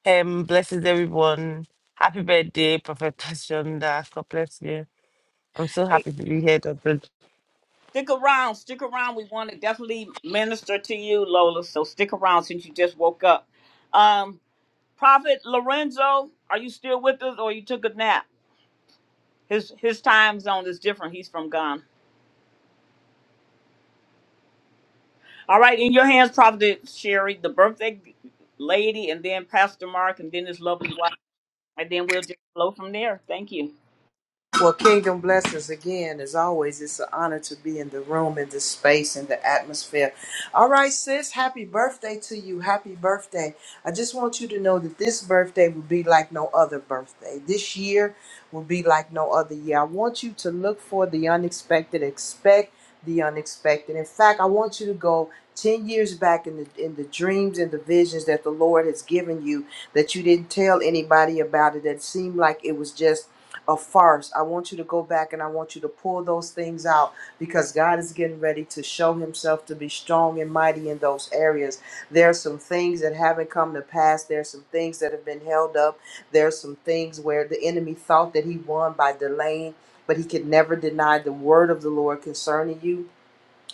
Um, blesses everyone. Happy birthday, Prophet Shonda. God bless you. I'm so Hey, happy to be here, Doctor. stick around, stick around. We want to definitely minister to you, Lola. So stick around since you just woke up. Um, Prophet Lorenzo, are you still with us or you took a nap? His his time zone is different. He's from Ghana. All right, in your hands, Prophet Sherry, the birthday lady, and then Pastor Mark, and then his lovely wife, and then we'll just flow from there. Thank you. Well, kingdom blessings again. As always, it's an honor to be in the room, in the space, in the atmosphere. All right, sis, happy birthday to you. Happy birthday. I just want you to know that this birthday will be like no other birthday. This year will be like no other year. I want you to look for the unexpected, expect the unexpected. In fact, I want you to go 10 years back in the in the dreams and the visions that the Lord has given you that you didn't tell anybody about it that seemed like it was just a farce. I want you to go back and I want you to pull those things out because God is getting ready to show Himself to be strong and mighty in those areas. There are some things that haven't come to pass. There are some things that have been held up. There are some things where the enemy thought that he won by delaying, but he could never deny the word of the Lord concerning you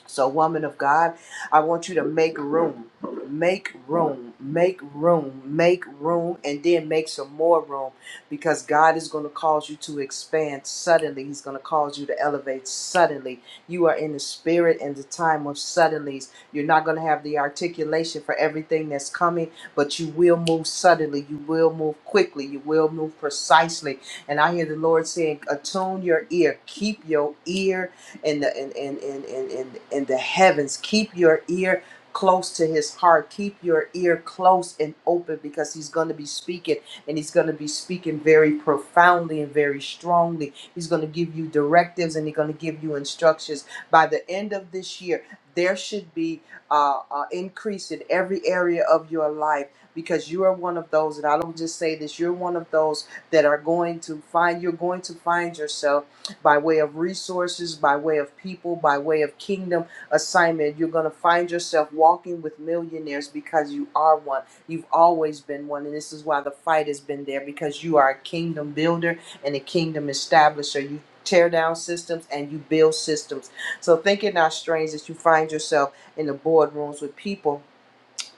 so, woman of God, I want you to make room, make room, make room, make room, and then make some more room because God is going to cause you to expand suddenly. He's going to cause you to elevate suddenly. You are in the spirit and the time of suddenlies. You're not going to have the articulation for everything that's coming, but you will move suddenly. You will move quickly. You will move precisely. And I hear the Lord saying, attune your ear, keep your ear in the in in in in in, in the heavens. Keep your ear close to his heart keep your ear close and open because he's going to be speaking and he's going to be speaking very profoundly and very strongly he's going to give you directives and he's going to give you instructions by the end of this year there should be uh, uh, increase in every area of your life because you are one of those and i don't just say this you're one of those that are going to find you're going to find yourself by way of resources, by way of people, by way of kingdom assignment. You're going to find yourself walking with millionaires because you are one. You've always been one. And this is why the fight has been there because you are a kingdom builder and a kingdom establisher. You tear down systems and you build systems. So think it not strange that you find yourself in the boardrooms with people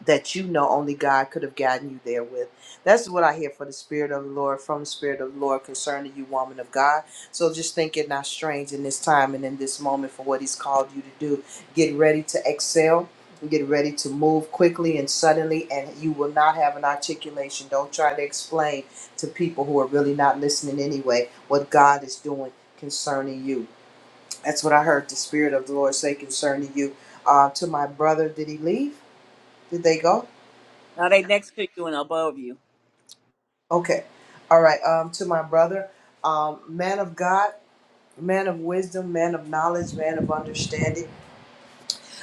that you know only God could have gotten you there with. That's what I hear for the Spirit of the Lord, from the Spirit of the Lord concerning you, woman of God. So just think it not strange in this time and in this moment for what He's called you to do. Get ready to excel. Get ready to move quickly and suddenly, and you will not have an articulation. Don't try to explain to people who are really not listening anyway what God is doing concerning you. That's what I heard the Spirit of the Lord say concerning you. Uh, to my brother, did he leave? Did they go? Now they next to you and above you. Okay. All right. Um, to my brother, um, man of God, man of wisdom, man of knowledge, man of understanding.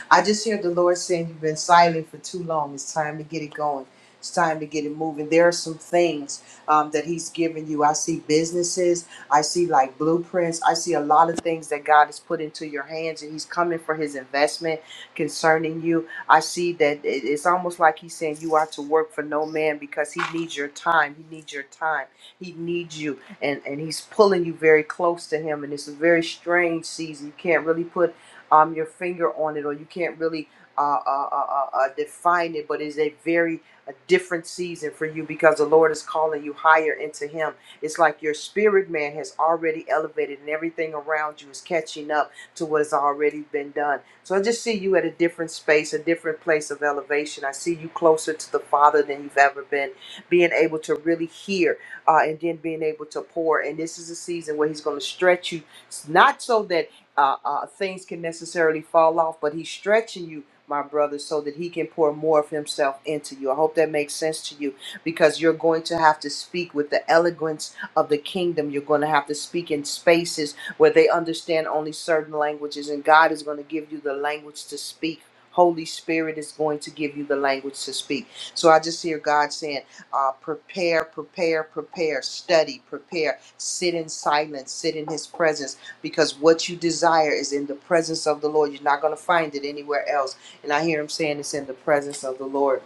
I just hear the Lord saying you've been silent for too long. It's time to get it going. It's time to get it moving. There are some things um, that He's given you. I see businesses. I see like blueprints. I see a lot of things that God has put into your hands, and He's coming for His investment concerning you. I see that it- it's almost like He's saying you are to work for no man because He needs your time. He needs your time. He needs you, and and He's pulling you very close to Him. And it's a very strange season. You can't really put um, your finger on it, or you can't really uh, uh, uh, uh, uh, define it, but it's a very a different season for you because the Lord is calling you higher into Him. It's like your spirit man has already elevated, and everything around you is catching up to what has already been done. So I just see you at a different space, a different place of elevation. I see you closer to the Father than you've ever been, being able to really hear uh, and then being able to pour. And this is a season where He's going to stretch you, not so that uh, uh, things can necessarily fall off, but he's stretching you, my brother, so that he can pour more of himself into you. I hope that makes sense to you because you're going to have to speak with the eloquence of the kingdom. You're going to have to speak in spaces where they understand only certain languages, and God is going to give you the language to speak. Holy Spirit is going to give you the language to speak. So I just hear God saying, uh, prepare, prepare, prepare, study, prepare, sit in silence, sit in His presence because what you desire is in the presence of the Lord. You're not going to find it anywhere else. And I hear him saying it's in the presence of the Lord.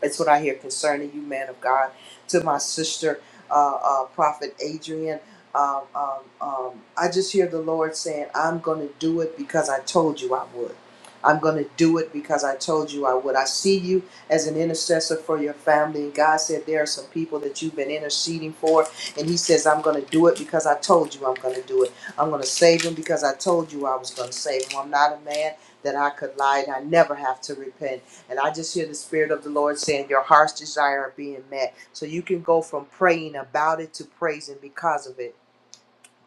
That's what I hear concerning you, man of God. To my sister, uh, uh, Prophet Adrian, um, um, um, I just hear the Lord saying, I'm going to do it because I told you I would. I'm going to do it because I told you I would. I see you as an intercessor for your family. And God said, There are some people that you've been interceding for. And He says, I'm going to do it because I told you I'm going to do it. I'm going to save them because I told you I was going to save them. I'm not a man that I could lie and I never have to repent. And I just hear the Spirit of the Lord saying, Your heart's desire are being met. So you can go from praying about it to praising because of it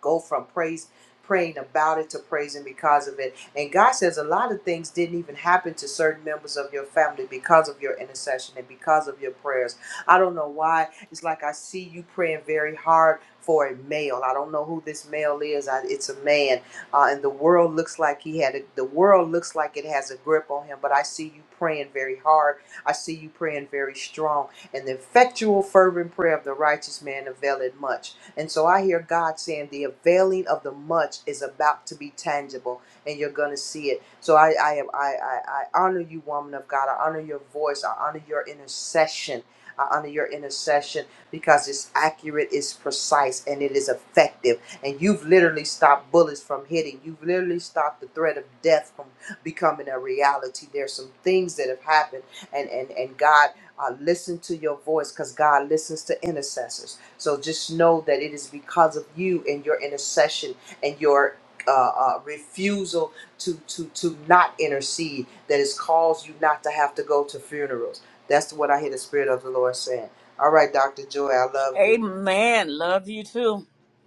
go from praise praying about it to praising because of it. And God says a lot of things didn't even happen to certain members of your family because of your intercession and because of your prayers. I don't know why. It's like I see you praying very hard for a male. I don't know who this male is. I, it's a man, uh, and the world looks like he had a, the world looks like it has a grip on him. But I see you praying very hard. I see you praying very strong, and the effectual, fervent prayer of the righteous man availeth much. And so I hear God saying the availing of the much is about to be tangible and you're gonna see it. So I, I am I, I, I honor you, woman of God. I honor your voice, I honor your intercession. I honor your intercession because it's accurate, it's precise, and it is effective. And you've literally stopped bullets from hitting. You've literally stopped the threat of death from becoming a reality. There's some things that have happened, and and and God uh, listened to your voice because God listens to intercessors. So just know that it is because of you and your intercession and your uh, uh, refusal to, to, to not intercede that has caused you not to have to go to funerals. That's what I hear the Spirit of the Lord saying. All right, Dr. Joy, I love you. Amen. Love you too.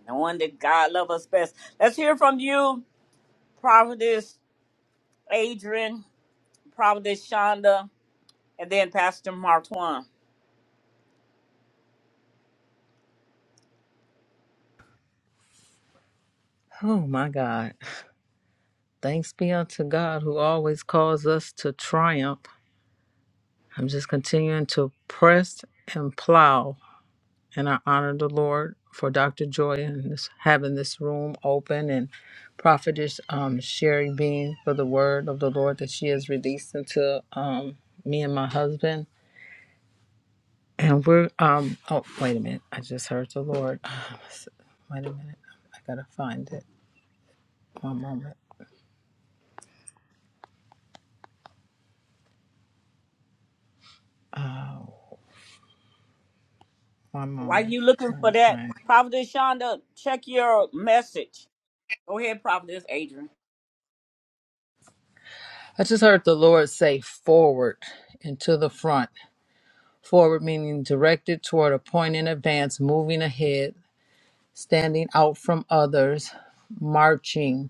The one that God love us best. Let's hear from you, Prophetess Adrian, Prophetess Shonda, and then Pastor Martwan. Oh my God. Thanks be unto God who always calls us to triumph. I'm just continuing to press and plow. And I honor the Lord for Dr. Joy and this, having this room open and Prophetess um, Sherry being for the word of the Lord that she has released into um, me and my husband. And we're um oh wait a minute. I just heard the Lord. Wait a minute. I gotta find it. One moment. Oh, one Why moment. you looking trying for to that? find it. Prophetess Shonda, check your message. Go ahead, Prophetess Adrian. I just heard the Lord say forward and to the front. Forward meaning directed toward a point in advance, moving ahead, standing out from others, marching.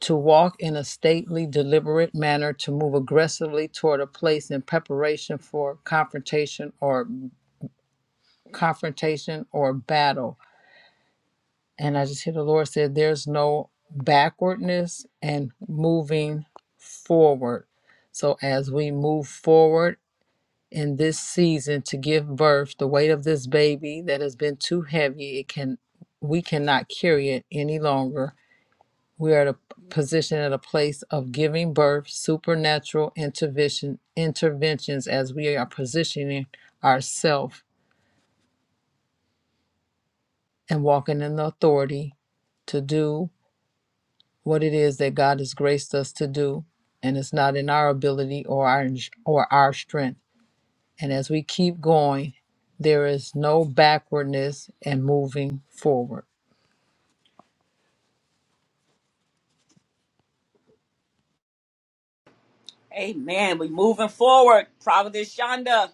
To walk in a stately, deliberate manner, to move aggressively toward a place in preparation for confrontation or confrontation or battle. And I just hear the Lord said, There's no backwardness and moving forward. So as we move forward in this season to give birth, the weight of this baby that has been too heavy, it can we cannot carry it any longer. We are at a position at a place of giving birth, supernatural intervention interventions as we are positioning ourselves and walking in the authority to do what it is that God has graced us to do, and it's not in our ability or our or our strength. And as we keep going, there is no backwardness and moving forward. Amen. We're moving forward. Providence Shonda.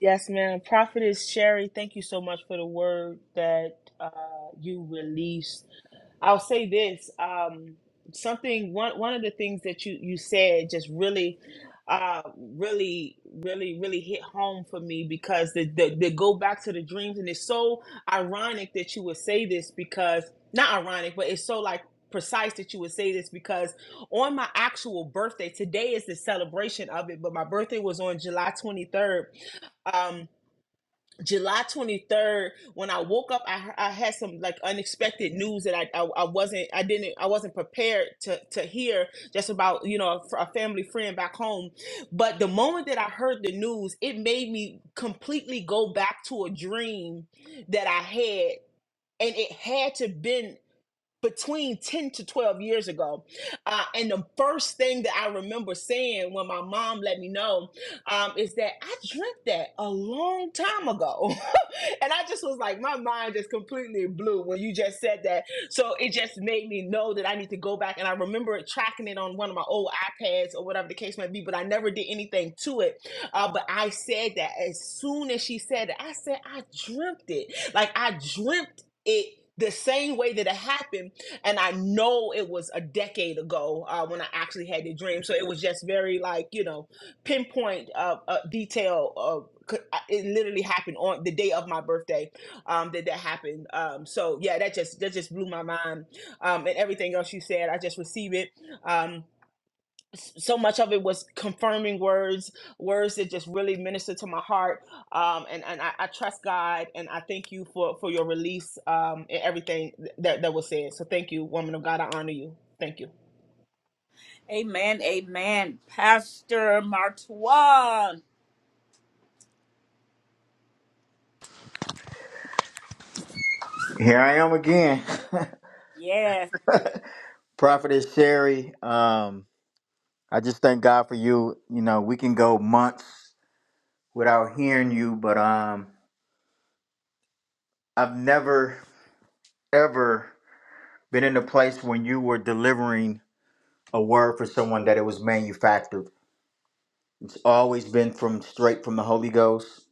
Yes, ma'am. Prophetess Sherry, thank you so much for the word that uh, you released I'll say this. Um, something one one of the things that you you said just really, uh, really, really, really hit home for me because the the, the go back to the dreams and it's so ironic that you would say this because not ironic, but it's so like precise that you would say this because on my actual birthday today is the celebration of it but my birthday was on july 23rd July 23rd, when I woke up, I, I had some like unexpected news that I, I I wasn't I didn't I wasn't prepared to to hear just about you know a, a family friend back home, but the moment that I heard the news, it made me completely go back to a dream that I had. And it had to been between 10 to 12 years ago. Uh, and the first thing that I remember saying when my mom let me know um, is that I drank that a long time ago. and I just was like, my mind just completely blew when you just said that. So it just made me know that I need to go back. And I remember tracking it on one of my old iPads or whatever the case might be, but I never did anything to it. Uh, but I said that as soon as she said it, I said, I dreamt it. Like I dreamt it the same way that it happened and I know it was a decade ago uh, when I actually had the dream. So it was just very like you know pinpoint uh, uh, detail of. c- I- It literally happened on the day of my birthday. Um, that that happened. Um, so yeah, that just that just blew my mind. Um, and everything else you said, I just receive it. Um, so much of it was confirming words, words that just really ministered to my heart. Um, and and I, I trust God, and I thank you for for your release um, and everything that that was said. So thank you, woman of God. I honor you. Thank you. Amen. Amen. Pastor Martuan. Here I am again. Yes. Prophetess Sherry, um, I just thank God for you. You know, we can go months without hearing you, but um, I've never, ever been in a place when you were delivering a word for someone that it was manufactured. It's always been from straight from the Holy Ghost.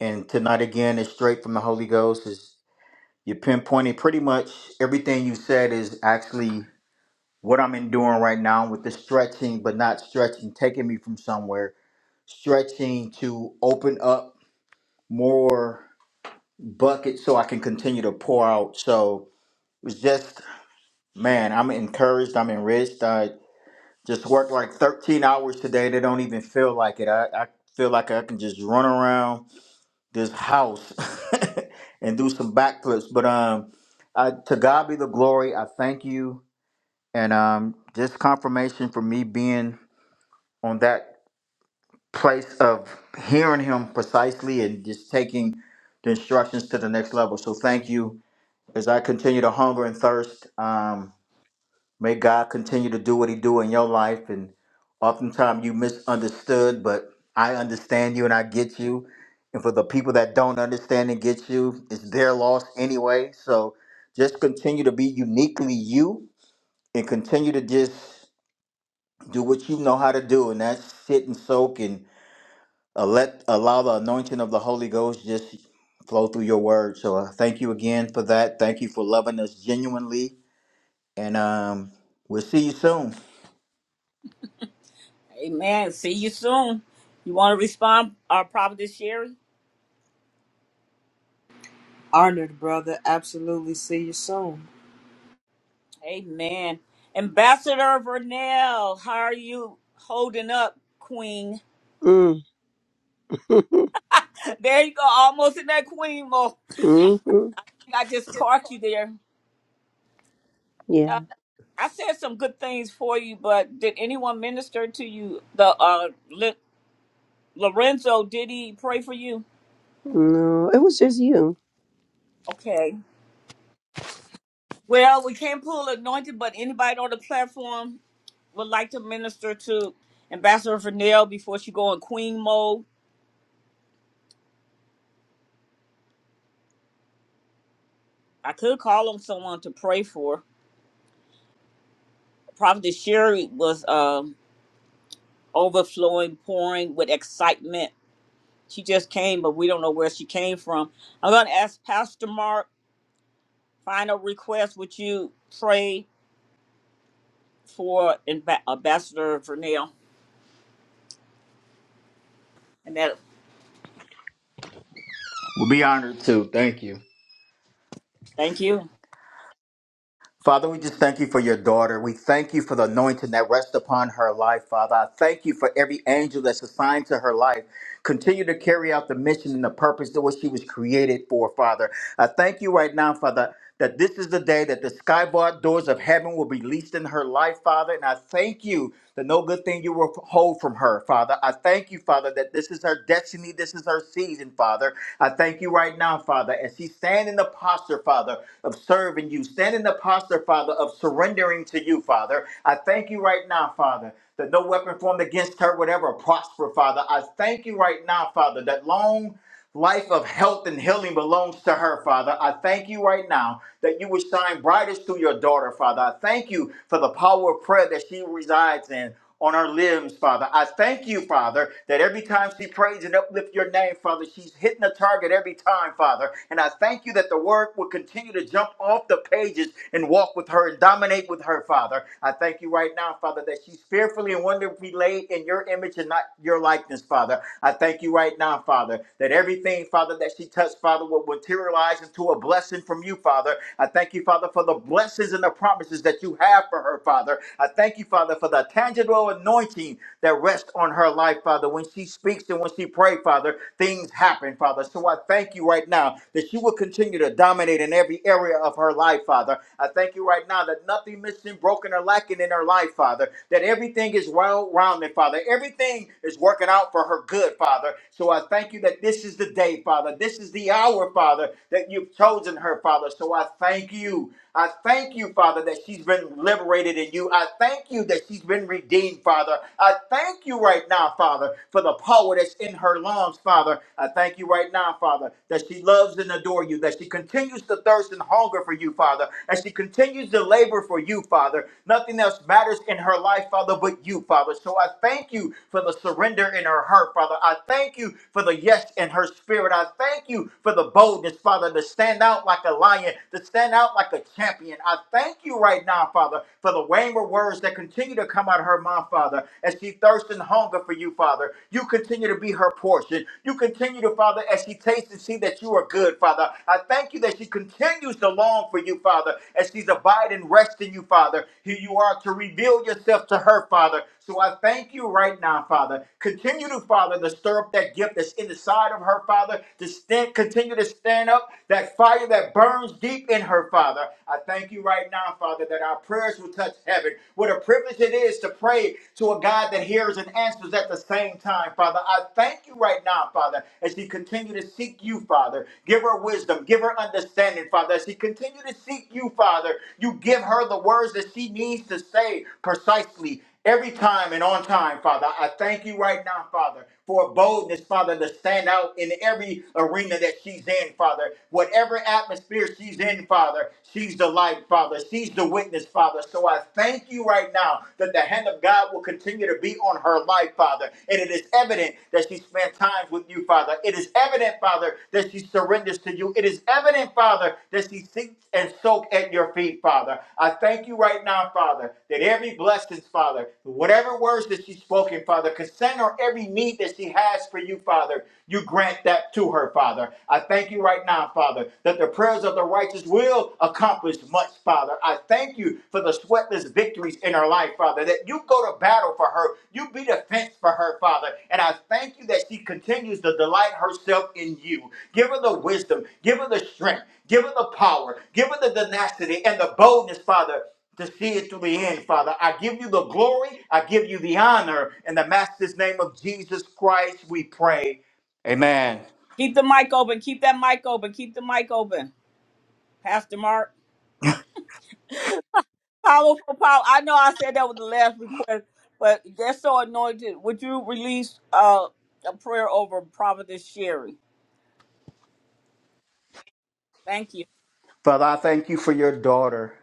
And tonight again is straight from the Holy Ghost. Is you pinpointed pretty much everything you said is actually what I'm enduring right now with the stretching, but not stretching, taking me from somewhere, stretching to open up more buckets so I can continue to pour out. So it's just, man, I'm encouraged, I'm enriched. I just worked like 13 hours today. They don't even feel like it. I, I feel like I can just run around this house and do some backflips. But um, I, to God be the glory. I thank you. And um, just confirmation for me being on that place of hearing him precisely and just taking the instructions to the next level. So thank you. As I continue to hunger and thirst, um, may God continue to do what he do in your life. And oftentimes you misunderstood, but I understand you and I get you. And for the people that don't understand and get you, it's their loss anyway. So just continue to be uniquely you and continue to just do what you know how to do. And that's sit and soak and Uh, let allow the anointing of the Holy Ghost just flow through your word. So uh, thank you again for that. Thank you for loving us genuinely, and um, we'll see you soon. Amen. See you soon. You want to respond, uh, Providence Sherry? Honored, brother. Absolutely. See you soon. Amen. Ambassador Vernell, how are you holding up, Queen? Mm, There you go. Almost in that Queen mode. hmm I just caught you there. Uh, Yeah. I said some good things for you, but did anyone minister to you? The uh, L- Lorenzo, did he pray for you? No, it was just you. Okay. Well, we can't pull anointed, but anybody on the platform would like to minister to Ambassador Vernell before she go in queen mode. I could call on someone to pray for. Prophetess Sherry was um, overflowing, pouring with excitement. She just came, but we don't know where she came from. I'm going to ask Pastor Mark, final request, would you pray for Amb- Ambassador Vernell? And that, We'll be honored to. Thank you. thank you. Father, we just thank you for your daughter. We thank you for the anointing that rests upon her life, Father. I thank you for every angel that's assigned to her life. Continue to carry out the mission and the purpose to what she was created for, Father. I thank you right now, Father, that this is the day that the skybarred doors of heaven will be released in her life, Father. And I thank you that no good thing you will hold from her, Father. I thank you, Father, that this is her destiny. This is her season, Father. I thank you right now, Father, as she stand in the posture posture, Father, of serving you. Stand in the posture, Father, of surrendering to you, Father. I thank you right now, Father. That no weapon formed against her would ever prosper, Father. I thank you right now, Father, that long life of health and healing belongs to her, Father. I thank you right now that you would shine brightest through your daughter, Father. I thank you for the power of prayer that she resides in on our limbs, Father. I thank you, Father, that every time she prays and uplifts your name, Father, she's hitting a target every time, Father. And I thank you that the word will continue to jump off the pages and walk with her and dominate with her, Father. I thank you right now, Father, that she's fearfully and wonderfully laid in your image and not your likeness, Father. I thank you right now, Father, that everything, Father, that she touched, Father, will materialize into a blessing from you, Father. I thank you, Father, for the blessings and the promises that you have for her, Father. I I thank you, Father, for the tangible anointing that rests on her life, Father. When she speaks and when she prays, Father, things happen, Father. So I thank you right now that she will continue to dominate in every area of her life, Father. I thank you right now that nothing missing, broken, or lacking in her life, Father. That everything is well rounded, Father. Everything is working out for her good, Father. So I thank you that this is the day, Father. This is the hour, Father, that you've chosen her, Father. So I thank you. I thank you, Father, that she's been liberated in you. I thank you that she's been redeemed, Father. I thank you right now, Father, for the power that's in her lungs, Father. I thank you right now, Father, that she loves and adores you, that she continues to thirst and hunger for you, Father, and she continues to labor for you, Father. Nothing else matters in her life, Father, but you, Father. So I thank you for the surrender in her heart, Father. I thank you for the yes in her spirit. I thank you for the boldness, Father, to stand out like a lion commitment to stand out like a champion. I thank you right now, Father, for the wayward words that continue to come out of her mouth, Father, as she thirsts and hunger for you, Father. You continue to be her portion. You continue to, Father, as she tastes and see that you are good, Father. I thank you that she continues to long for you, Father, as she's abiding, resting you, Father. Here you are to reveal yourself to her, Father. So I thank you right now, Father. Continue to, Father, to stir up that gift that's in the side of her, Father, to stand, continue to stand up that that fire that burns deep in her, Father. I thank you right now, Father, that our prayers will touch heaven. What a privilege it is to pray to a God that hears and answers at the same time, Father. I thank you right now, Father, as she continue to seek you, Father. Give her wisdom, give her understanding, Father. As she continue to seek you, Father, you give her the words that she needs to say precisely every time and on time, Father. I thank you right now, Father, for a boldness, Father, to stand out in every arena that she's in, Father. Whatever atmosphere she's in, Father, she's the light, Father. She's the witness, Father. So I thank you right now that the hand of God will continue to be on her life, Father. And it is evident that she spent time with you, Father. It is evident, Father, that she surrenders to you. It is evident, Father, that she seeks and soaks at your feet, Father. I thank you right now, Father, that every blessing, Father, whatever words that she's spoken, Father, concern or every need that she has for you, Father, you grant that to her, Father. I thank you right now, Father, that the prayers of the righteous will accomplish much, Father. I thank you for the sweatless victories in her life, Father, that you go to battle for her. You be the fence for her, Father. And I thank you that she continues to delight herself in you. Give her the wisdom, give her the strength, give her the power, give her the tenacity and the boldness, Father, to see it through the end, Father. I give you the glory, I give you the honor. In the Master's name of Jesus Christ, we pray. Amen. Keep the mic open. Keep that mic open. Keep the mic open. Pastor Mark. powerful power. I know I said that was the last request, but they're so anointed. Would you release uh, a prayer over Prophetess Sherry? Thank you. Father, I thank you for your daughter.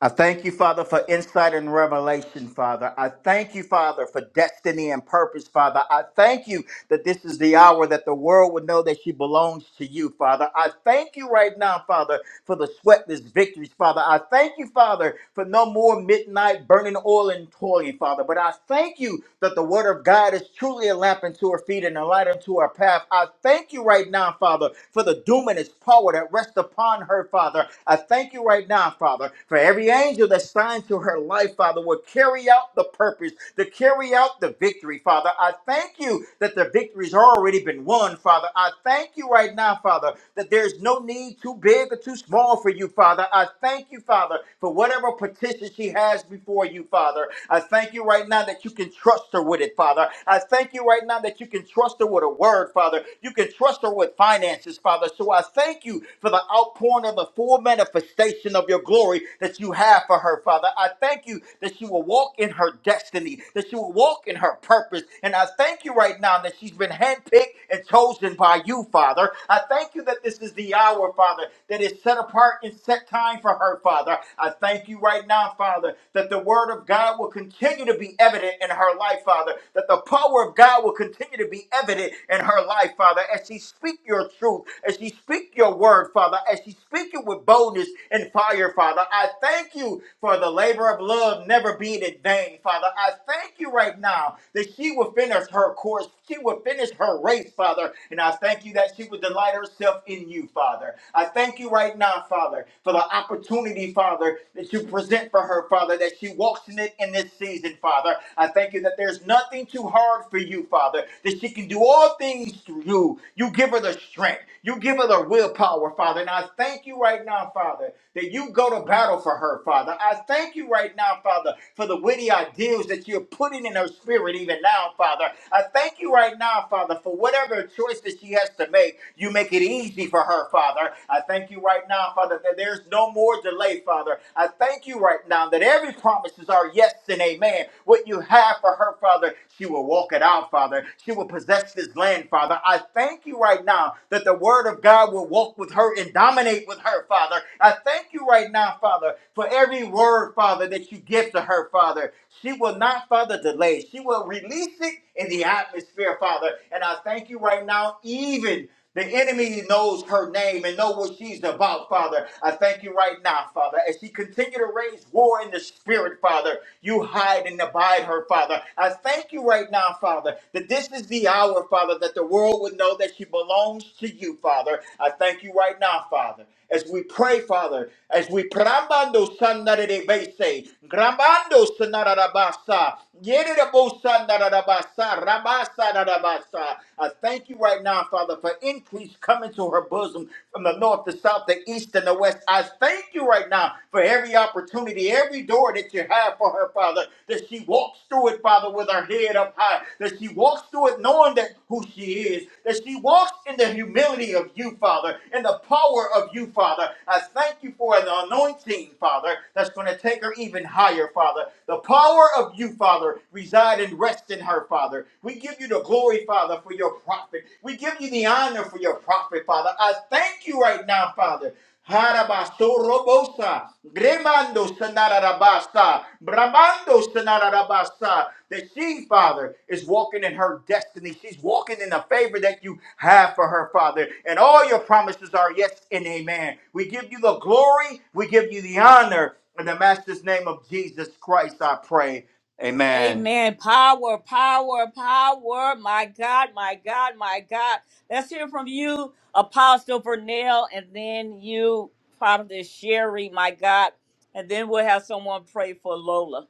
I thank you, Father, for insight and revelation, Father. I thank you, Father, for destiny and purpose, Father. I thank you that this is the hour that the world would know that she belongs to you, Father. I thank you right now, Father, for the sweatless victories, Father. I thank you, Father, for no more midnight burning oil and toiling, Father. But I thank you that the word of God is truly a lamp unto our feet and a light unto our path. I thank you right now, Father, for the doom its power that rests upon upon her, Father. I thank you right now, Father, for every angel that's signed to her life, Father, will carry out the purpose, to carry out the victory, Father. I thank you that the victory's already been won, Father. I thank you right now, Father, that there's no need too big or too small for you, Father. I thank you, Father, for whatever petition she has before you, Father. I thank you right now that you can trust her with it, Father. I thank you right now that you can trust her with a word, Father. You can trust her cluster with finances, Father. So I thank you for the outpouring of the full manifestation of your glory that you have for her, Father. I thank you that she will walk in her destiny, that she will walk in her purpose. And I thank you right now that she's been handpicked and chosen by you, Father. I thank you that this is the hour, Father, that is set apart and set time for her, Father. I thank you right now, Father, that the word of God will continue to be evident in her life, Father, that the power of God God will continue to be evident in her life, Father, as she speak your truth, as she speak your word, Father, as she speak it with boldness and fire, Father. I thank you for the labor of love never being in vain, Father. I thank you right now that she will finish her course. She will finish her race, Father. And I thank you that she will delight herself in you, Father. I thank you right now, Father, for the opportunity, Father, that you present for her, Father, that she walks in it in this season amazing, Father. I thank you that there's nothing too hard for you, Father, that she can do all things through you. You give her the strength, you give her the willpower, Father. And I thank you right now, Father, that you go to battle for her, Father. I thank you right now, Father, for the witty ideals that you're putting in her spirit even now, Father. I thank you right now, Father, for whatever choice that she has to make, you make it easy for her, Father. I thank you right now, Father, that there's no more delay, Father. I I thank you right now that every promises are yes and amen. What you have for her, Father, she will walk it out, Father. She will possess this land, Father. I thank you right now that the word of God will walk with her and dominate with her, Father. I thank you right now, Father, for every word, Father, that you give to her, Father. She will not, Father, delay. She will release it in the atmosphere, Father. And I thank you right now, even. The enemy knows her name and know what she's about, Father. I thank you right now, Father. As she continue to raise war in the spirit, Father, you hide and abide her, Father. I thank you right now, Father, that this is the hour, Father, that the world would know that she belongs to you, Father. I thank you right now, Father as we pray, Father, as we prambando sandarebese, grambando sanarabasa, yedabo sandarabasa, rabasa narabasa. I thank you right now, Father, for increase coming to her bosom from the north, the south, the east, and the west. I thank you right now for every opportunity, every door that you have for her, Father, that she walks through it, Father it, Father, with her head up high, that she walks through it knowing that who she is, that she walks in the humility of you, Father, in the power of you, Father. I thank you for the anointing, Father, that's going to take her even higher, Father. The power of you, Father, reside and rest in her, Father. We give you the glory, Father, for your prophet. We give you the honor for your prophet, Father. I thank you right now, Father. Harabasto robosa, Gremando Sanarabasta, Bramando Sanarabasta. That she, Father, is walking in her destiny. She's walking in the favor that you have for her, Father. And all your promises are yes and amen. We give you the glory, we give you the honor. In the Master's name of Jesus Christ, I pray. Amen. Amen. Power, power, power. My God, my God, my God. Let's hear from you, Apostle Vernell, and then you, Prophetess Sherry, my God. And then we'll have someone pray for Lola.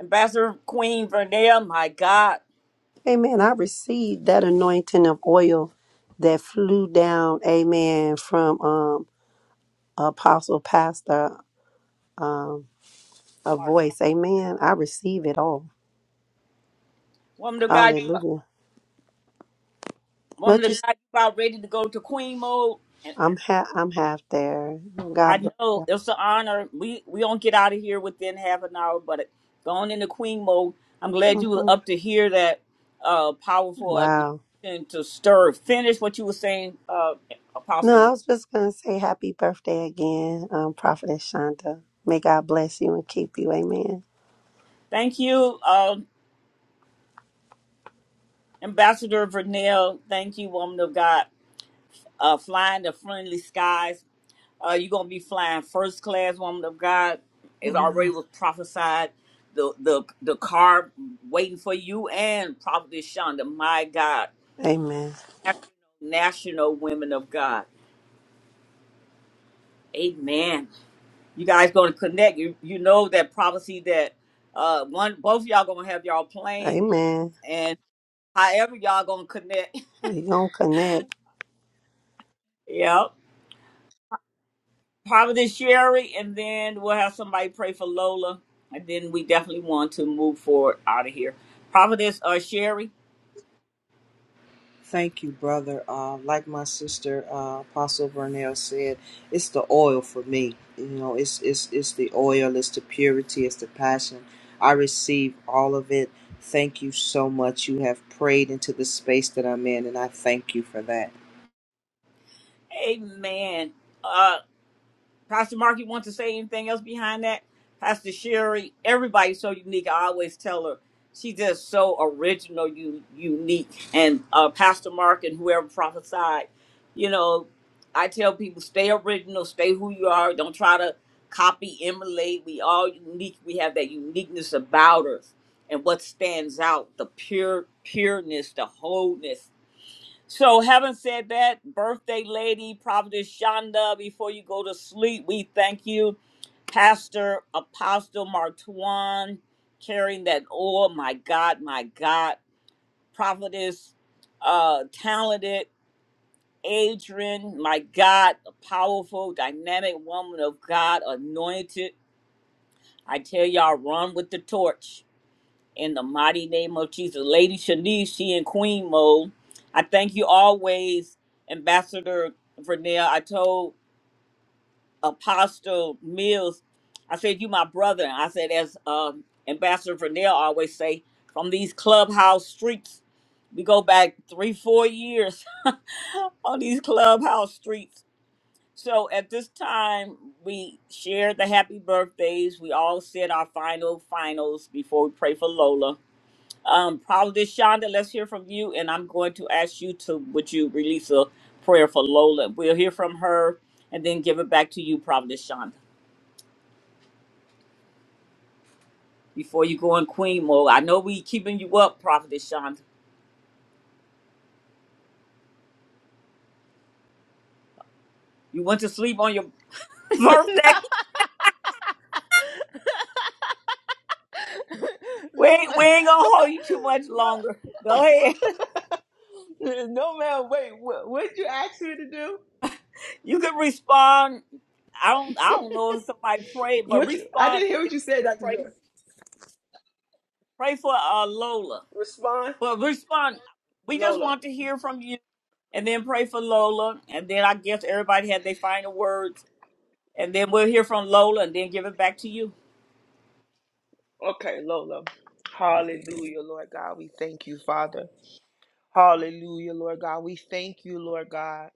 Ambassador Queen Vernell, my God. Amen. I received that anointing of oil that flew down, amen, from um apostle pastor. um. a My voice. Amen. I receive it all. woman of God, Hallelujah. But woman of just God, you about ready to go to queen mode? And I'm half I'm half there. God I bless know you. it's an honor. We we don't get out of here within half an hour, but going into queen mode, I'm glad you were hmm up to hear that uh, powerful Wow. anointing to stir. Finish what you were saying, uh, Apostle. No, I Ver- was just gonna say happy birthday again, um, Prophetess Shonda. May God bless you and keep you. Amen. Thank you, uh, Ambassador Vernell. Thank you, woman of God. Uh, flying the friendly skies. Uh, you're gonna be flying first class, woman of God. It already Amen. was prophesied. The the the car waiting for you and probably Shonda. My God, Amen. national, national women of God. Amen. You guys gonna connect. You you know that prophecy that uh one both of y'all gonna have y'all plane Amen. and however y'all gonna connect. We gonna connect. Yep. Providence Sherry, and then we'll have somebody pray for Lola, and then we definitely want to move forward out of here. Providence uh, Sherry, Thank you, brother. Uh, like my sister, uh, Apostle Vernell said, it's the oil for me. You know, it's it's it's the oil, it's the purity, it's the passion. I receive all of it. Thank you so much. You have prayed into the space that I'm in, and I thank you for that. Amen. Uh, Pastor Mark, you want to say anything else behind that? Pastor Sherry, everybody's so unique. I always tell her she's just so original, you unique. And uh, Pastor Mark and whoever prophesied, you know, I tell people stay original, stay who you are. Don't try to copy, emulate. We all unique. We have that uniqueness about us and what stands out, the pure pureness, the wholeness so, having said that, birthday lady, Prophetess Shonda, before you go to sleep, we thank you. Pastor Apostle Martuan carrying that oil. My God, my God. Prophetess, uh, talented Adrian, my God, a powerful, dynamic woman of God, anointed. I tell y'all, run with the torch in the mighty name of Jesus. Lady Shanice, she in queen mode. I thank you always, Ambassador Vernell. I told Apostle Mills, I said, you my brother. I said, as um, Ambassador Vernell always say, from these clubhouse streets, we go back three, four years on these clubhouse streets. So at this time, we shared the happy birthdays. We all said our final finals before we pray for Lola um, Prophetess Shonda, let's hear from you, and I'm going to ask you to would you release a prayer for Lola? We'll hear from her and then give it back to you, Prophetess Shonda. Before you go in Queen mode, I know we keeping you up, Prophetess Shonda. You went to sleep on your birthday. We no, ain't, we ma- ain't gonna hold you too much longer. Go ahead. no, no, man. Wait, what what you asked me to do? You can respond. I don't I don't know if somebody prayed, but What you? I respond didn't hear what and then you said, Doctor pray Joy. pray for uh, Lola. Respond, But respond. We just Lolo. want to hear from you. and then pray for Lola, and then I guess everybody had their final words, and then we'll hear from Lola, and then give it back to you. Okay, Lolo. Hallelujah, Lord God. We thank you, Father. Hallelujah, Lord God. We thank you, Lord God.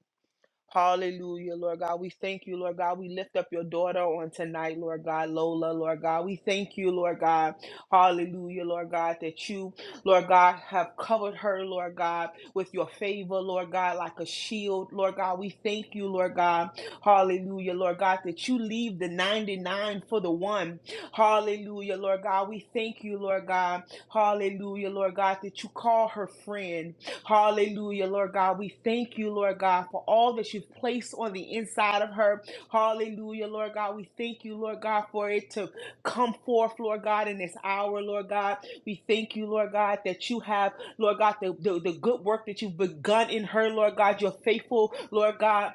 Hallelujah, Lord God. We thank you, Lord God. We lift up your daughter on tonight, Lord God, Lola, Lord God. We thank you, Lord God. Hallelujah, Lord God, that you, Lord God, have covered her, Lord God, with your favor, Lord God, like a shield, Lord God. We thank you, Lord God. Hallelujah, Lord God, that you leave the 99 for the one. Hallelujah, Lord God. We thank you, Lord God. Hallelujah, Lord God, that you call her friend. Hallelujah, Lord God. We thank you, Lord God, for all that you've placed on the inside of her. Hallelujah, Lord God. We thank you, Lord God, for it to come forth, Lord God, in this hour, Lord God. We thank you, Lord God, that you have, Lord God, the, the, the good work that you've begun in her, Lord God. You're faithful, Lord God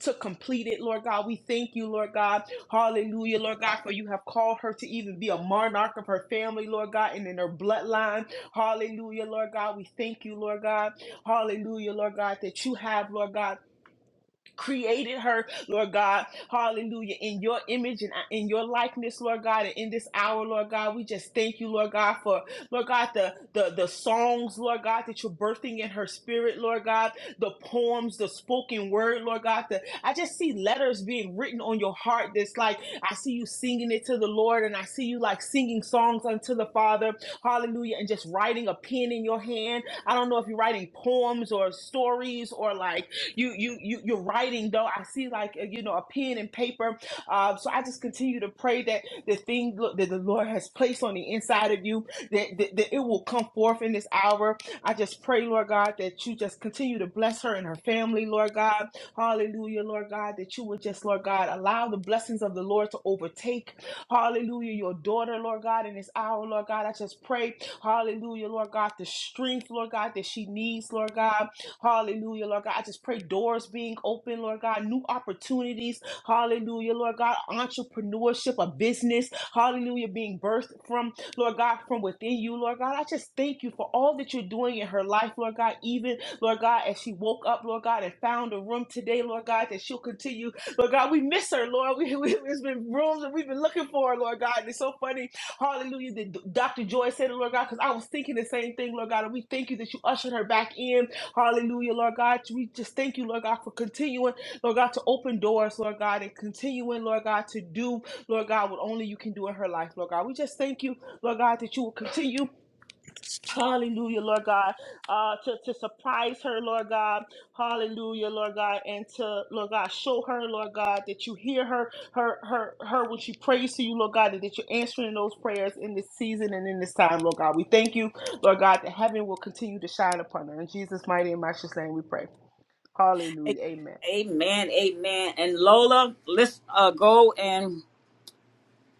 to complete it, Lord God. We thank you, Lord God. Hallelujah, Lord God, for you have called her to even be a monarch of her family, Lord God, and in her bloodline. Hallelujah, Lord God. We thank you, Lord God. Hallelujah, Lord God, that you have, Lord God, created her, Lord God. Hallelujah. In your image and uh, in your likeness, Lord God. And in this hour, Lord God, we just thank you, Lord God, for, Lord God, the, the, the songs, Lord God, that you're birthing in her spirit, Lord God, the poems, the spoken word, Lord God. The, I just see letters being written on your heart that's like, I see you singing it to the Lord and I see you like singing songs unto the Father. Hallelujah. And just writing a pen in your hand. I don't know if you're writing poems or stories or like, you you you you're writing though. I see like uh, you know a pen and paper. Uh, so I just continue to pray that the thing look, that the Lord has placed on the inside of you that, that that it will come forth in this hour. I just pray, Lord God, that you just continue to bless her and her family, Lord God. Hallelujah, Lord God, that you would just, Lord God, allow the blessings of the Lord to overtake. Hallelujah, your daughter, Lord God, in this hour, Lord God. I just pray, hallelujah, Lord God, the strength, Lord God, that she needs, Lord God. Hallelujah, Lord God. I just pray doors being open, Lord God, new opportunities. Hallelujah, Lord God. Entrepreneurship, a business. Hallelujah, being birthed from, Lord God, from within you, Lord God. I just thank you for all that you're doing in her life, Lord God. Even, Lord God, as she woke up, Lord God, and found a room today, Lord God, that she'll continue Lord God, we miss her, Lord. We, we, there's been rooms that we've been looking for, her, Lord God. And it's so funny. Hallelujah. That Dr. Joy said it, Lord God, because I was thinking the same thing, Lord God. And we thank you that you ushered her back in. Hallelujah, Lord God. We just thank you, Lord God, for continuing, Lord God, to open doors, Lord God, and continuing, Lord God, to do, Lord God, what only you can do in her life, Lord God. We just thank you, Lord God, that you will continue. Hallelujah, Lord God, uh, to, to surprise her, Lord God. Hallelujah, Lord God, and to Lord God, show her, Lord God, that you hear her, her, her, her when she prays to you, Lord God, and that you're answering those prayers in this season and in this time, Lord God. We thank you, Lord God, that heaven will continue to shine upon her. In Jesus' mighty and matchless name, we pray. A- Hallelujah, Amen. Amen, amen. And Lola, let's uh, go and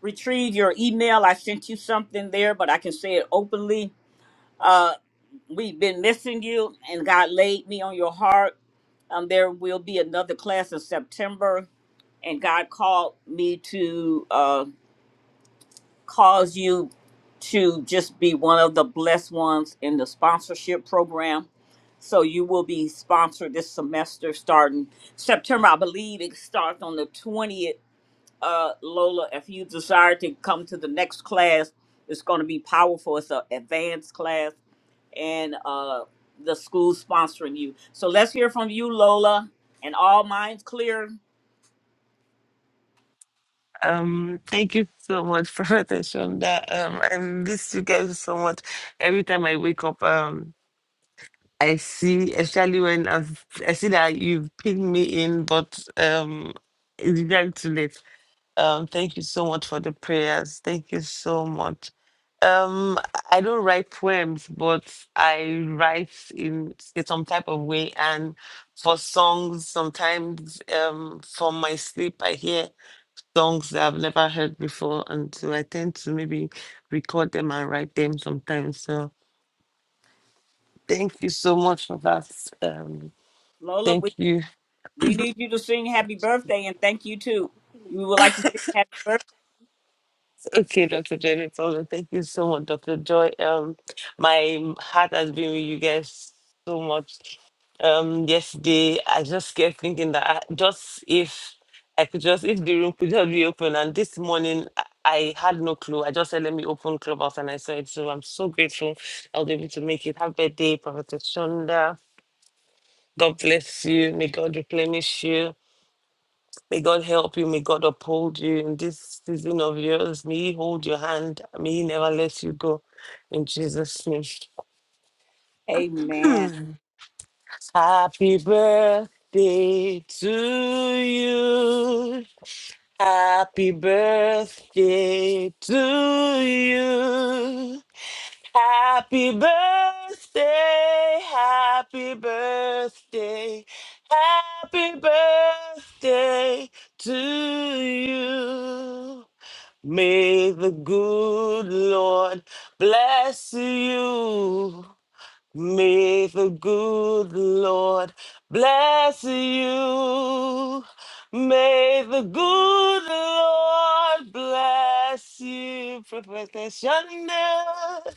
retrieve your email. I sent you something there, but I can say it openly. Uh, we've been missing you, and God laid me on your heart. Um, there will be another class in September, and God called me to. uh, cause you to just be one of the blessed ones in the sponsorship program. So you will be sponsored this semester starting September. I believe it starts on the 20th. Uh, Lola, if you desire to come to the next class, it's going to be powerful. It's an advanced class and uh, the school sponsoring you. So let's hear from you, Lola. And all minds clear. Um, thank you so much, Prophet Shonda. Um, I miss you guys so much. Every time I wake up, um. I see, especially when I've, I see that you've pinged me in, but um, it's very too late. Um, thank you so much for the prayers. Thank you so much. Um, I don't write poems, but I write in s- some type of way. And for songs, sometimes um, from my sleep, I hear songs that I've never heard before, and so I tend to maybe record them and write them sometimes. So thank you so much for that. Um, Lola, we, Thank you. we need you to sing happy birthday and thank you too. We would like to sing happy birthday. Okay, Dr. Jenny Tola, thank you so much, Dr. Joy. Um, my heart has been with you guys so much. Um, yesterday I just kept thinking that I, just if I could just if the room could just be open, and this morning I I had no clue. I just said let me open Clubhouse, and I saw it. So I'm so grateful I was able to make it. Happy birthday, Prophet Shonda. God bless you. May God replenish you. May God help you. May God uphold you in this season of yours. May He hold your hand. May He never let you go. In Jesus' name. Amen. Happy birthday to you. Happy birthday to you. Happy birthday, happy birthday, happy birthday to you. May the good Lord bless you. May the good Lord bless you. May the good Lord bless you, Prophetess Shonda.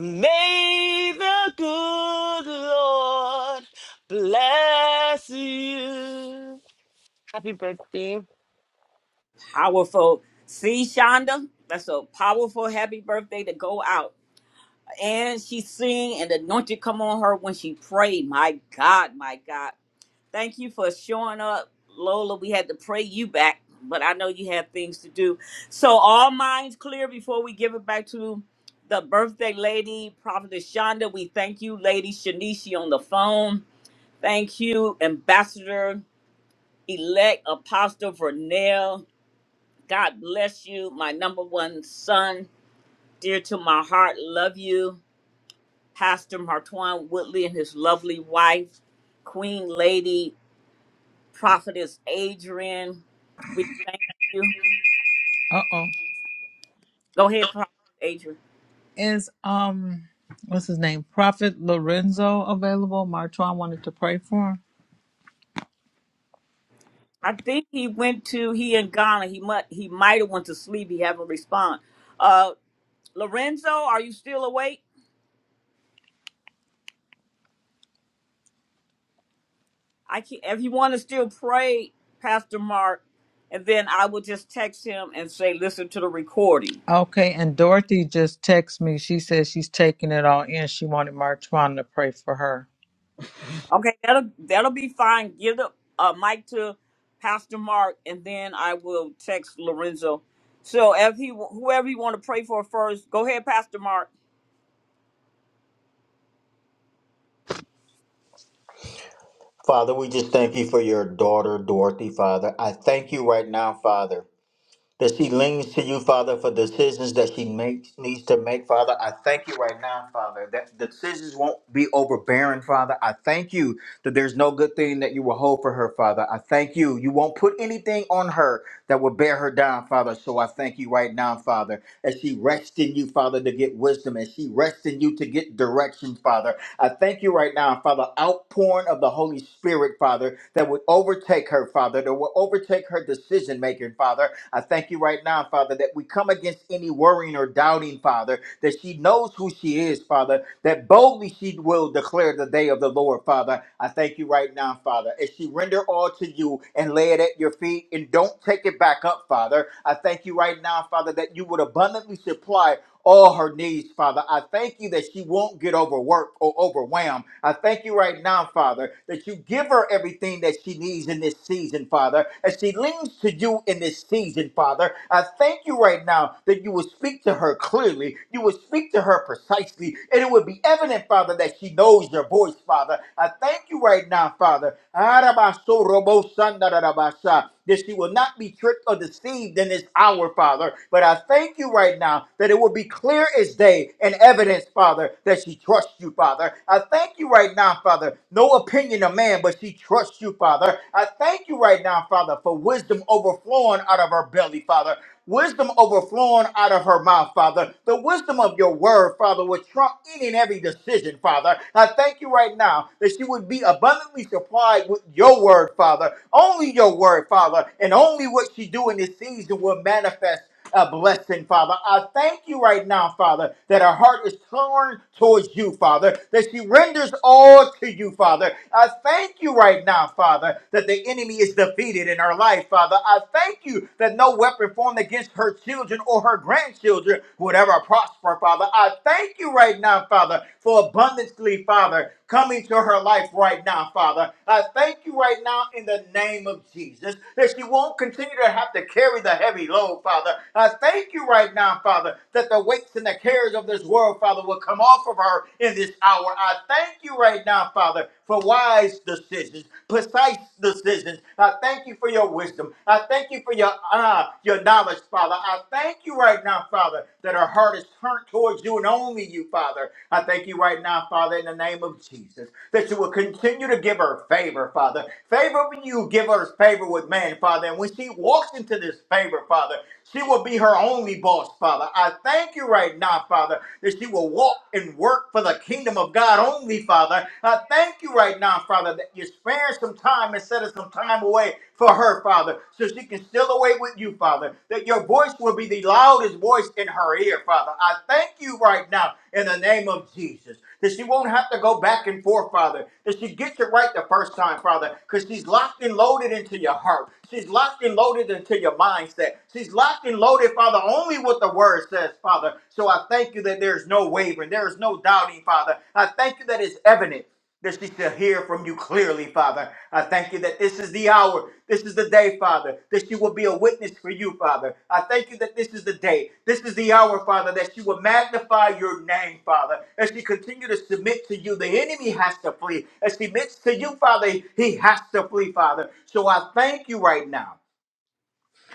May the good Lord bless you. Happy birthday. Powerful. See, Shonda, that's a powerful happy birthday to go out. And she sing and the anointing come on her when she prayed. My God, my God. Thank you for showing up, Lola. We had to pray you back, but I know you have things to do. So all minds clear before we give it back to the birthday lady, Prophetess Shonda. We thank you, Lady Shanishi on the phone. Thank you, Ambassador Elect Apostle Vernell. God bless you, my number one son, dear to my heart. Love you, Pastor Martwan Woodley and his lovely wife, Queen Lady Prophetess Adrian. We thank you. Uh oh. Go ahead, Prophet Adrian. Is um, what's his name? Prophet Lorenzo available? Martron wanted to pray for him. I think he went to he in Ghana. He might he might have went to sleep. He haven't responded. Uh, Lorenzo, are you still awake? I can not If you want to still pray, Pastor Mark, and then I will just text him and say, listen to the recording. Okay, and Dorothy just texted me. She says she's taking it all in. She wanted Martron to pray for her. Okay, that'll that'll be fine. Give the uh, mic to Pastor Mark, and then I will text Lorenzo. So if he whoever you want to pray for first, go ahead, Pastor Mark. Father, we just thank you for your daughter, Dorothy, Father. I thank you right now, Father. that she leans to you, Father, for decisions that she makes needs to make, Father. I thank you right now, Father, that the decisions won't be overbearing, Father. I thank you that there's no good thing that you will hold for her, Father. I thank you. You won't put anything on her that will bear her down, Father. So I thank you right now, Father, as she rests in you, Father, to get wisdom, as she rests in you to get direction, Father. I thank you right now, Father, outpouring of the Holy Spirit, Father, that would overtake her, Father, that will overtake her decision making, Father. I thank you right now, Father, that we come against any worrying or doubting, Father, that she knows who she is, Father, that boldly she will declare the day of the Lord, Father. I thank you right now, Father, as she render all to you and lay it at your feet and don't take it back up, Father. I thank you right now, Father, that you would abundantly supply all her needs, Father. I thank you that she won't get overworked or overwhelmed. I thank you right now, Father, that you give her everything that she needs in this season, Father, as she leans to you in this season, Father. I thank you right now that you will speak to her clearly, you will speak to her precisely, and it will be evident, Father, that she knows your voice, Father. I thank you right now, Father. Arabasorobosandarabashi that she will not be tricked or deceived in this hour, Father. But I thank you right now that it will be clear as day and evidence, Father, that she trusts you, Father. I thank you right now, Father. No opinion of man, but she trusts you, Father. I thank you right now, Father, for wisdom overflowing out of her belly, Father. Wisdom overflowing out of her mouth, Father. The wisdom of your word, Father, would trump any and every decision, Father. I thank you right now that she would be abundantly supplied with your word, Father. Only your word, Father, and only what she do in this season will manifest a blessing, Father. I thank you right now, Father, that her heart is torn towards you, Father, that she renders all to you, Father. I thank you right now, Father, that the enemy is defeated in her life, Father. I thank you that no weapon formed against her children or her grandchildren would ever prosper, Father. I thank you right now, Father, for abundantly, Father come into her life right now, Father. I thank you right now in the name of Jesus that she won't continue to have to carry the heavy load, Father. I thank you right now, Father, that the weights and the cares of this world, Father, will come off of her in this hour. I thank you right now, Father, for wise decisions, precise decisions. I thank you for your wisdom. I thank you for your uh, your knowledge, Father. I thank you thank you right now, Father, that our heart is turned towards you and only you, Father. I thank you right now, Father, in the name of Jesus, that you will continue to give her favor, Father. Favor with you, give her favor with man, Father. And when she walks into this favor, Father, she will be her only boss, Father. I thank you right now, Father, that she will walk and work for the kingdom of God only, Father. I thank you right now, Father, that you're sparing some time and set some time away for her, Father, so she can still away with you, Father, that your voice will be the loudest voice in her ear, Father. I thank you right now in the name of Jesus that she won't have to go back and forth, Father, that she gets it right the first time, Father, because she's locked and loaded into your heart. She's locked and loaded into your mindset. She's locked and loaded, Father, only what the word says, Father. So I thank you that there's no wavering, there is no doubting, Father. I thank you that it's evident. This is to hear from you clearly, Father. I thank you that this is the hour. This is the day, Father, that she will be a witness for you, Father. I thank you that this is the day. This is the hour, Father, that she will magnify your name, Father. As she continue to submit to you, the enemy has to flee. As she submits to you, Father, he has to flee, Father. So I thank you right now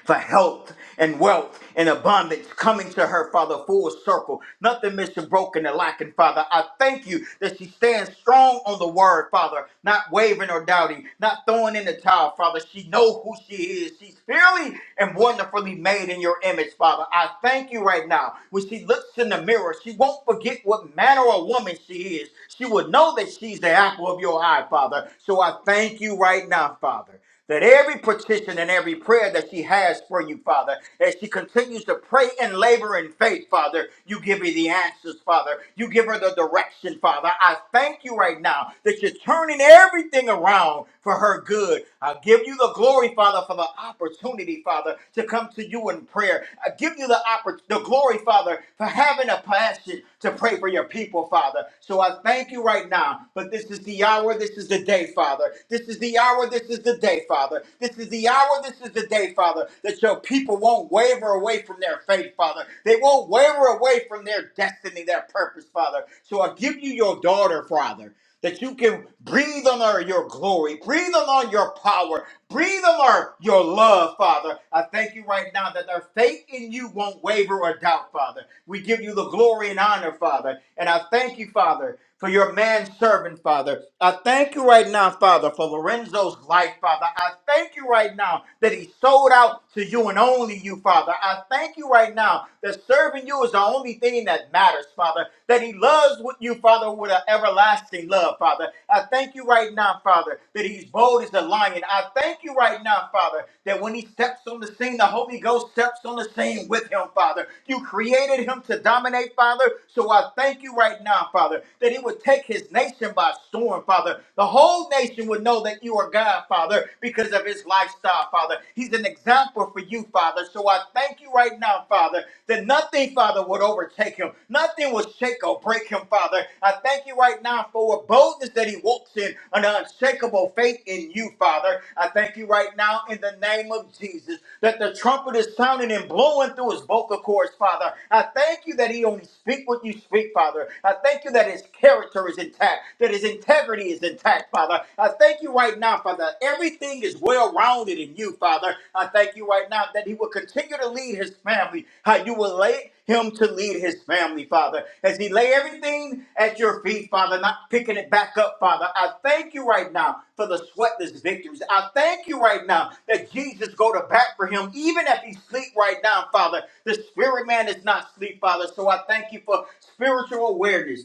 for health and wealth and abundance coming to her, Father, full circle. Nothing missing, broken, and lacking, Father. I thank you that she stands strong on the word, Father, not wavering or doubting, not throwing in the towel, Father. She knows who she is. She's fairly and wonderfully made in your image, Father. I thank you right now. When she looks in the mirror, she won't forget what manner of woman she is. She will know that she's the apple of your eye, Father. So I thank you right now, Father that every petition and every prayer that she has for you, Father, as she continues to pray and labor in faith, Father, you give her the answers, Father. You give her the direction, Father. I thank you right now that you're turning everything around for her good. I give you the glory, Father, for the opportunity, Father, to come to you in prayer. I give you the, oppor- the glory, Father, for having a passion to pray for your people, Father. So I thank you right now, but this is the hour, this is the day, Father. This is the the hour, this is the day, Father. This is the hour, this is the day, Father, that your people won't waver away from their faith, Father. They won't waver away from their destiny, their purpose, Father. So I give you your daughter, Father. That you can breathe on her your glory, breathe on her your power, breathe on her your love, Father. I thank you right now that their faith in you won't waver or doubt, Father. We give you the glory and honor, Father. And I thank you, Father, for your man servant, Father. I thank you right right now, Father, for Lorenzo's life, Father. I thank you right now that he sold out to you and only you, Father. I thank you right now that serving you is the only thing that matters, Father. That he loves with you, Father, with an everlasting love, Father. I thank you right now, Father, that he's bold as a lion. I thank you right now, Father, that when he steps on the scene, the Holy Ghost steps on the scene with him, Father. You created him to dominate, Father. So I thank you right now, Father, that he would take his nation by storm storm, Father. The whole nation would know that you are God, Father, because of his lifestyle, Father. He's an example for you, Father. So I thank you right now, Father, that nothing, Father, would overtake him. Nothing will shake or break him, Father. I thank you right now for a boldness that he walks in, an unshakable faith in you, Father. I thank you right now in the name of Jesus that the trumpet is sounding and blowing through his vocal cords, Father. I thank you that he only speak what you speak, Father. I thank you that his character is is intact, that his integrity is intact, Father. I thank you right now, Father. Everything is well rounded in you, Father. I thank you right now that he will continue to lead his family, how you will lay him to lead his family, Father. As he lay everything at your feet, Father, not picking it back up, Father. I thank you right now for the sweatless victories. I thank you right now that Jesus go to bat for him, even if he sleep right now, Father. The spirit man is not sleep, Father. So I thank you for spiritual awareness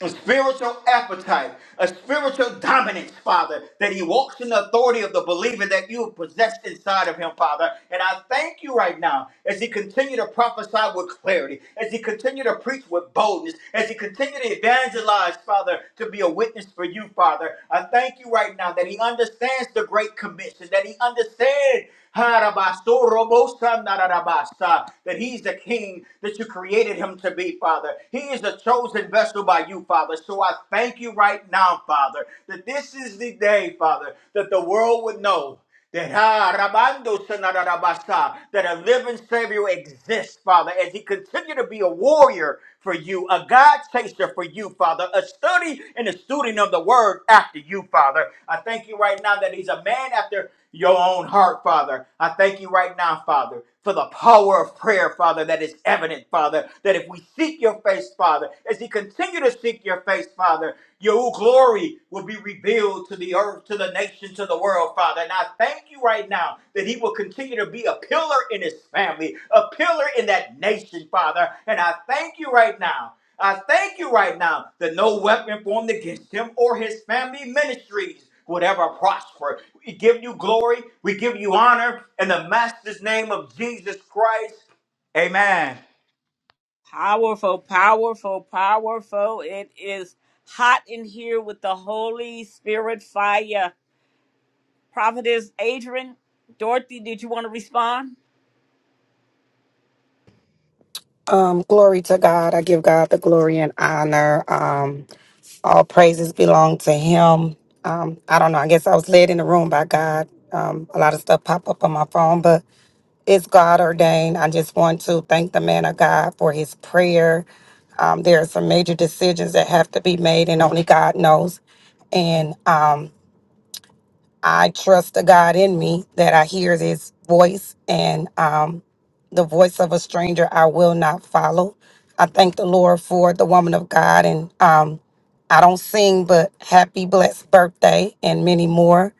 a spiritual appetite, a spiritual dominance, Father, that he walks in the authority of the believer that you have possessed inside of him, Father. And I thank you right now as he continue to prophesy with clarity, as he continue to preach with boldness, as he continue to evangelize, Father, to be a witness for you, Father. I thank you right now that he understands the great commission, that he understands that he's the king that you created him to be, Father. He is a chosen vessel by you, Father. So I thank you right now, Father, that this is the day, Father, that the world would know that ah, Rabando Sanarabasa, that a living Savior exists, Father, as he continued to be a warrior for you, a God chaser for you, Father, a study and a student of the word after you, Father. I thank you right now that he's a man after your own heart, Father. I thank you right now, Father, for the power of prayer, Father, that is evident, Father, that if we seek your face, Father, as we continue to seek your face, Father, your glory will be revealed to the earth, to the nation, to the world, Father. And I thank you right now that he will continue to be a pillar in his family, a pillar in that nation, Father. And I thank you right now. I thank you right now that no weapon formed against him or his family ministries whatever prosper. We give you glory, we give you honor in the master's name of Jesus Christ. Amen. Powerful, powerful, powerful. It is hot in here with the Holy Spirit fire. Prophetess Adrian, Dorothy, did you want to respond? Um, glory to God. I give God the glory and honor. Um, all praises belong to Him. Um, I don't know. I guess I was led in the room by God. Um, a lot of stuff pop up on my phone, but it's God ordained. I just want to thank the man of God for his prayer. Um, there are some major decisions that have to be made, and only God knows. And um, I trust the God in me that I hear His voice and um, the voice of a stranger I will not follow. I thank the Lord for the woman of God. And um, I don't sing, but happy, blessed birthday and many more.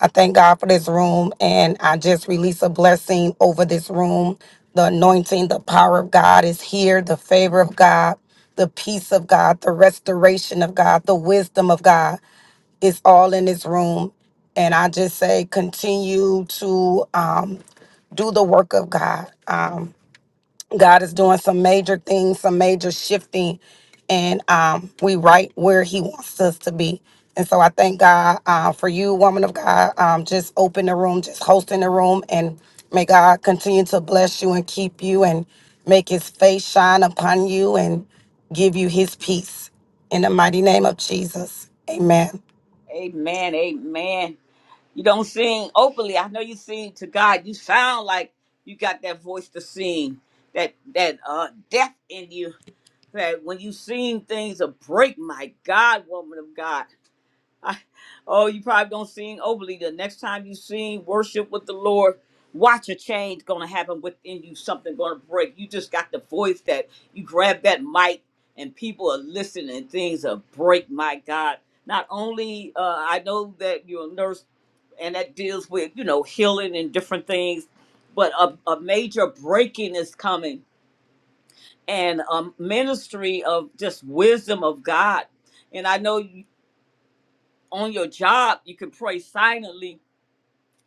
I thank God for this room. And I just release a blessing over this room. The anointing, the power of God is here, the favor of God, the peace of God, the restoration of God, the wisdom of God. It's all in this room. And I just say continue to um, do the work of God. Um, God is doing some major things, some major shifting, and um, we right where He wants us to be. And so I thank God uh, for you, woman of God, um, just open the room, just hosting the room, and may God continue to bless you and keep you and make His face shine upon you and give you His peace. In the mighty name of Jesus, amen. Amen, amen. You don't sing openly. I know you sing to God. You sound like you got that voice to sing, that that uh depth in you. That when you sing things a break, my God, woman of God. I, oh, you probably don't sing openly. The next time you sing worship with the Lord, watch a change gonna happen within you. Something gonna break. You just got the voice that you grab that mic and people are listening. Things are break, my God. Not only uh, I know that you're a nurse and that deals with you know healing and different things but a, a major breaking is coming and a ministry of just wisdom of god and i know you, on your job you can pray silently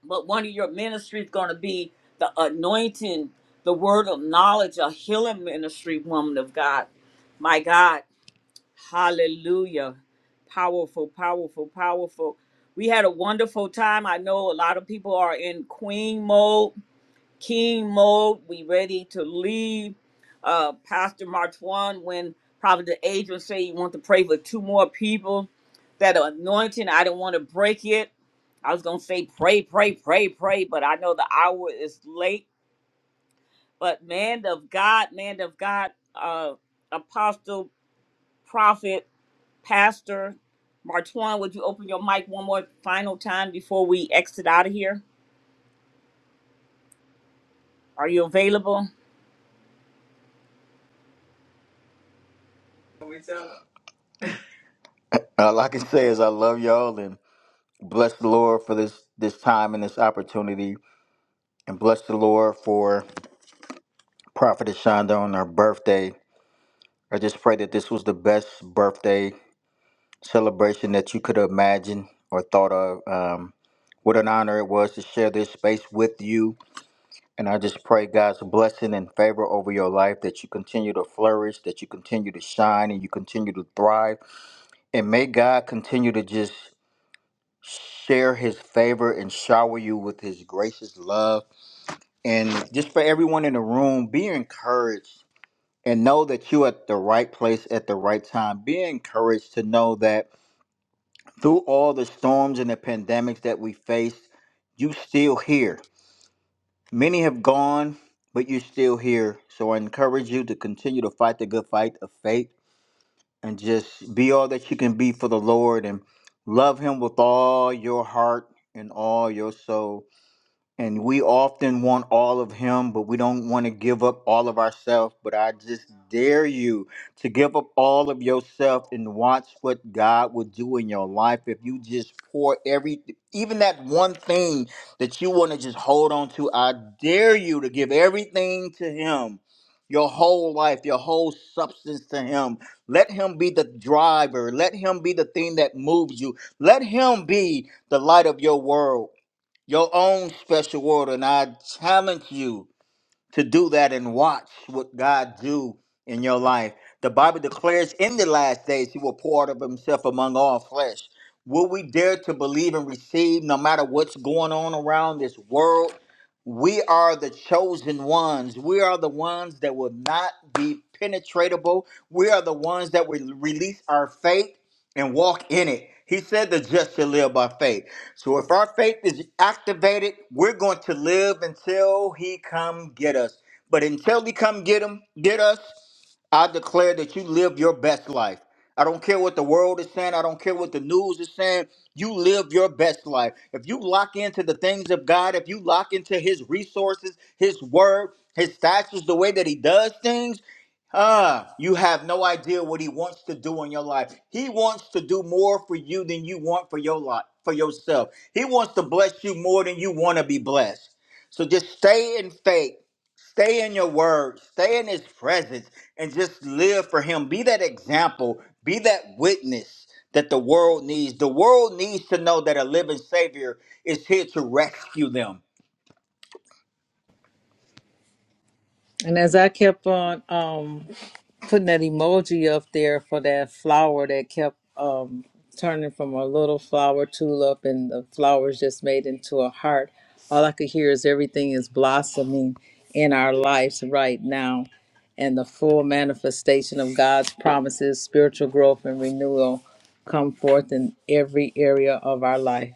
but one of your ministries going to be the anointing the word of knowledge a healing ministry woman of god my god hallelujah powerful powerful powerful we had a wonderful time i know a lot of people are in queen mode king mode. We ready to leave. Uh, Pastor Martuan, when Prophet Adrian say you want to pray for two more people, that anointing, I don't want to break it. I was gonna say pray, pray, pray, pray, but I know the hour is late. But man of God, man of God, uh, apostle, prophet, pastor, Martuan, would you open your mic one more final time before we exit out of here? Are you available? All I can say is I love y'all and bless the Lord for this this time and this opportunity, and bless the Lord for Prophet Shonda on her birthday. I just pray that this was the best birthday celebration that you could imagine or thought of. Um, what an honor it was to share this space with you And I just pray God's blessing and favor over your life that you continue to flourish, that you continue to shine, and you continue to thrive. And may God continue to just share his favor and shower you with his gracious love. And just for everyone in the room, be encouraged and know that you're at the right place at the right time. Be encouraged to know that through all the storms and the pandemics that we face, you still here Many have gone, but you're still here. So I encourage you to continue to fight the good fight of faith and just be all that you can be for the Lord and love Him with all your heart and all your soul. And we often want all of him, but we don't want to give up all of ourselves. But I just dare you to give up all of yourself and watch what God will do in your life if you just pour every, even that one thing that you want to just hold on to. I dare you to give everything to him, your whole life, your whole substance to him. Let him be the driver, let him be the thing that moves you, let him be the light of your world your own special order, and I challenge you to do that and watch what God do in your life. The Bible declares in the last days he will pour out of himself among all flesh. Will we dare to believe and receive no matter what's going on around this world? We are the chosen ones. We are the ones that will not be penetratable. We are the ones that will release our faith and walk in it. He said the just shall live by faith. So if our faith is activated, we're going to live until he come get us. But until he come get him, get us, I declare that you live your best life. I don't care what the world is saying. I don't care what the news is saying. You live your best life. If you lock into the things of God, if you lock into his resources, his word, his statutes, the way that he does things, Ah, you have no idea what he wants to do in your life. He wants to do more for you than you want for your life, for yourself. He wants to bless you more than you want to be blessed. So just stay in faith, stay in your word, stay in his presence, and just live for him. Be that example, be that witness that the world needs. The world needs to know that a living savior is here to rescue them. And as I kept on um putting that emoji up there for that flower that kept um, turning from a little flower tulip and the flowers just made into a heart. All I could hear is everything is blossoming in our lives right now. And the full manifestation of God's promises, spiritual growth, and renewal come forth in every area of our life.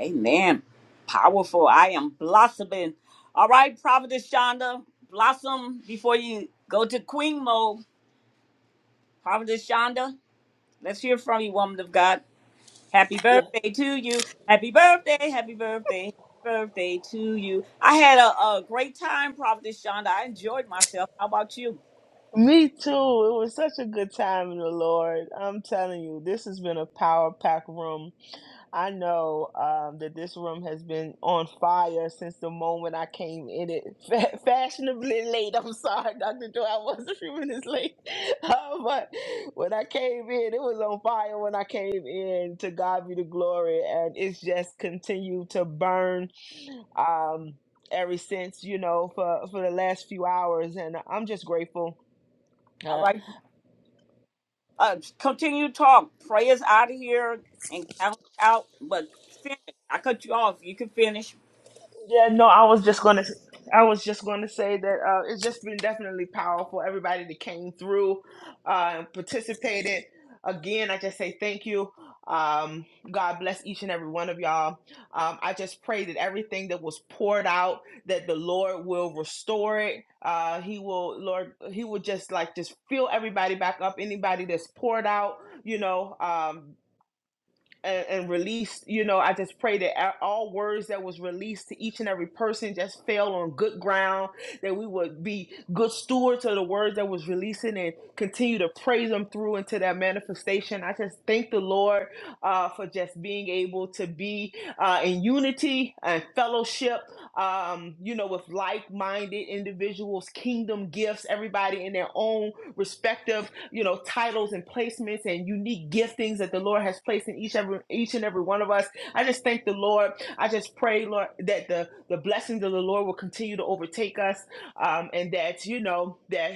Amen. Powerful. I am blossoming. All right, Prophetess Shonda, blossom before you go to queen mode. Prophetess Shonda, let's hear from you, woman of God. Happy birthday to you. Happy birthday. Happy birthday. Happy birthday to you. I had a, a great time, Prophetess Shonda. I enjoyed myself. How about you? Me too. It was such a good time in the Lord. I'm telling you, this has been a power pack room. I know um, that this room has been on fire since the moment I came in it. Fa- fashionably late. I'm sorry, Dr. Joy. I was a few minutes late. Uh, but when I came in, it was on fire when I came in. To God be the glory. And it's just continued to burn. Um, ever since you know for for the last few hours and i'm just grateful All Uh, right. Uh, continue to talk. Pray us out of here and count out, but finish. I cut you off. You can finish. Yeah, no, I was just gonna, I was just gonna say that uh, it's just been definitely powerful. Everybody that came through uh, and participated. Again, I just say thank you. Um, God bless each and every one of y'all. Um, I just pray that everything that was poured out, that the Lord will restore it. Uh, he will, Lord, He will just like just fill everybody back up. Anybody that's poured out, you know. Um, and, and released you know i just pray that all words that was released to each and every person just fell on good ground that we would be good stewards of the words that was releasing and continue to praise them through into that manifestation i just thank the lord uh, for just being able to be uh, in unity and fellowship um, you know with like-minded individuals kingdom gifts everybody in their own respective you know, titles and placements and unique giftings that the Lord has placed in each every each and every one of us. I just thank the Lord. I just pray, Lord, that the the blessings of the Lord will continue to overtake us, um, and that you know that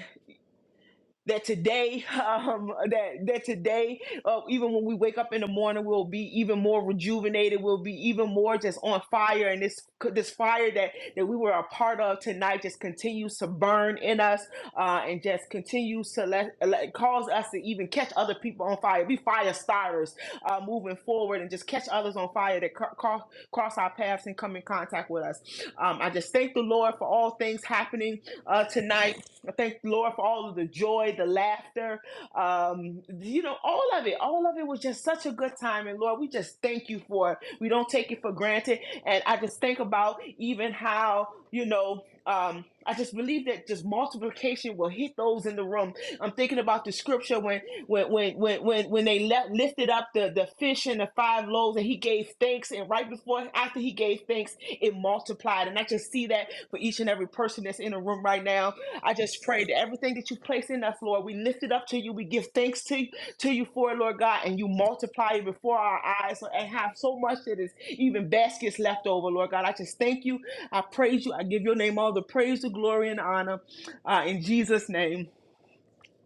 that today um that that today uh, even when we wake up in the morning we'll be even more rejuvenated we'll be even more just on fire and this this fire that that we were a part of tonight just continues to burn in us uh and just continues to let, let cause us to even catch other people on fire be fire starters uh moving forward and just catch others on fire that cro- cross cross our paths and come in contact with us um i just thank the lord for all things happening uh tonight I thank the Lord for all of the joy, the laughter, um, you know, all of it. All of it was just such a good time. And Lord, we just thank you for it. We don't take it for granted. And I just think about even how, you know, um, I just believe that just multiplication will hit those in the room. I'm thinking about the scripture when when when when when, when they left, lifted up the, the fish and the five loaves and he gave thanks and right before after he gave thanks it multiplied and I just see that for each and every person that's in the room right now I just pray that everything that you place in us, Lord, we lift it up to you. We give thanks to, to you for it, Lord God, and you multiply it before our eyes and have so much that is even baskets left over, Lord God. I just thank you. I praise you. I give your name all the praise, the glory, and honor. Uh, in Jesus' name,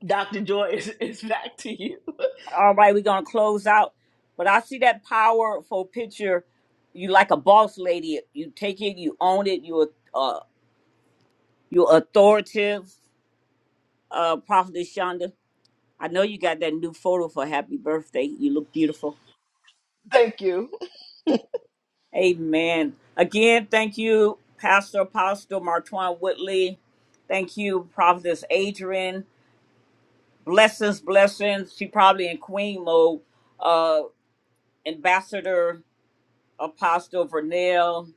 Dr. Joy is, is back to you. All right, we're gonna close out. But I see that powerful picture. You like a boss lady. You take it. You own it. You uh, you authoritative. Uh, Prophet Shonda. I know you got that new photo for happy birthday. You look beautiful. Thank you. Amen. Again, thank you, Pastor Apostle Martwan Whitley. Thank you, Prophetess Adrian. Blessings, blessings. She probably in queen mode. Uh, Ambassador Apostle Vernell.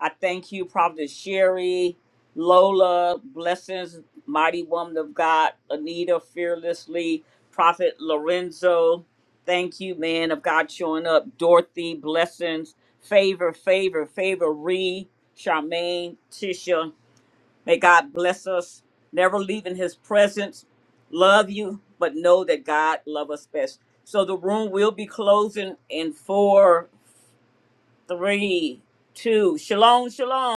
I thank you, Prophet Sherry, Lola, blessings, mighty woman of God, Anita, fearlessly, Prophet Lorenzo. Thank you, man of God, showing up. Dorothy, blessings, favor, favor, favor, Ree, Charmaine, Tisha. May God bless us, never leaving his presence. Love you, but know that God love us best. So the room will be closing in four, three, two. Shalom, shalom.